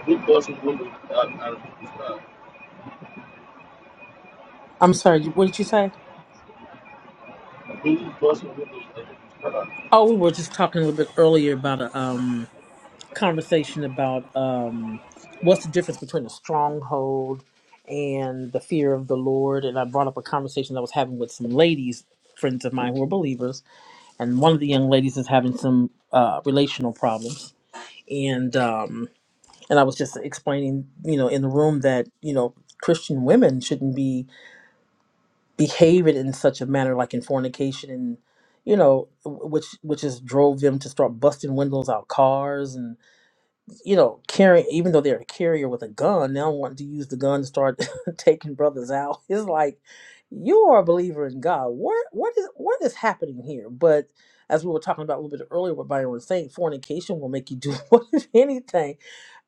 Speaker 10: We busting windows out, out of people's cars?
Speaker 9: I'm sorry. What did you say?
Speaker 10: Who's busting windows out of people's cars?
Speaker 9: Oh, we were just talking a little bit earlier about a um, conversation about um, what's the difference between a stronghold and the fear of the Lord. And I brought up a conversation I was having with some ladies, friends of mine who are believers. And one of the young ladies is having some uh, relational problems. And um, and I was just explaining, you know, in the room that you know Christian women shouldn't be behaving in such a manner like in fornication and you know w- which which has drove them to start busting windows out cars and you know carrying even though they're a carrier with a gun now wanting to use the gun to start taking brothers out it's like you are a believer in god what what is what is happening here but as we were talking about a little bit earlier what byron was saying fornication will make you do what, if anything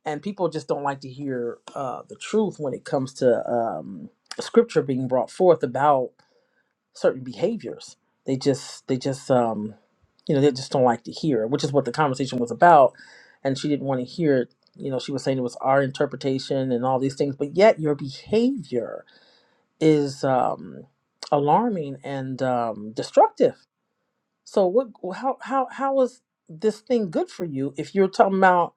Speaker 9: and people just don't like to hear uh, the truth when it comes to um, scripture being brought forth about certain behaviors. They just they just um you know they just don't like to hear, which is what the conversation was about. And she didn't want to hear it. You know, she was saying it was our interpretation and all these things, but yet your behavior is um, alarming and um, destructive. So what? How how how is this thing good for you if you're talking about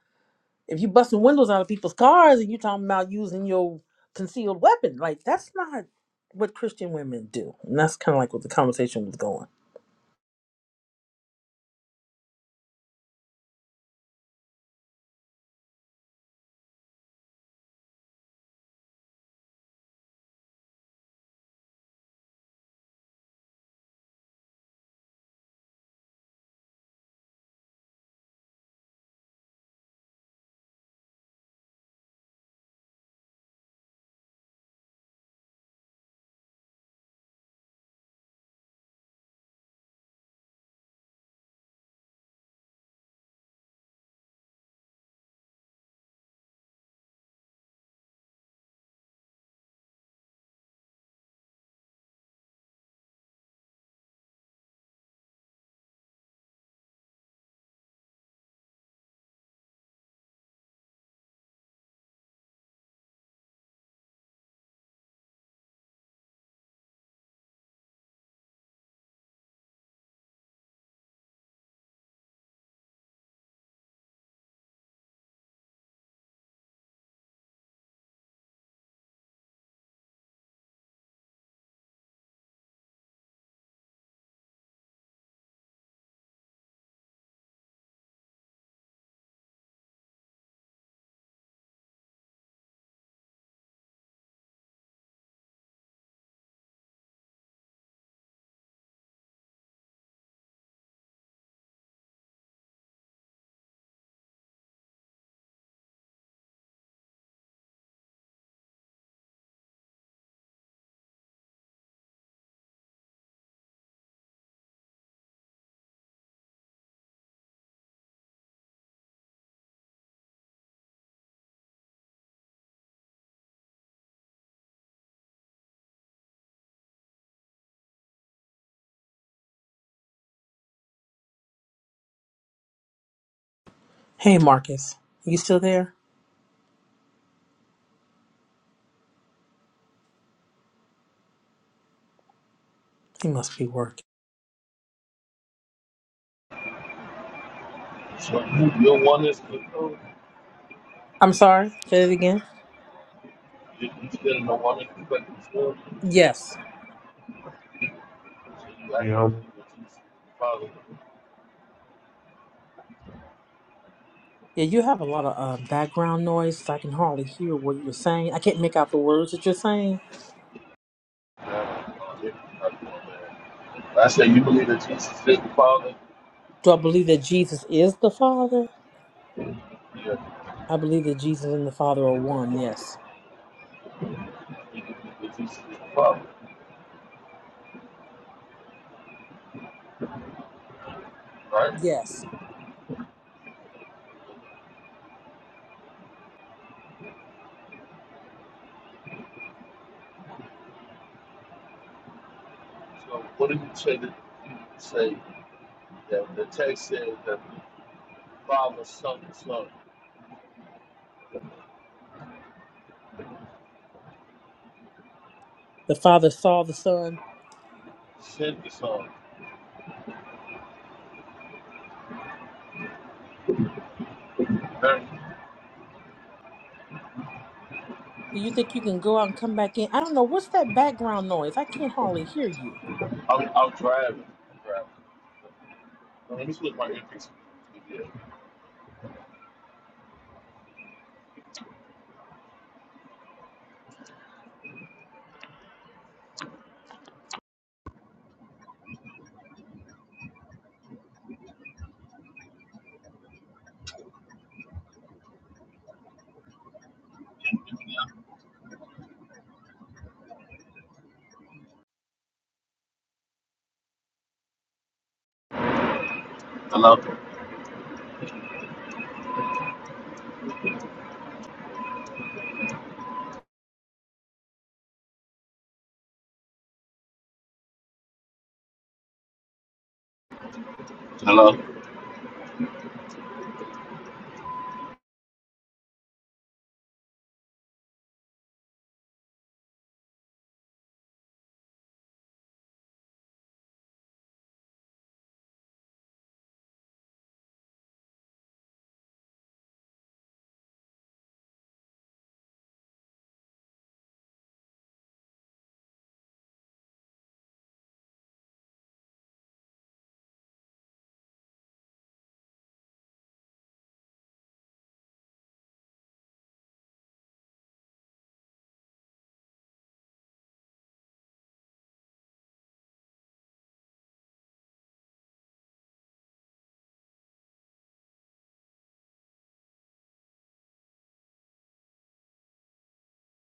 Speaker 9: if you busting windows out of people's cars and you're talking about using your concealed weapon? Like that's not what Christian women do, and that's kind of like what the conversation was going. Hey, Marcus, you still there? He must be working.
Speaker 10: So you, your one is control.
Speaker 9: I'm sorry, say it again.
Speaker 10: You, you still in the one is but control. So
Speaker 9: Yes.
Speaker 10: you actually
Speaker 3: You
Speaker 10: like you
Speaker 3: know.
Speaker 10: what Jesus Father.
Speaker 9: Yeah, you have a lot of uh, background noise. so I can hardly hear what you're saying. I can't make out the words that you're saying.
Speaker 10: Yeah, i I say you believe that Jesus is the Father.
Speaker 9: Do I believe that Jesus is the Father?
Speaker 10: Yeah,
Speaker 9: I believe that Jesus and the Father are one, yes.
Speaker 10: you believe that Jesus is the Father, right?
Speaker 9: Yes.
Speaker 10: So what did you say that you say? The, the text says that the father sunk the son,
Speaker 9: The Father saw the Son.
Speaker 10: sent the son. Very-
Speaker 9: Do you think you can go out and come back in? I don't know. What's that background noise? I can't hardly hear you.
Speaker 10: I'm, I'm driving. I'm driving. Let me switch my earpiece. Yeah. Hello. Hello.